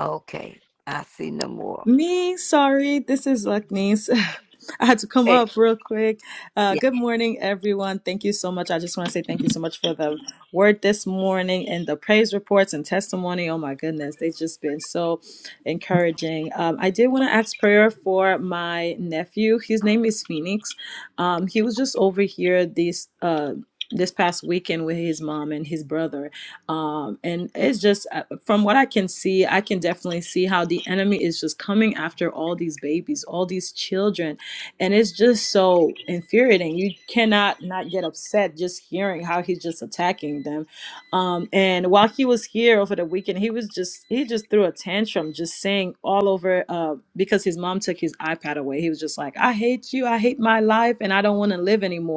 Speaker 12: Okay. I see no more.
Speaker 18: Me, sorry, this is Lucknees. I had to come
Speaker 12: Okay.
Speaker 18: up real quick. Uh,
Speaker 12: Yeah.
Speaker 18: good morning, everyone. Thank you so much. I just want to say thank you so much for the word this morning and the praise reports and testimony. Oh my goodness, they've just been so encouraging. Um, I did want to ask prayer for my nephew. His name is Phoenix. Um, he was just over here this uh, this past weekend with his mom and his brother, um, and it's just uh, from what I can see, I can definitely see how the enemy is just coming after all these babies, all these children, and it's just so infuriating. You cannot not get upset just hearing how he's just attacking them. Um, and while he was here over the weekend, he was just he just threw a tantrum, just saying all over uh, because his mom took his iPad away. He was just like, "I hate you, I hate my life, and I don't want to live anymore."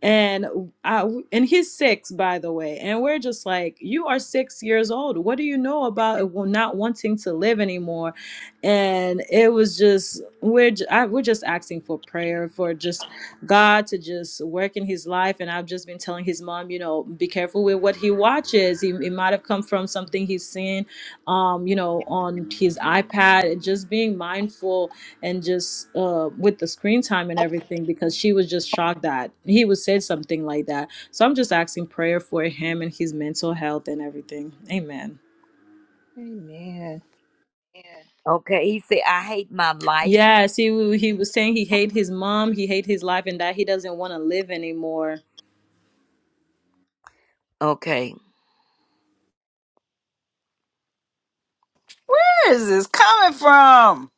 Speaker 18: and I and he's six, by the way. And we're just like, you are six years old. What do you know about Well, not wanting to live anymore? And it was just we're j- I, we're just asking for prayer for just God to just work in his life. And I've just been telling his mom, you know, be careful with what he watches. He it might have come from something he's seen, um, you know, on his iPad. And just being mindful and just uh, with the screen time and everything because she was just shocked that he would say something like that. So I'm just asking prayer for him and his mental health and everything. Amen.
Speaker 1: Amen.
Speaker 12: Okay. He said, "I hate my life."
Speaker 18: Yes, he wa- he was saying he hate his mom, he hate his life, and that he doesn't want to live anymore.
Speaker 12: Okay.
Speaker 2: where is this coming from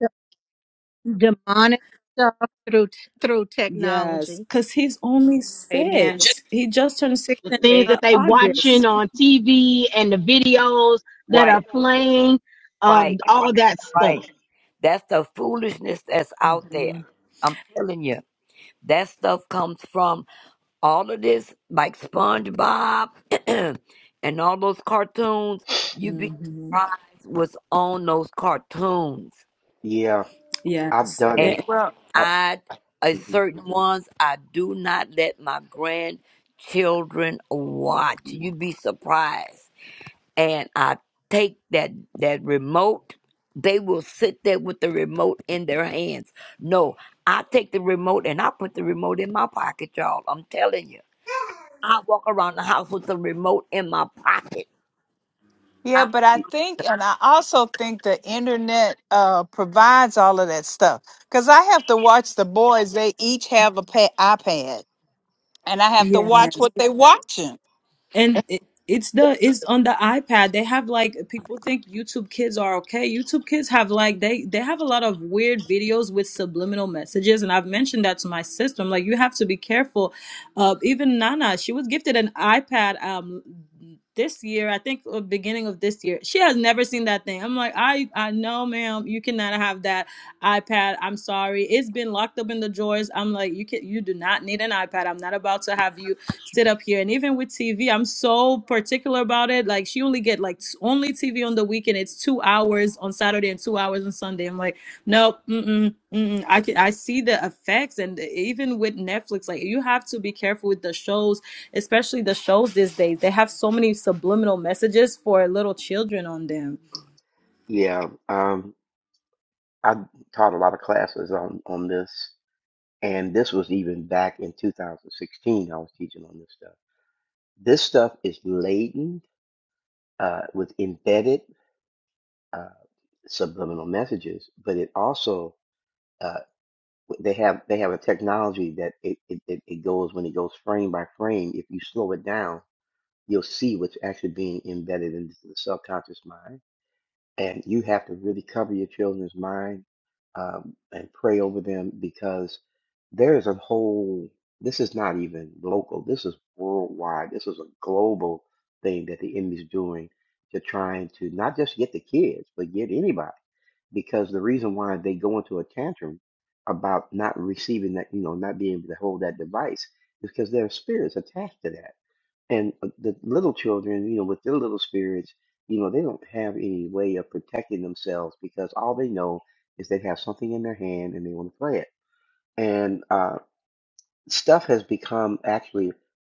Speaker 1: D- demonic stuff through through
Speaker 18: Yes,
Speaker 1: technology.
Speaker 18: because he's only
Speaker 13: Amen.
Speaker 18: six. He just turned six
Speaker 17: The
Speaker 18: in
Speaker 17: things
Speaker 13: Hey,
Speaker 18: uh,
Speaker 17: that they watching
Speaker 18: August.
Speaker 17: on TV and the videos that
Speaker 12: Right.
Speaker 17: are playing,
Speaker 12: Right.
Speaker 17: um,
Speaker 12: Right.
Speaker 17: all that stuff.
Speaker 12: Right. That's the foolishness that's out there.
Speaker 18: hmm
Speaker 12: I'm telling you, that stuff comes from all of this, like SpongeBob and all those cartoons. You'd be
Speaker 18: hmm
Speaker 12: surprised what's on those cartoons.
Speaker 14: Yeah, I've
Speaker 18: Yes.
Speaker 14: done
Speaker 18: Eh,
Speaker 12: And
Speaker 14: it.
Speaker 18: eh,
Speaker 2: Well.
Speaker 14: I,
Speaker 12: I, a
Speaker 14: mhm.
Speaker 12: certain ones, I do not let my grandchildren watch. You'd be surprised. and I take that that remote, they will sit there with the remote in their hands. No, I take the remote and I put the remote in my pocket, y'all. I'm telling you. I walk around the house with the remote in my pocket.
Speaker 2: Yeah,
Speaker 12: I,
Speaker 2: but I
Speaker 14: Y-
Speaker 2: think, and I also think the internet uh, provides all of that stuff. Because I have to watch the boys; they each have a pa- iPad, and I have to
Speaker 18: Yes.
Speaker 2: watch what they're watching.
Speaker 18: and it, it's the it's on the iPad. They have like people think YouTube Kids are okay. YouTube Kids have like they they have a lot of weird videos with subliminal messages, and I've mentioned that to my sister. I'm like, you have to be careful. Uh, even Nana, she was gifted an iPad um this year, I think uh, beginning of this year. She has never seen that thing. I'm like, I I know, ma'am, you cannot have that iPad. I'm sorry, it's been locked up in the drawers. I'm like, you can you do not need an iPad. I'm not about to have you sit up here. And even with TV, I'm so particular about it. Like she only get like s- only TV on the weekend. It's two hours on Saturday and two hours on Sunday. I'm like, nope, mm-mm, mm-mm. I can I see the effects, and even with Netflix, like you have to be careful with the shows, especially the shows these days. They have so many subliminal messages for little children on them
Speaker 14: yeah, um, I taught a lot of classes on on this, and this was even back in 2016. I was teaching on this stuff. This stuff is laden uh, with embedded uh, subliminal messages, but it also uh, they have they have a technology that it, it, it, it goes when it goes frame by frame. If you slow it down, you'll see what's actually being embedded into the subconscious mind. And you have to really cover your children's mind um, and pray over them because there is a whole. This is not even local. This is worldwide. This is a global thing that the enemy's doing to trying to not just get the kids, but get anybody because the reason why they go into a tantrum about not receiving that, you know, not being able to hold that device is because their spirit's attached to that. And uh, the little children, you know, with their little spirits, you know, they don't have any way of protecting themselves because all they know is they have something in their hand and they want to play it. And uh, stuff has become actually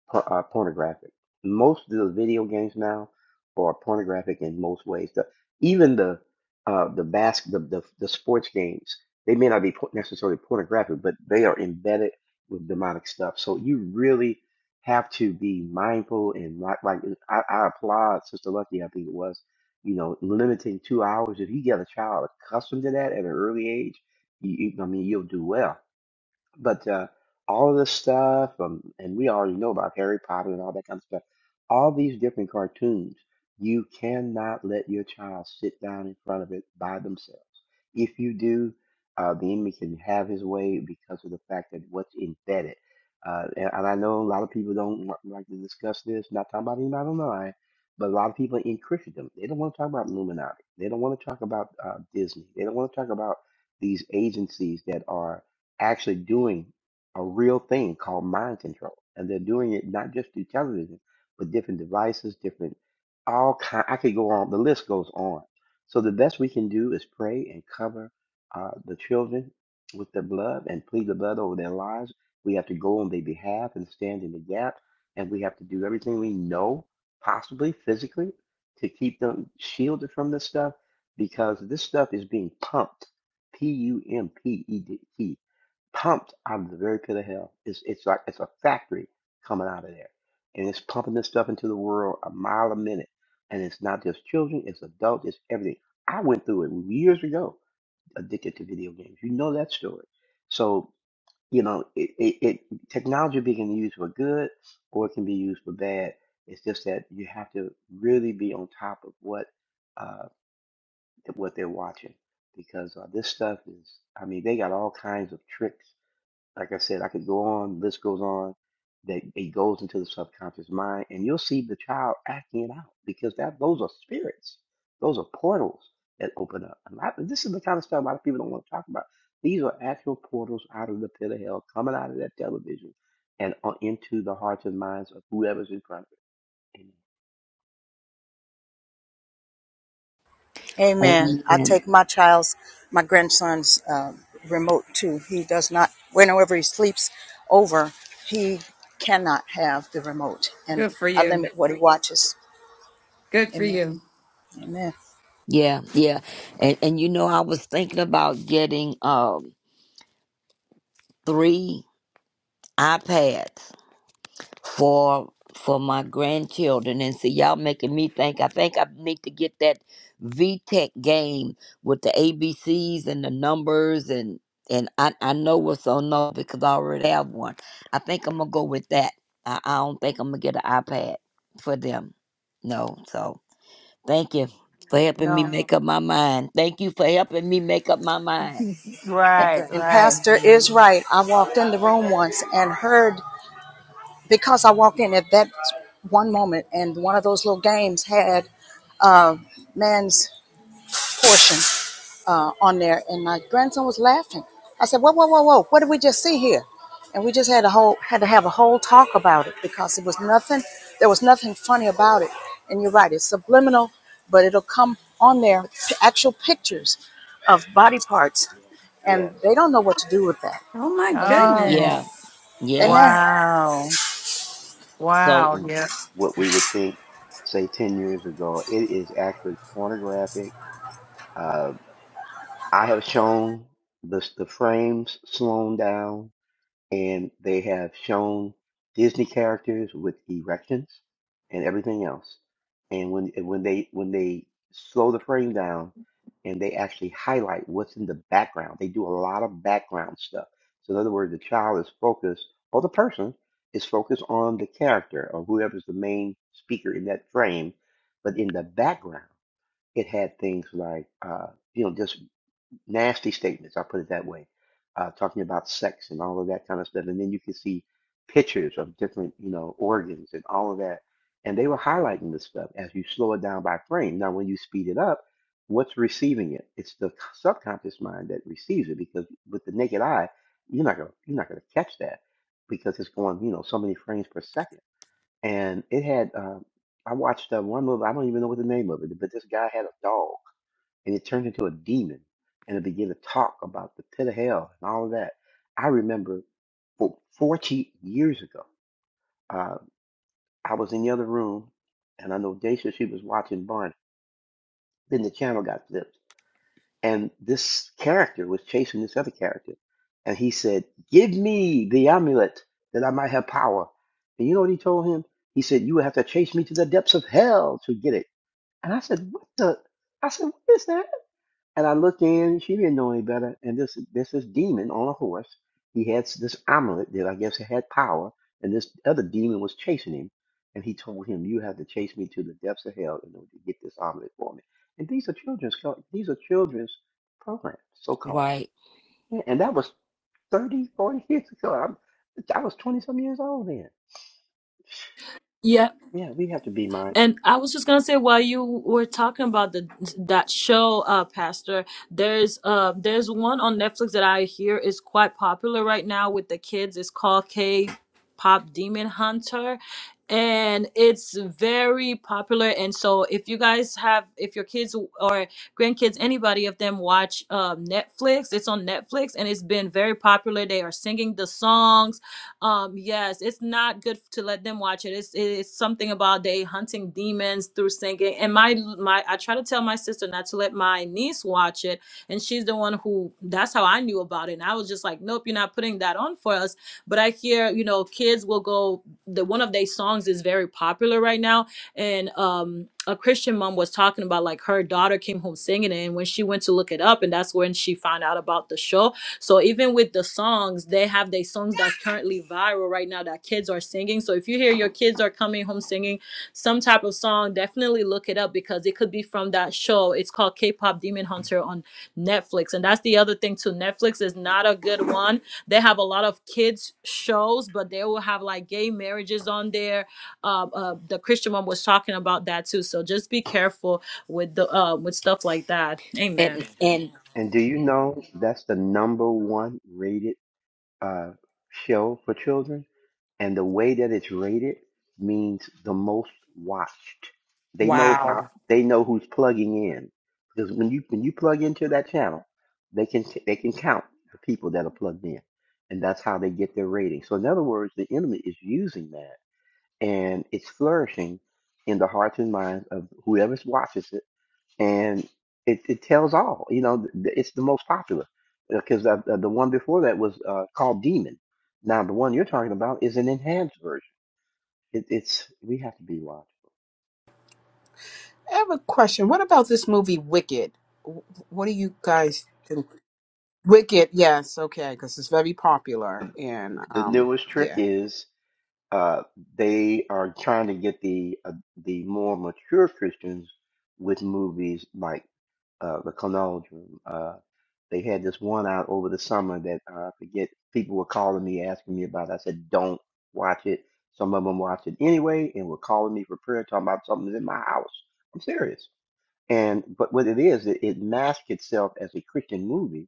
Speaker 14: por- uh, pornographic. Most of the video games now are pornographic in most ways. The, even the uh, the bas- the, the the sports games they may not be por- necessarily pornographic, but they are embedded with demonic stuff. So you really have to be mindful and not like I, I applaud Sister Lucky. I think it was you know limiting two hours. If you get a child accustomed to that at an early age, you, you, I mean you'll do well but uh, all of this stuff, um, and we already know about Harry Potter and all that kind of stuff, all these different cartoons, you cannot let your child sit down in front of it by themselves. If you do, uh, the enemy can have his way because of the fact that what's embedded. Uh, and, and I know a lot of people don't wa- like to discuss this, not talking about anybody online, but a lot of people in Christendom, they don't want to talk about Illuminati. They don't want to talk about uh, Disney. They don't want to talk about these agencies that are actually doing a real thing called mind control. And they're doing it not just through television, but different devices, different all kind. I could go on. The list goes on. So the best we can do is pray and cover uh, the children with the blood and plead the blood over their lives. We have to go on their behalf and stand in the gap. And we have to do everything we know, possibly physically, to keep them shielded from this stuff because this stuff is being pumped P U M P E D T pumped out of the very pit of hell. It's it's like it's a factory coming out of there, and it's pumping this stuff into the world a mile a minute. And it's not just children; it's adults; it's everything. I went through it years ago, addicted to video games. You know that story. So you know it. it, it technology being used for good, or it can be used for bad. It's just that you have to really be on top of what uh, what they're watching because uh, this stuff is. I mean, they got all kinds of tricks like I said, I could go on, list goes on, that it goes into the subconscious mind, and you'll see the child acting it out because that those are spirits. Those are portals that open up. A lot, this is the kind of stuff a lot of people don't want to talk about. These are actual portals out of the pit of hell, coming out of that television and on into the hearts and minds of whoever's in front of it. Amen.
Speaker 3: Amen. I
Speaker 12: amen.
Speaker 3: take my child's, my grandson's uh, remote too. He does not, whenever he sleeps over, he cannot have the remote. And
Speaker 13: Good for
Speaker 3: I
Speaker 13: you.
Speaker 3: limit what he watches.
Speaker 13: Good for
Speaker 3: Amen.
Speaker 13: you.
Speaker 3: Amen.
Speaker 12: Yeah, yeah. And and you know I was thinking about getting um three iPads for for my grandchildren and see y'all making me think I think I need to get that VTech game with the ABCs and the numbers and and I, I know what's on there because I already have one. I think I'm gonna go with that. I, I don't think I'm gonna get an iPad for them. No, so thank you for helping me No.
Speaker 2: No,
Speaker 12: make up my mind. Thank you for helping me make up my mind.
Speaker 3: And,
Speaker 2: right,
Speaker 12: Okay.
Speaker 3: and
Speaker 2: right.
Speaker 3: Pastor is right. I walked in the room once and heard, because I walked in at that one moment and one of those little games had uh, man's portion. uh, on there, and my grandson was laughing. I said, "Whoa, whoa, whoa, whoa! What did we just see here?" And we just had a whole had to have a whole talk about it because it was nothing. There was nothing funny about it. And you're right; it's subliminal, but it'll come on there. p- Actual pictures of body parts,
Speaker 14: Yes.
Speaker 3: and
Speaker 14: yes.
Speaker 3: they don't know what to do with that.
Speaker 13: Oh my
Speaker 3: Amen.
Speaker 2: Oh,
Speaker 12: Yeah,
Speaker 13: goodness.
Speaker 12: yeah.
Speaker 3: Amen.
Speaker 2: wow,
Speaker 12: So
Speaker 2: wow,
Speaker 14: And
Speaker 2: yeah.
Speaker 14: what we would think, say, 10 years ago, it is actually pornographic uh, I have shown the, the frames slowed down, and they have shown Disney characters with erections and everything else. And when and when they when they slow the frame down, and they actually highlight what's in the background, they do a lot of background stuff. So in other words, the child is focused, or the person is focused on the character or whoever's the main speaker in that frame, but in the background, it had things like. Uh, you know just nasty statements, I'll put it that way, uh, talking about sex and all of that kind of stuff. And then you can see pictures of different, you know, organs and all of that. And they were highlighting this stuff as you slow it down by frame. Now, when you speed it up, what's receiving it? It's the subconscious mind that receives it because with the naked eye, you're not gonna you're not gonna catch that because it's going, you know, so many frames per second. And it had, uh, I watched uh, one movie. I don't even know what the name of it, but this guy had a dog and it turned into a demon and it began to talk about the pit of hell and all of that. I remember for 40 years ago, uh, I was in the other room and I know Dacia, she was watching Barney. Then the channel got flipped and this character was chasing this other character and he said, give me the amulet that I might have power. And you know what he told him? He said, you would have to chase me to the depths of hell to get it. And I said, what the? I said, what is that? And I looked in, she didn't know any better. And this this this demon on a horse. He had s- this omelet that I guess had power, and this other demon was chasing him. And he told him, "You have to chase me to the depths of hell in order to get this omelet for me." And these are children's co- these are children's programs, so called.
Speaker 12: right.
Speaker 14: Yeah, and that was 30, 40 years ago. I'm, I was twenty some years old then.
Speaker 18: yeah,
Speaker 14: Yeah, we have to be mindful.
Speaker 18: And I was just gonna say while you were talking about the that show, uh, Pastor, there's uh there's one on Netflix that I hear is quite popular right now with the kids. It's called K Pop Demon Hunter. And it's very popular. And so if you guys have if your kids or grandkids, anybody of them watch um Netflix, it's on Netflix and it's been very popular. They are singing the songs um yes it's not good to let them watch it it's it's something about they hunting demons through singing and my my i try to tell my sister not to let my niece watch it and she's the one who that's how i knew about it and i was just like nope you're not putting that on for us but i hear you know kids will go the one of their songs is very popular right now and um a christian mom was talking about like her daughter came home singing it and when she went to look it up and that's when she found out about the show so even with the songs, they have their songs that's currently viral right now that kids are singing. So if you hear your kids are coming home singing some type of song, definitely look it up because it could be from that show. It's called K-pop Demon Hunter on Netflix. And that's the other thing too. Netflix is not a good one. They have a lot of kids shows, but they will have like gay marriages on there. Uh, uh, the Christian one was talking about that too. So just be careful with the uh, with stuff like that. Amen.
Speaker 12: And and
Speaker 14: And do you know that's the number one rated uh, show for children? and the way that it's rated means the most watched. They know how
Speaker 13: Wow.
Speaker 14: they know who's plugging in because when you when you plug into that channel, they can t- they can count the people that are plugged in, and that's how they get their rating. So in other words, the enemy is using that, and it's flourishing in the hearts and minds of whoever watches it and it, it tells all. You know, th- th- it's the most popular because uh, the the one before that was uh, called Demon. Now the one you're talking about is an enhanced version. It, it's we have to be watchful.
Speaker 4: I have a question. What about this movie Wicked? Wh- What do you guys think? Wicked, yes, okay, because it's very popular and
Speaker 14: The
Speaker 4: um,
Speaker 14: newest trick
Speaker 4: yeah.
Speaker 14: is. uh, they are trying to get the uh, the more mature Christians with movies like uh, the Conundrum. Uh, they had this one out over the summer that uh, I forget. People were calling me asking me about. It. I said, "Don't watch it." Some of them watched it anyway and were calling me for prayer, talking about something's in my house. I'm serious. And but what it is, it, it masks itself as a Christian movie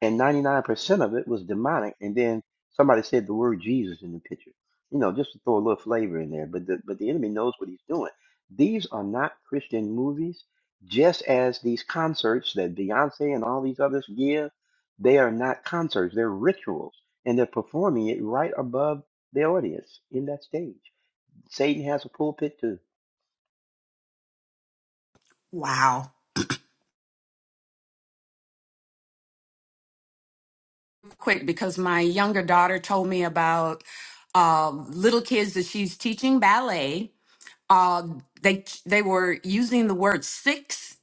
Speaker 14: and 99% of it was demonic. And then somebody said the word Jesus in the picture, you know, just to throw a little flavor in there. But the, but the enemy knows what he's doing. These are not Christian movies, just as these concerts that Beyonce and all these others give, they are not concerts, they're rituals, and they're performing it right above the audience in that stage. Satan has a pulpit too.
Speaker 13: Wow. Quick, because my younger daughter told me about um, little kids that she's teaching ballet. uh, they they were using the word six.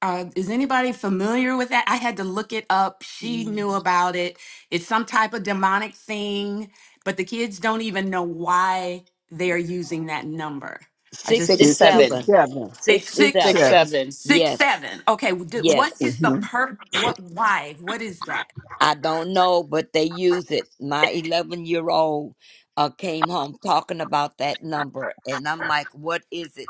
Speaker 13: Uh, is anybody familiar with that? I had to look it up. She
Speaker 4: Mm.
Speaker 13: knew about it. It's some type of demonic thing, but the kids don't even know why they are using that number. I just
Speaker 4: Six
Speaker 10: It's six
Speaker 4: seven.
Speaker 12: 67.
Speaker 10: seven.
Speaker 13: it's
Speaker 10: Six
Speaker 4: Six
Speaker 12: 67.
Speaker 10: seven.
Speaker 13: six
Speaker 4: seven.
Speaker 13: six
Speaker 12: Yes.
Speaker 13: seven. Okay, w- d- what
Speaker 12: Yes.
Speaker 13: is the
Speaker 10: Mm-hmm.
Speaker 13: per? What why? What is that?
Speaker 12: I don't know, but they use it. My 11 year old uh, came home talking about that number, and I'm like, what is it?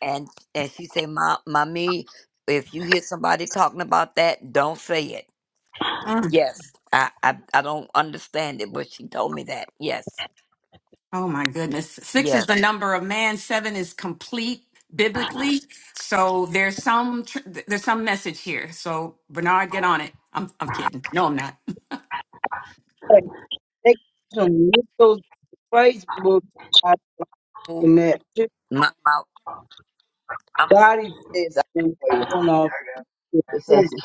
Speaker 12: And, and she said, "Ma- Mommy, if you hear somebody talking about that, don't say it.
Speaker 13: Mm.
Speaker 12: Yes. I, I, I don't understand it, but she told me that. Yes.
Speaker 13: Oh my goodness. Six is
Speaker 12: Yes.
Speaker 13: the number of man. Seven is complete biblically. So there's some tr- there's some message here. So Bernard, get on it. I'm I'm kidding. No, I'm not.
Speaker 6: And Take some those Facebook ads
Speaker 12: Mm,
Speaker 6: and that shit
Speaker 12: My, my, I'm, s-
Speaker 6: body and going off. the corner.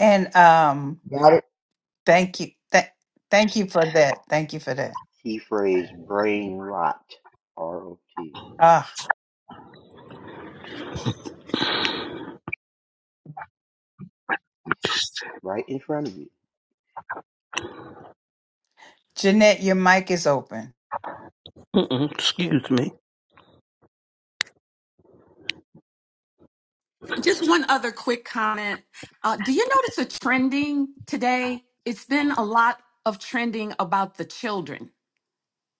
Speaker 2: And um, thank you, Th- thank you for that. Thank you for that.
Speaker 14: Key phrase brain rot, R O T,
Speaker 2: Ah,
Speaker 14: right in front of you.
Speaker 2: Jeanette, your mic is open.
Speaker 10: Mm-mm. Excuse me.
Speaker 13: Just one other quick comment. Uh, do you notice a trending today? It's been a lot of trending about the children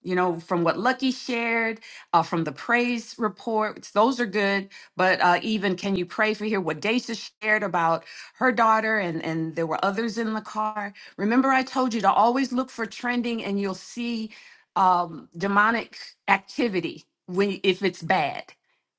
Speaker 13: you know, from what Lucky shared, uh, from the praise reports, those are good. But uh, even can you pray for here? What Daisha shared about her daughter, and and there were others in the car. Remember, I told you to always look for trending, and you'll see um, demonic activity when if it's bad.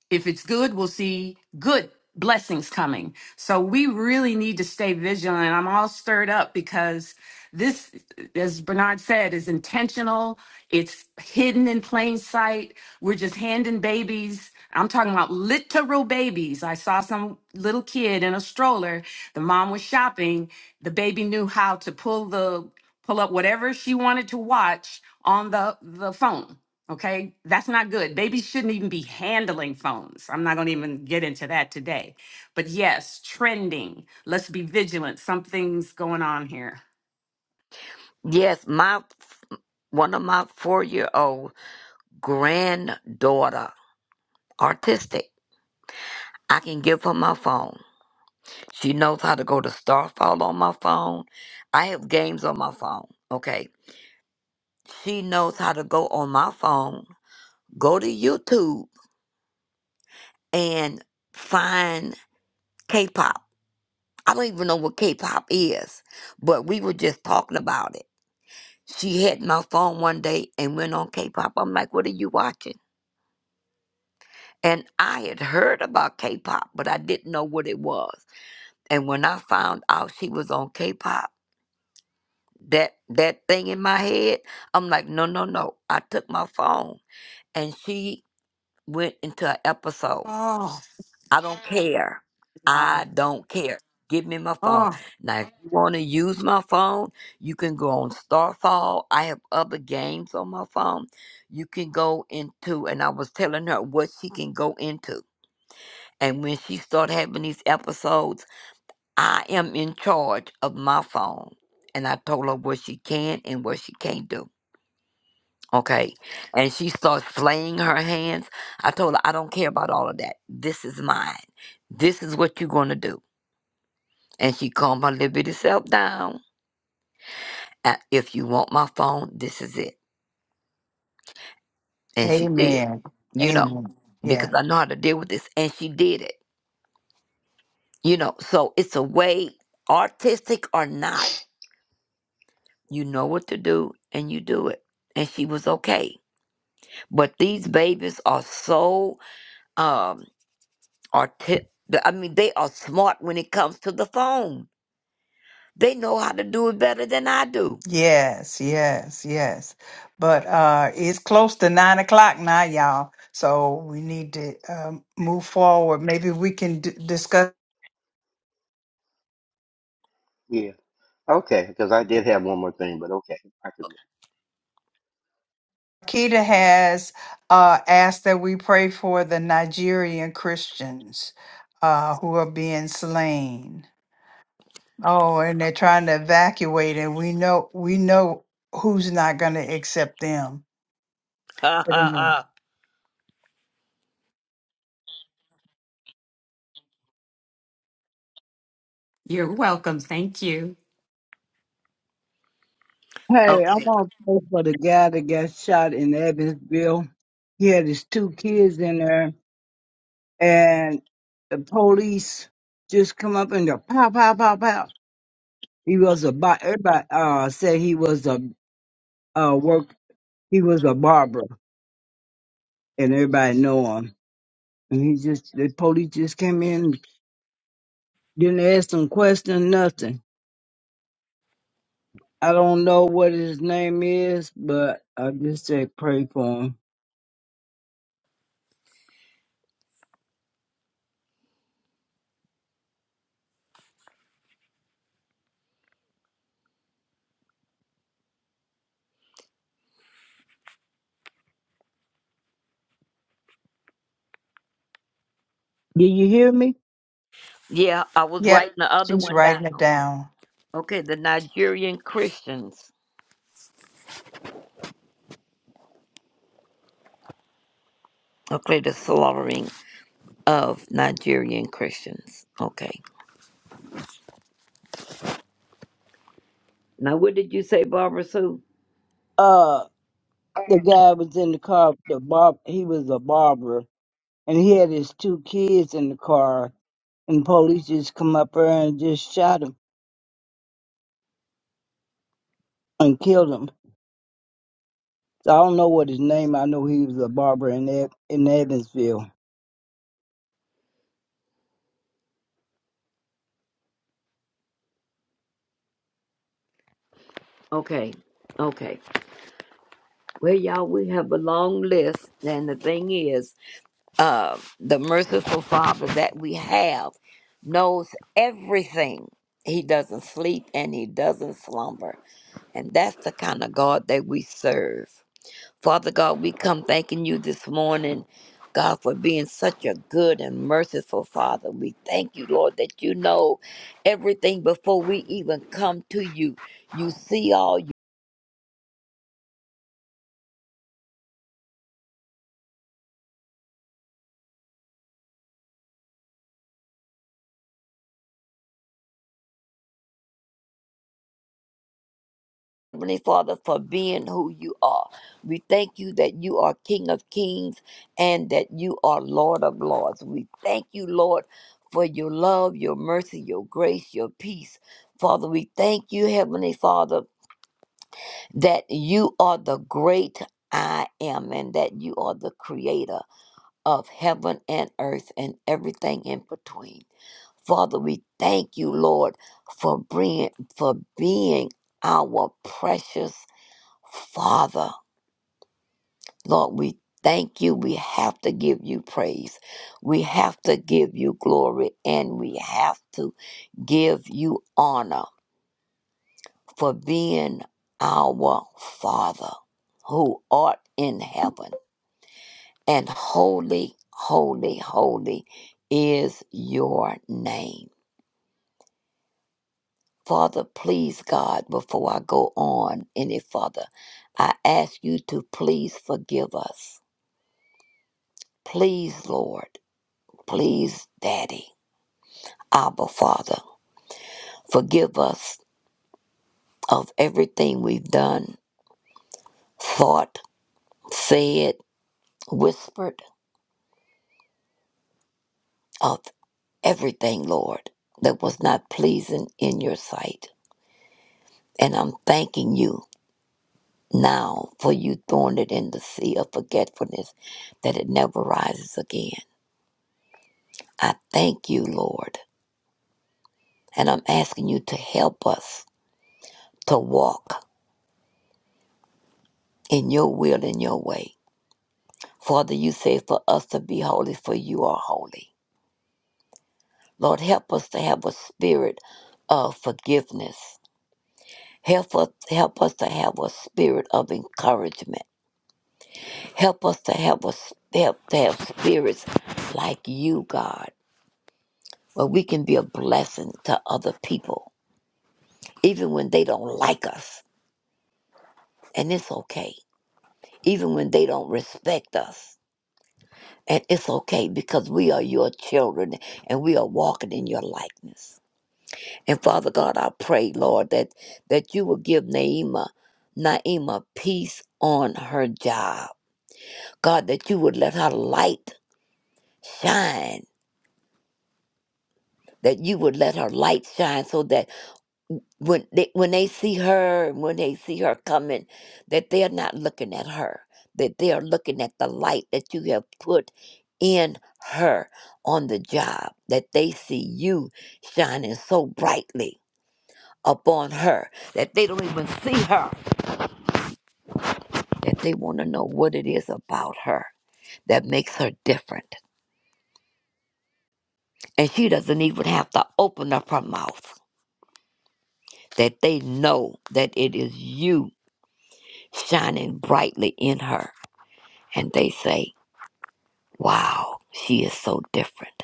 Speaker 13: If it's good, we'll see good blessings coming. So we really need to stay vigilant. I'm all stirred up because this, as Bernard said, is intentional. It's hidden in plain sight. We're just handing babies. I'm talking about literal babies. I saw some little kid in a stroller. The mom was shopping. The baby knew how to pull the pull up whatever she wanted to watch on the the phone Okay, that's not good. Babies shouldn't even be handling phones. I'm not going to even get into that today. But yes, trending. Let's be vigilant. Something's going on here.
Speaker 12: yes, my one of my four year old granddaughter artistic. I can give her my phone. She knows how to go to Starfall on my phone. I have games on my phone. Okay. She knows how to go on my phone, go to YouTube, and find K pop. I don't even know what K pop is, but we were just talking about it. She had my phone one day and went on K pop. I'm like, what are you watching? And I had heard about K pop, but I didn't know what it was. And when I found out she was on K pop, that that thing in my head. I'm like, no, no, no. I took my phone and she went into an episode.
Speaker 13: Oh,
Speaker 12: I don't care.
Speaker 13: wow.
Speaker 12: I don't care. Give me my phone.
Speaker 13: Oh,
Speaker 12: Now, if you want to use my phone, you can go on Starfall. I have other games on my phone. You can go into, and I was telling her what she can go into. And when she started having these episodes, I am in charge of my phone. And I told her what she can and what she can't do Okay. And she starts flaying her hands. I told her, I don't care about all of that. This is mine. This is what you're going to do. And she calmed her little bitty self down. "Uh, If you want my phone, this is it. And she did,
Speaker 2: Amen.
Speaker 12: you know,
Speaker 2: Amen.
Speaker 12: because I know how to deal with this. And she did it, you know. So it's a way, artistic or not, you know what to do and you do it. And she was okay. But these babies are so, um, Or t- I mean, they are smart when it comes to the phone. They know how to do it better than I do.
Speaker 2: Yes, yes, yes. But uh it's close to nine o'clock now, y'all. So we need to um, move forward. Maybe we can d- discuss.
Speaker 14: Yeah. Okay, because I did have one more thing, but okay, I can
Speaker 2: Keita
Speaker 14: wait. Mhm.
Speaker 2: has uh, asked that we pray for the Nigerian Christians uh, who are being slain. Oh, and they're trying to evacuate, and we know we know who's not going to accept them. But anyway,
Speaker 13: you're welcome. Thank you.
Speaker 6: Hey, I
Speaker 12: Okay. Mhm.
Speaker 6: want to pray for the guy that got shot in Evansville. He had his two kids in there, and the police just come up and go pow, pow, pow, pow. He was a bi- everybody uh, said he was a uh, worker He was a barber, and everybody know him. And he just the police just came in, didn't ask him question, nothing. I don't know what his name is, but I just say pray for him. Did you hear me?
Speaker 12: Yeah, I was
Speaker 2: yep,
Speaker 12: writing the other
Speaker 2: she's
Speaker 12: one
Speaker 2: writing it
Speaker 12: down.
Speaker 2: down.
Speaker 12: Okay, the Nigerian Christians. Okay, the slaughtering of Nigerian Christians. Okay. Now, what did you say, Barbara Sue?
Speaker 6: Uh, the guy was in the car. The barb, he was a barber, and he had his two kids in the car. And police just come up there and just shot him and killed him. So I don't know what his name. I know he was a barber in Ev- in Evansville.
Speaker 12: Okay. Okay. Well, y'all, we have a long list, and the thing is, uh, the merciful Father that we have knows everything. He doesn't sleep and he doesn't slumber. And that's the kind of God that we serve. Father God, we come thanking you this morning, God, for being such a good and merciful Father. We thank you, Lord, that you know everything before we even come to you. You see all, Heavenly Father, for being who you are. We thank you that you are King of Kings and that you are Lord of Lords. We thank you, Lord, for your love, your mercy, your grace, your peace. Father, we thank you, Heavenly Father, that you are the great I am and that you are the creator of heaven and earth and everything in between. Father, we thank you, Lord, for bringing, for being our precious Father, Lord, we thank you. We have to give you praise. We have to give you glory and we have to give you honor for being our Father who art in heaven. And holy, holy, holy is your name. Father, please, God, before I go on any further, I ask you to please forgive us. Please, Lord. Please, Daddy, Abba Father, forgive us of everything we've done, thought, said, whispered, of everything, Lord, that was not pleasing in your sight. And I'm thanking you now for you throwing it in the sea of forgetfulness that it never rises again. I thank you, Lord, and I'm asking you to help us to walk in your will and your way. Father, you say for us to be holy, for you are holy. Lord, help us to have a spirit of forgiveness. Help us, help us to have a spirit of encouragement. Help us to have a help to have spirits like you, God, where we can be a blessing to other people, even when they don't like us, and it's okay. Even when they don't respect us, and it's okay because we are your children and we are walking in your likeness. And Father God, I pray, Lord, that that you will give Naima, Naima peace on her job. God, that you would let her light shine. That you would let her light shine so that when they when they see her, when they see her coming, that they're not looking at her. That they are looking at the light that you have put in her on the job. That they see you shining so brightly upon her that they don't even see her that they want to know what it is about her that makes her different. And she doesn't even have to open up her mouth, that they know that it is you shining brightly in her. And they say, Wow, she is so different.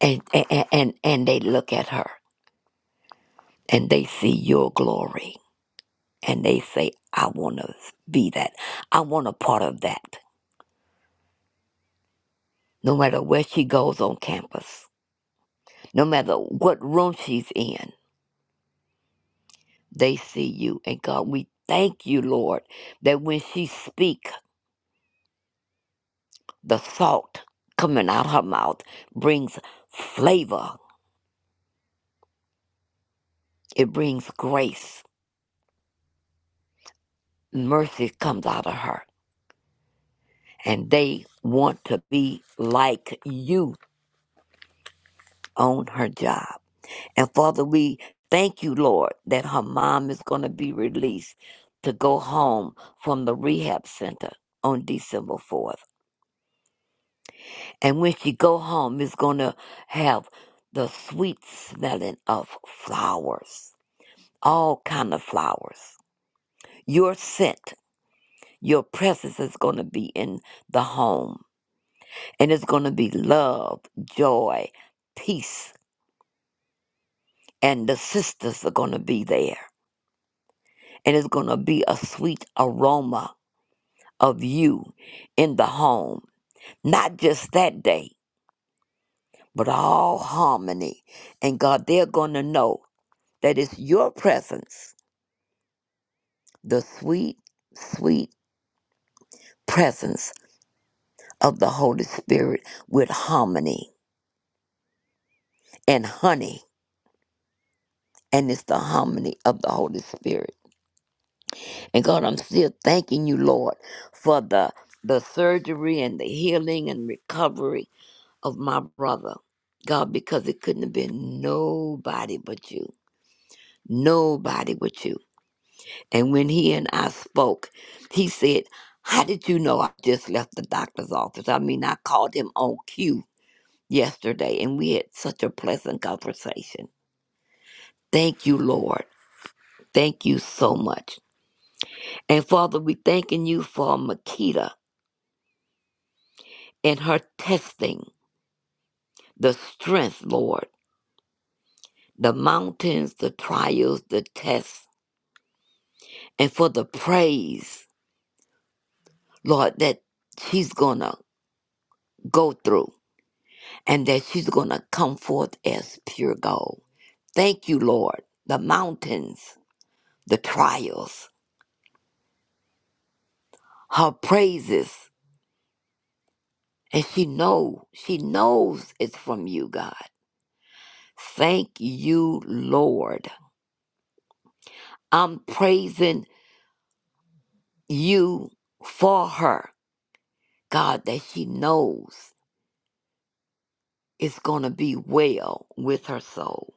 Speaker 12: And, and, and, and they look at her and they see your glory and they say, I want to be that. I want a part of that. No matter where she goes on campus, no matter what room she's in, They see you. And God, we thank you, Lord, that when she speak, the salt coming out her mouth brings flavor. It brings grace. Mercy comes out of her. And they want to be like you on her job. And Father, we thank you, Lord, that her mom is going to be released to go home from the rehab center on December 4th. And when she go home, it's gonna have the sweet smelling of flowers, all kind of flowers. Your scent, your presence is gonna be in the home, and it's gonna be love, joy, peace, and the sisters are gonna be there, and it's gonna be a sweet aroma of you in the home, not just that day, but all harmony. And God, they're gonna know that it's your presence the sweet, sweet presence of the Holy Spirit with harmony and honey. And it's the harmony of the Holy Spirit. And God, I'm still thanking you, Lord, for the the surgery and the healing and recovery of my brother. God, because it couldn't have been nobody but you. Nobody but you. And when he and I spoke, he said, How did you know I just left the doctor's office? I mean, I called him on cue yesterday, and we had such a pleasant conversation. Thank you, Lord. Thank you so much. And Father, we thanking you for Makita and her testing the strength, Lord, the mountains, the trials, the tests, and for the praise, Lord, that she's gonna go through and that she's gonna come forth as pure gold. Thank you, Lord. The mountains, the trials, her praises. And she knows, she knows it's from you, God. Thank you, Lord. I'm praising you for her, God, that she knows it's going to be well with her soul.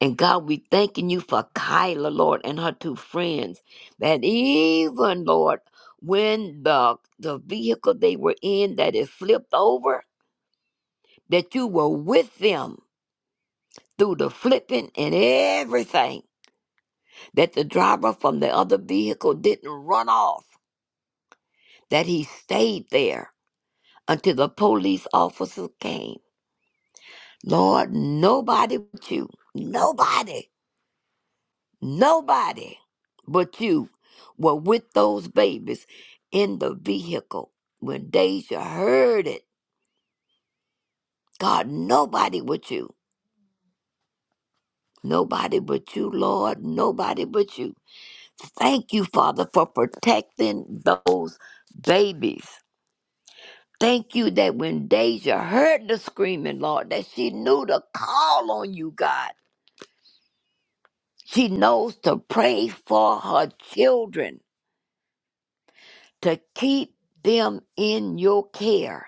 Speaker 12: And God, we thanking you for Kyla, Lord, and her two friends, that even, Lord, when the, the vehicle they were in that it flipped over, that you were with them through the flipping and everything that the driver from the other vehicle didn't run off, that he stayed there until the police officer came. Lord, nobody but you, nobody, nobody but you were with those babies in the vehicle. When Deja heard it, God, nobody but you, nobody but you, Lord, nobody but you. Thank you, Father, for protecting those babies Thank you that when Deja heard the screaming, Lord, that she knew to call on you, God. She knows to pray for her children, to keep them in your care.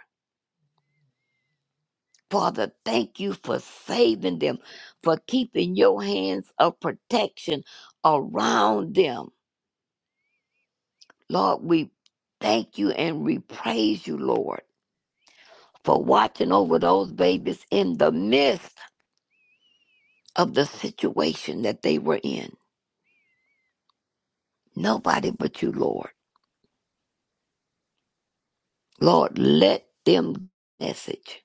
Speaker 12: Father, thank you for saving them, for keeping your hands of protection around them. Lord, we thank you and we praise you, Lord, for watching over those babies in the midst of the situation that they were in. Nobody but you, Lord. Lord, let them message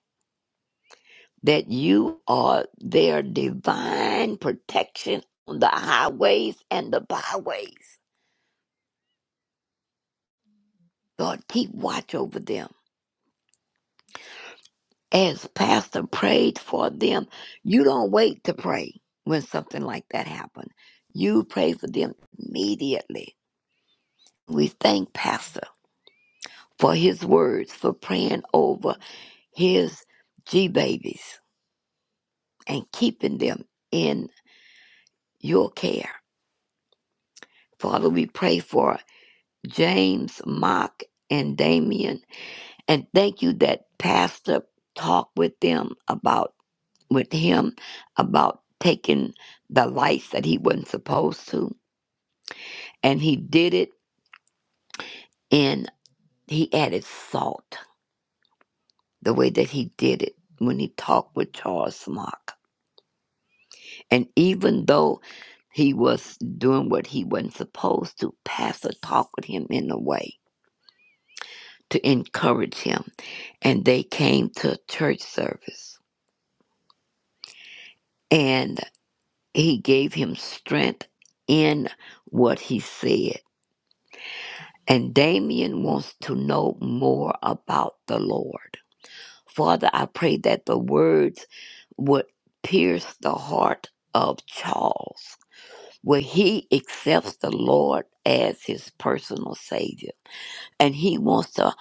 Speaker 12: that you are their divine protection on the highways and the byways. Lord, keep watch over them. As Pastor prayed for them, you don't wait to pray when something like that happens. You pray for them immediately. We thank Pastor for his words, for praying over his G babies and keeping them in. your care. Father, we pray for James, Mock, and Damien. And thank you that Pastor talked with them about with him about taking the lights that he wasn't supposed to. And he did it and he added salt the way that he did it when he talked with Charles Mock. And even though he was doing what he wasn't supposed to, Pastor talked with him in a way to encourage him and they came to church service. And he gave him strength in what he said. And Damien wants to know more about the Lord. Father, I pray that the words would pierce the heart of Charles, where he accepts the Lord as his personal Savior. And he wants to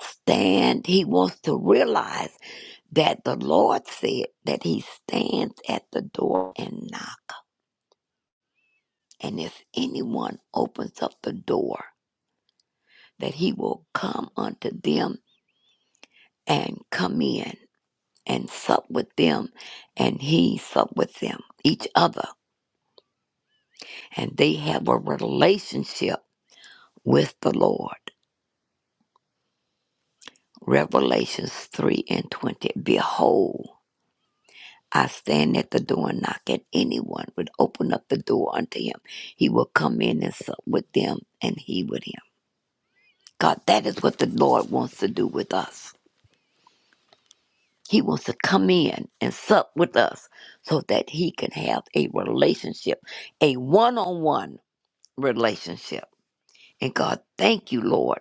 Speaker 12: stand, he wants to realize that the Lord said that he stands at the door and knocks. And if anyone opens up the door, that he will come unto them and come in and sup with them, and he sup with them, each other. And they have a relationship with the Lord. Revelations 3 and 20. Behold, I stand at the door and knock, and anyone would open up the door unto him. He will come in and sup with them, and he with him. God, that is what the Lord wants to do with us. He wants to come in and sup with us so that he can have a relationship, a one on one relationship. And God, thank you, Lord,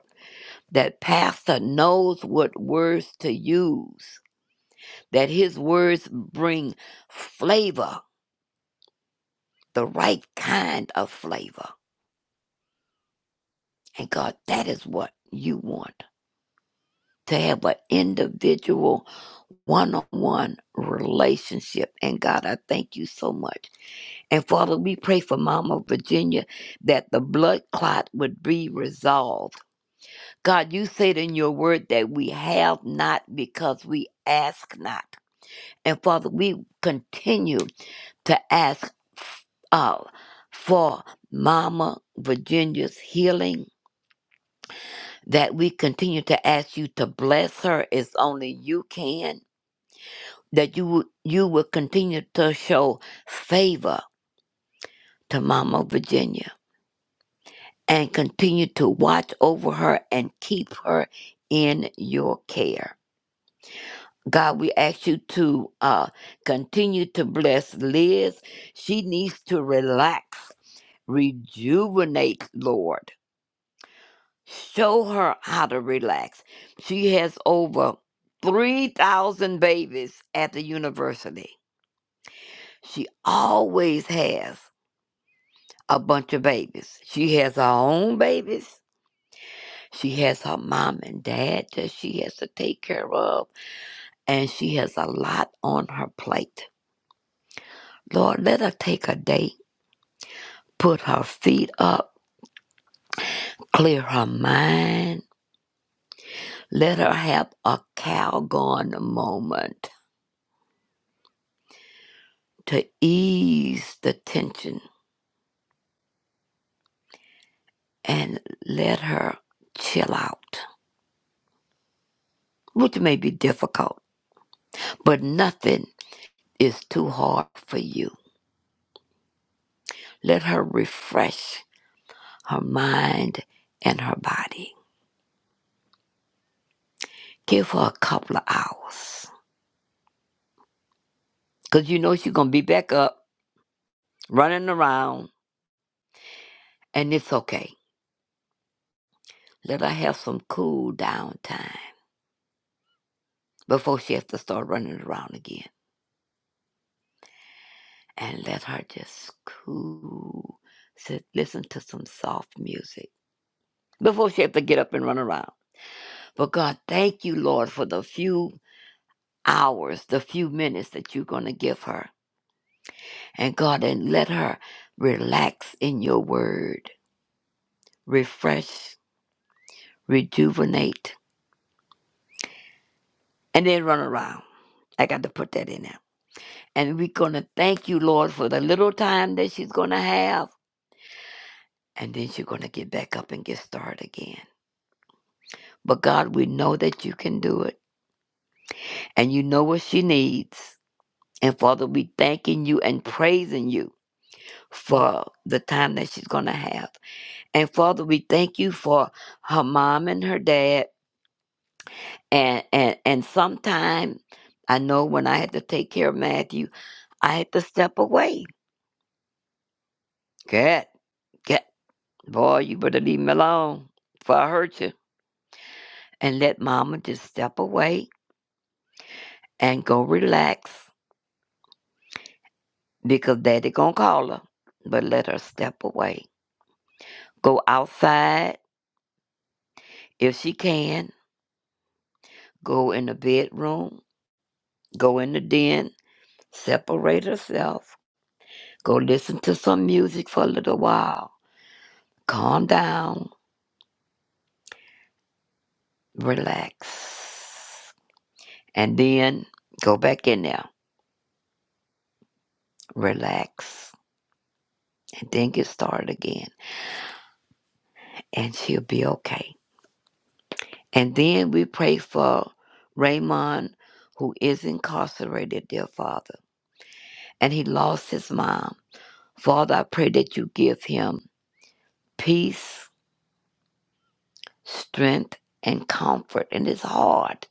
Speaker 12: that Pastor knows what words to use, that his words bring flavor, the right kind of flavor. And God, that is what you want. to have an individual one on one relationship. And God, I thank you so much. And Father, we pray for Mama Virginia that the blood clot would be resolved. God, you said in your word that we have not because we ask not. And Father, we continue to ask uh, for Mama Virginia's healing, that we continue to ask you to bless her as only you can. that you would you would continue to show favor to Mama Virginia and continue to watch over her and keep her in your care. God, we ask you to uh, continue to bless Liz. She needs to relax, rejuvenate, Lord. Show her how to relax. She has over 3,000 babies at the university. She always has. a bunch of babies. She has her own babies. She has her mom and dad that she has to take care of. And she has a lot on her plate. Lord, let her take a day, put her feet up, clear her mind. Let her have a Calgon moment to ease the tension and let her chill out, which may be difficult, but nothing is too hard for you. Let her refresh her mind, and her body. Give her a couple of hours. Because you know she's going to be back up, running around, and it's okay. Let her have some cool down time before she has to start running around again. And let her just cool, sit, listen to some soft music before she has to get up and run around. But God, thank you, Lord, for the few hours, the few minutes that you're going to give her. And God, and let her relax in your word refresh, rejuvenate, and then run around. I got to put that in there. And we're going to thank you, Lord, for the little time that she's going to have. And then she's going to get back up and get started again. But God, we know that you can do it. And you know what she needs. And Father, we thanking you and praising you for the time that she's going to have. And Father, we thank you for her mom and her dad. And, and, and sometime, I know when I had to take care of Matthew, I had to step away. Cat, cat, boy, you better leave me alone before I hurt you. And let mama just step away and go relax because daddy gonna call her. But let her step away. Go outside if she can. Go in the bedroom. Go in the den. Separate herself. Go listen to some music for a little while. Calm down. Relax. And then go back in there. Relax and then get started again, and she'll be okay. And then we pray for Raymond, who is incarcerated, dear Father, and he lost his mom. Father, I pray that you give him peace, strength, and comfort. And it's hard,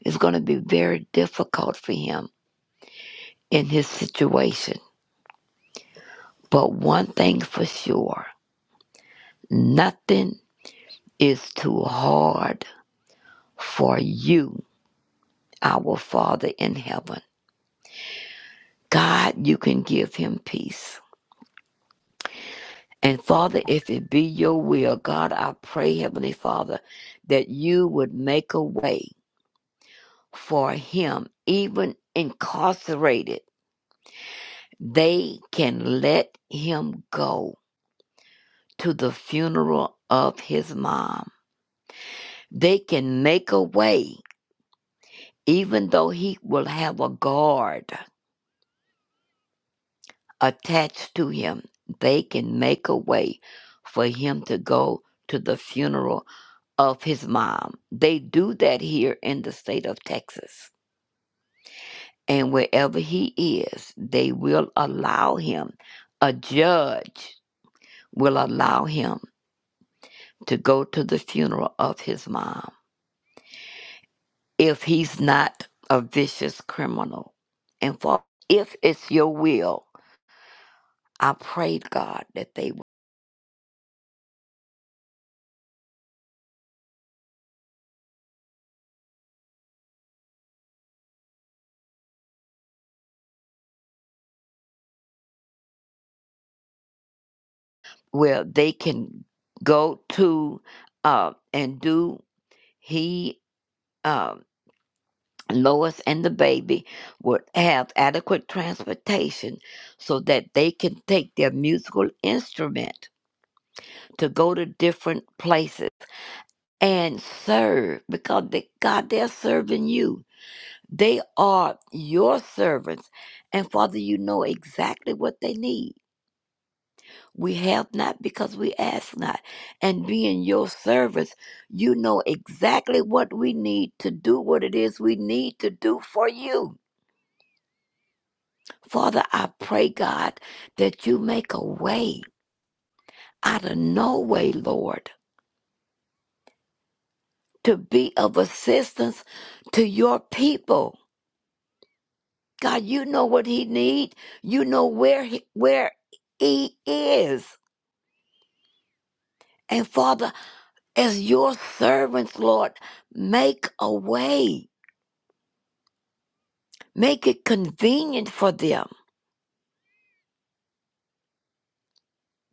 Speaker 12: it's going to be very difficult for him in his situation. But one thing for sure nothing is too hard for you, our Father in heaven. God, you can give him peace. And Father, if it be your will, God, I pray, Heavenly Father, that you would make a way for him, even incarcerated. They can let him go to the funeral of his mom. They can make a way, even though he will have a guard attached to him. They can make a way for him to go to the funeral of his mom. They do that here in the state of Texas. And wherever he is, they will allow him, a judge will allow him to go to the funeral of his mom if he's not a vicious criminal. And for if it's your will, I prayed God that they well they can go to uh, and do he uh, Lois and the baby would have adequate transportation so that they can take their musical instrument to go to different places and serve because they, God, they're serving you. They are your servants. And Father, you know exactly what they need. We have not because we ask not. And being your service, you know exactly what we need to do, what it is we need to do for you. Father, I pray, God, that you make a way out of no way, Lord, to be of assistance to your people. God, you know what he needs. You know where he, where he is. And Father, as your servants, Lord, make a way. Make it convenient for them.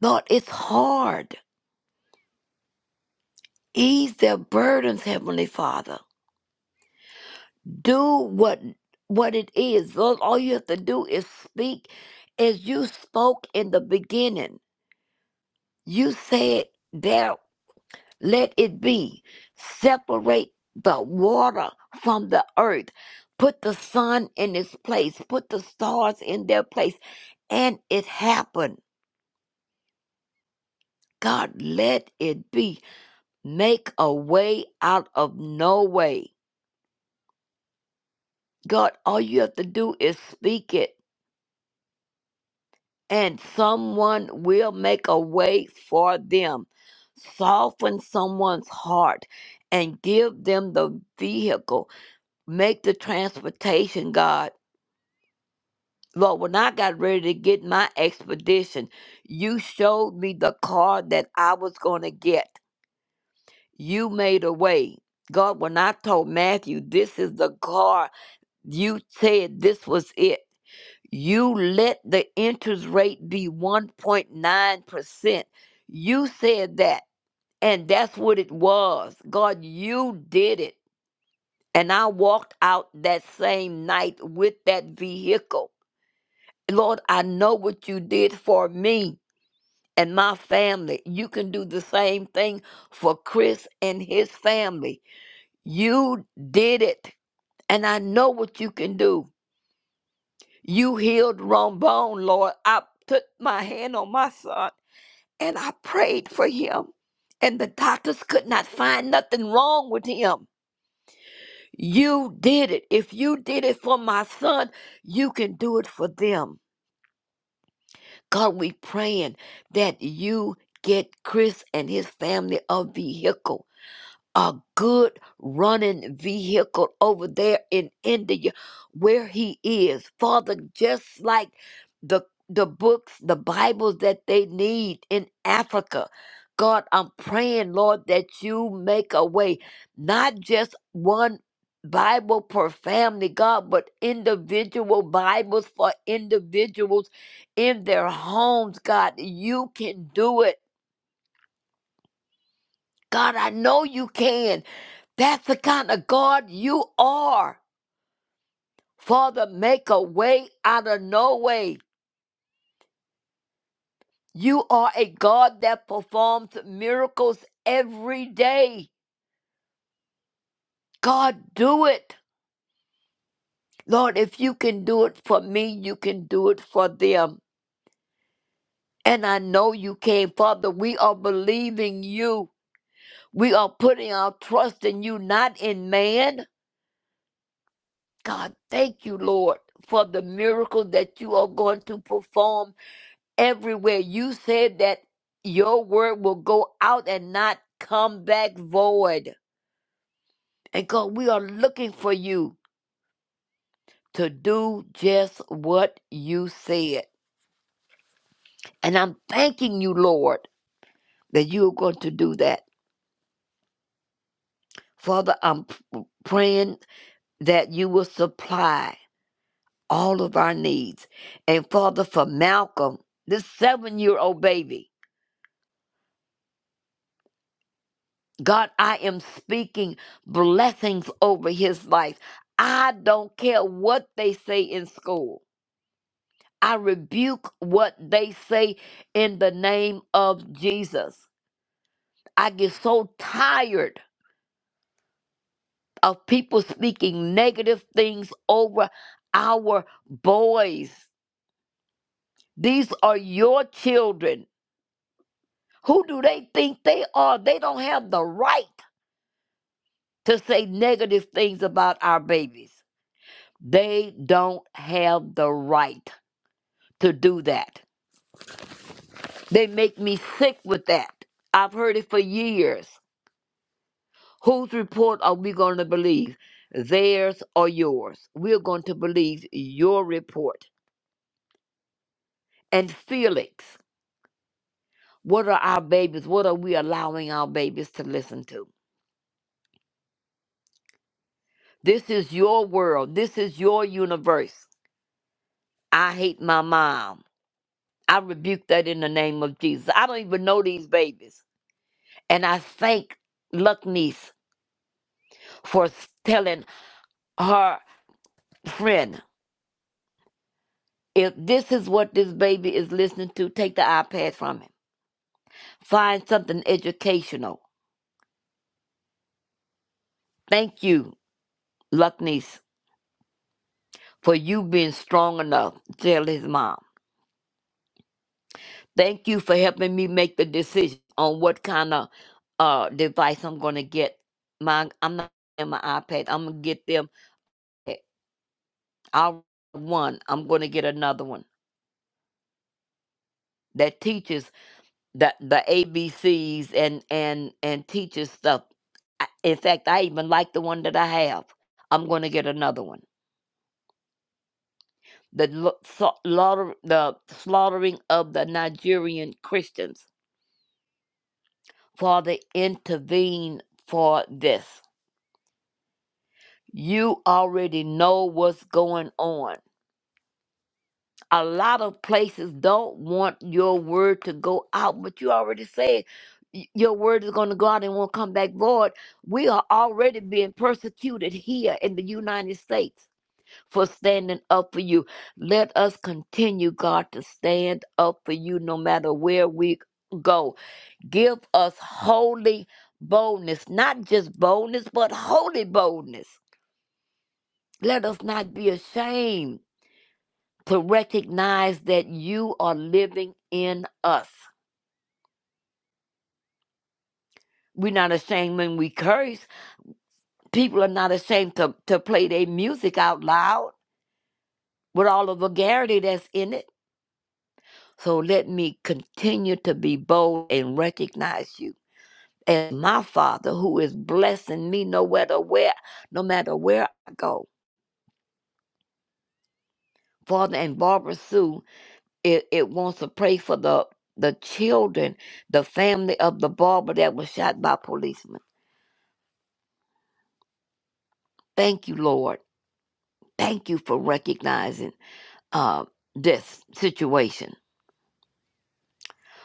Speaker 12: Lord, it's hard. Ease their burdens, Heavenly Father. do what what it is all, all you have to do is speak as you spoke in the beginning you said "There, let it be separate the water from the earth put the sun in its place put the stars in their place and it happened god let it be make a way out of no way god all you have to do is speak it and someone will make a way for them. Soften someone's heart and give them the vehicle. Make the transportation, God. Lord, when I got ready to get my expedition, you showed me the car that I was going to get. You made a way. God, when I told Matthew, this is the car, you said this was it. You let the interest rate be 1.9%. You said that, and that's what it was. God, you did it. And I walked out that same night with that vehicle. Lord, I know what you did for me and my family. You can do the same thing for Chris and his family. You did it, and I know what you can do. You healed Rombone, Lord. I put my hand on my son And I prayed for him, and the doctors could not find nothing wrong with him. You did it. If you did it for my son, you can do it for them. God, we praying that you get Chris and his family a vehicle a good running vehicle over there in India where he is. Father, just like the the books, the Bibles that they need in Africa. God, I'm praying, Lord, that you make a way, not just one Bible per family, God, but individual Bibles for individuals in their homes, God. You can do it. God, I know you can. That's the kind of God you are. Father, make a way out of no way. You are a God that performs miracles every day. God, do it. Lord, if you can do it for me, you can do it for them. And I know you can, Father. We are believing you. We are putting our trust in you, not in man. God, thank you, Lord, for the miracle that you are going to perform everywhere. You said that your word will go out and not come back void. And God, we are looking for you to do just what you said. And I'm thanking you, Lord, that you are going to do that. Father, I'm p- praying that you will supply all of our needs. And Father, for Malcolm, this seven year old baby. God, I am speaking blessings over his life. I don't care what they say in school. I rebuke what they say in the name of Jesus. I get so tired of people speaking negative things over our boys. These are your children. Who do they think they are? They don't have the right to say negative things about our babies. They don't have the right to do that. They make me sick with that. I've heard it for years. Whose report are we going to believe? Theirs or yours? We're going to believe your report. And Felix, what are our babies? What are we allowing our babies to listen to? This is your world. This is your universe. I hate my mom. I rebuke that in the name of Jesus. I don't even know these babies. And I thank Luckneese for telling her friend, if this is what this baby is listening to, take the iPad from him. Find something educational. Thank you, Luckniece, for you being strong enough to tell his mom. Thank you for helping me make the decision on what kind of uh, device I'm going to get. My, I'm not getting my iPad. I'm going to get them. I'll one. I'm going to get another one that teaches the the A B Cs and and and teacher stuff. I- In fact, I even like the one that I have. I'm going to get another one. The lo- sa- laughter- the slaughtering of the Nigerian Christians. Father, intervene for this. You already know what's going on a lot of places don't want your word to go out, but you already said y- your word is going to go out and won't come back void. We are already being persecuted here in the United States for standing up for you. Let us continue, God, to stand up for you no matter where we go. Give us holy boldness, not just boldness, but holy boldness. Let us not be ashamed to recognize that you are living in us. We're not ashamed when we curse. People are not ashamed to, to play their music out loud with all the vulgarity that's in it. So let me continue to be bold and recognize you as my Father who is blessing me no matter where, no matter where I go. Father and Barbara Sue, it, it wants to pray for the the children, the family of the barber that was shot by policemen. Thank you, Lord Thank you for recognizing uh, this situation.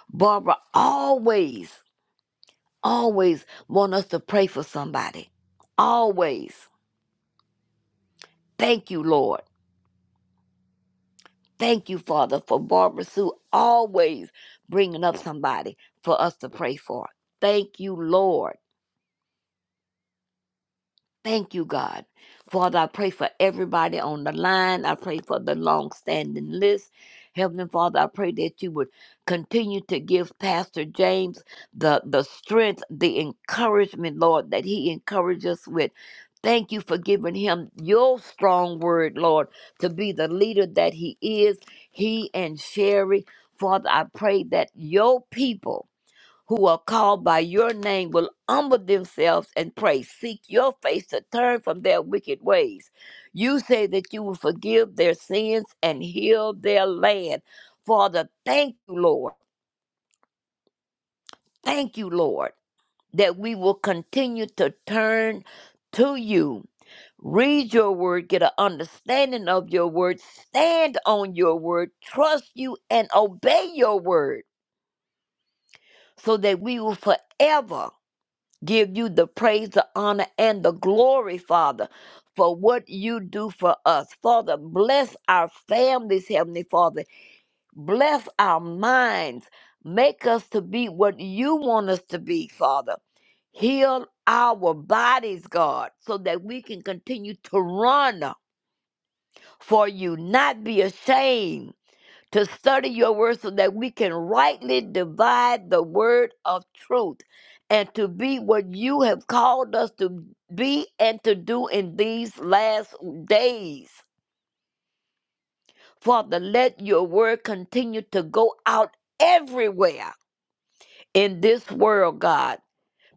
Speaker 12: Barbara always, always want us to pray for somebody. Always. Thank you, Lord. Thank you, Father, for Barbara Sue always bringing up somebody for us to pray for. Thank you, Lord. Thank you, God. Father, I pray for everybody on the line. I pray for the long standing list. Heavenly Father, I pray that you would continue to give Pastor James the, the strength, the encouragement, Lord, that he encourages us with. Thank you for giving him your strong word, Lord, to be the leader that he is, he and Sherry. Father, I pray that your people who are called by your name will humble themselves and pray, seek your face to turn from their wicked ways. You say that you will forgive their sins and heal their land. Father, thank you, Lord. Thank you, Lord, that we will continue to turn to you. Read your word, get an understanding of your word, stand on your word, trust you, and obey your word so that we will forever give you the praise, the honor, and the glory, Father, for what you do for us. Father, bless our families, Heavenly Father. Bless our minds. Make us to be what you want us to be, Father. Heal our bodies, God, so that we can continue to run for you, not be ashamed to study your word so that we can rightly divide the word of truth and to be what you have called us to be and to do in these last days. Father, let your word continue to go out everywhere in this world, God,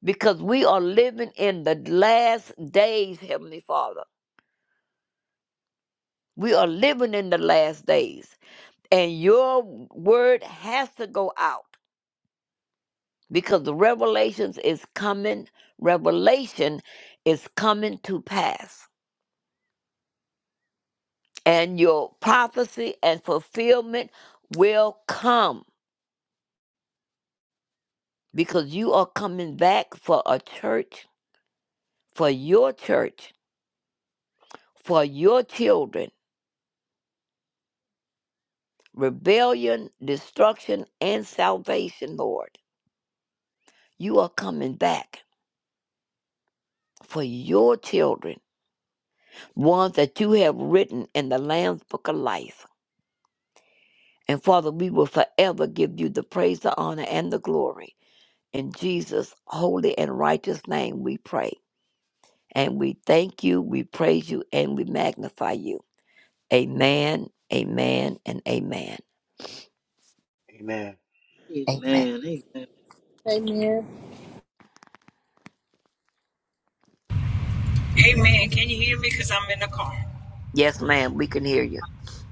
Speaker 12: because we are living in the last days, Heavenly Father. We are living in the last days, and your word has to go out. because the revelations is coming revelation is coming to pass and your prophecy and fulfillment will come because you are coming back for a church for your church for your children rebellion destruction and salvation lord you are coming back for your children ones that you have written in the lamb's book of life And Father, we will forever give you the praise, the honor, and the glory. In Jesus' holy and righteous name we pray. And we thank you, we praise you, and we magnify you. Amen, amen, and amen.
Speaker 14: Amen.
Speaker 12: Amen.
Speaker 1: Amen.
Speaker 2: Amen. Can you hear me? Because I'm in the car.
Speaker 12: Yes, ma'am, we can hear you.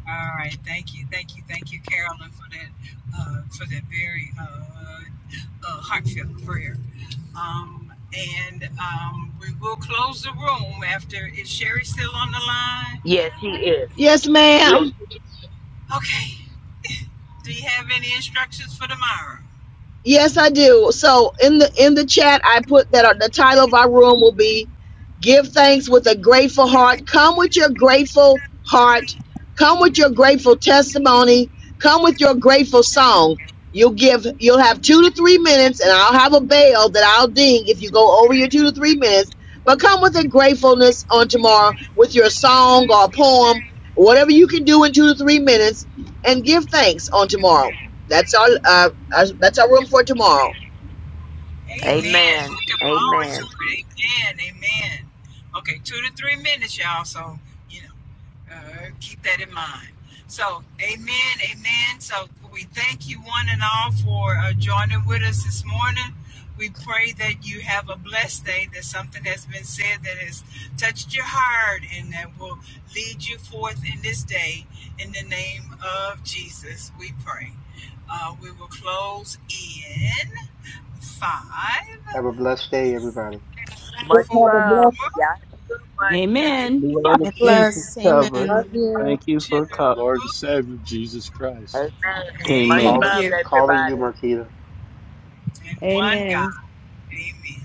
Speaker 2: All right, thank you, thank you, thank you, Carolyn, for that uh, for that very uh, uh, heartfelt prayer. Um, and um, we will close the room after. Is Sherry still on the line?
Speaker 12: Yes, she is.
Speaker 19: Yes, Yes. ma'am. Yes,
Speaker 2: Okay. Do you have any instructions for tomorrow?
Speaker 19: Yes, I do. So in the in the chat, I put that uh, the title of our room will be "Give Thanks with a Grateful Heart." Come with your grateful heart. Come with your grateful testimony. Come with your grateful song. You'll give. You'll have two to three minutes, and I'll have a bell that I'll ding if you go over your two to three minutes. But come with a gratefulness on tomorrow with your song or poem, whatever you can do in two to three minutes, and give thanks on tomorrow. That's all. Uh, that's our room for tomorrow.
Speaker 2: Amen.
Speaker 12: Amen.
Speaker 2: Looking forward
Speaker 12: Amen.
Speaker 2: to it. Amen. Amen. Okay, two to three minutes, y'all. So, you know. Uh, keep that in mind. So, amen, amen. So, we thank you one and all for uh, joining with us this morning. We pray that you have a blessed day, that something has been said that has touched your heart and that will lead you forth in this day. In the name of Jesus, we pray. Uh, we will close in five,
Speaker 14: Have a blessed day, everybody.
Speaker 12: Much
Speaker 2: four,
Speaker 12: love. Y'all have much.
Speaker 10: The
Speaker 2: three,
Speaker 13: Amen.
Speaker 10: blood of
Speaker 1: Sarah,
Speaker 10: Jesus
Speaker 4: Nicholas,
Speaker 10: covers.
Speaker 4: amen.
Speaker 1: love you.
Speaker 10: Thank you
Speaker 2: two,
Speaker 10: for
Speaker 20: our
Speaker 10: covering.
Speaker 20: Lord and Savior, Jesus Christ.
Speaker 12: Amen. Much
Speaker 2: amen,
Speaker 13: Thank
Speaker 14: Call
Speaker 12: love,
Speaker 13: you.
Speaker 14: calling
Speaker 12: everybody.
Speaker 14: you, Marquita.
Speaker 2: and one. God.
Speaker 13: Amen.
Speaker 2: Amen.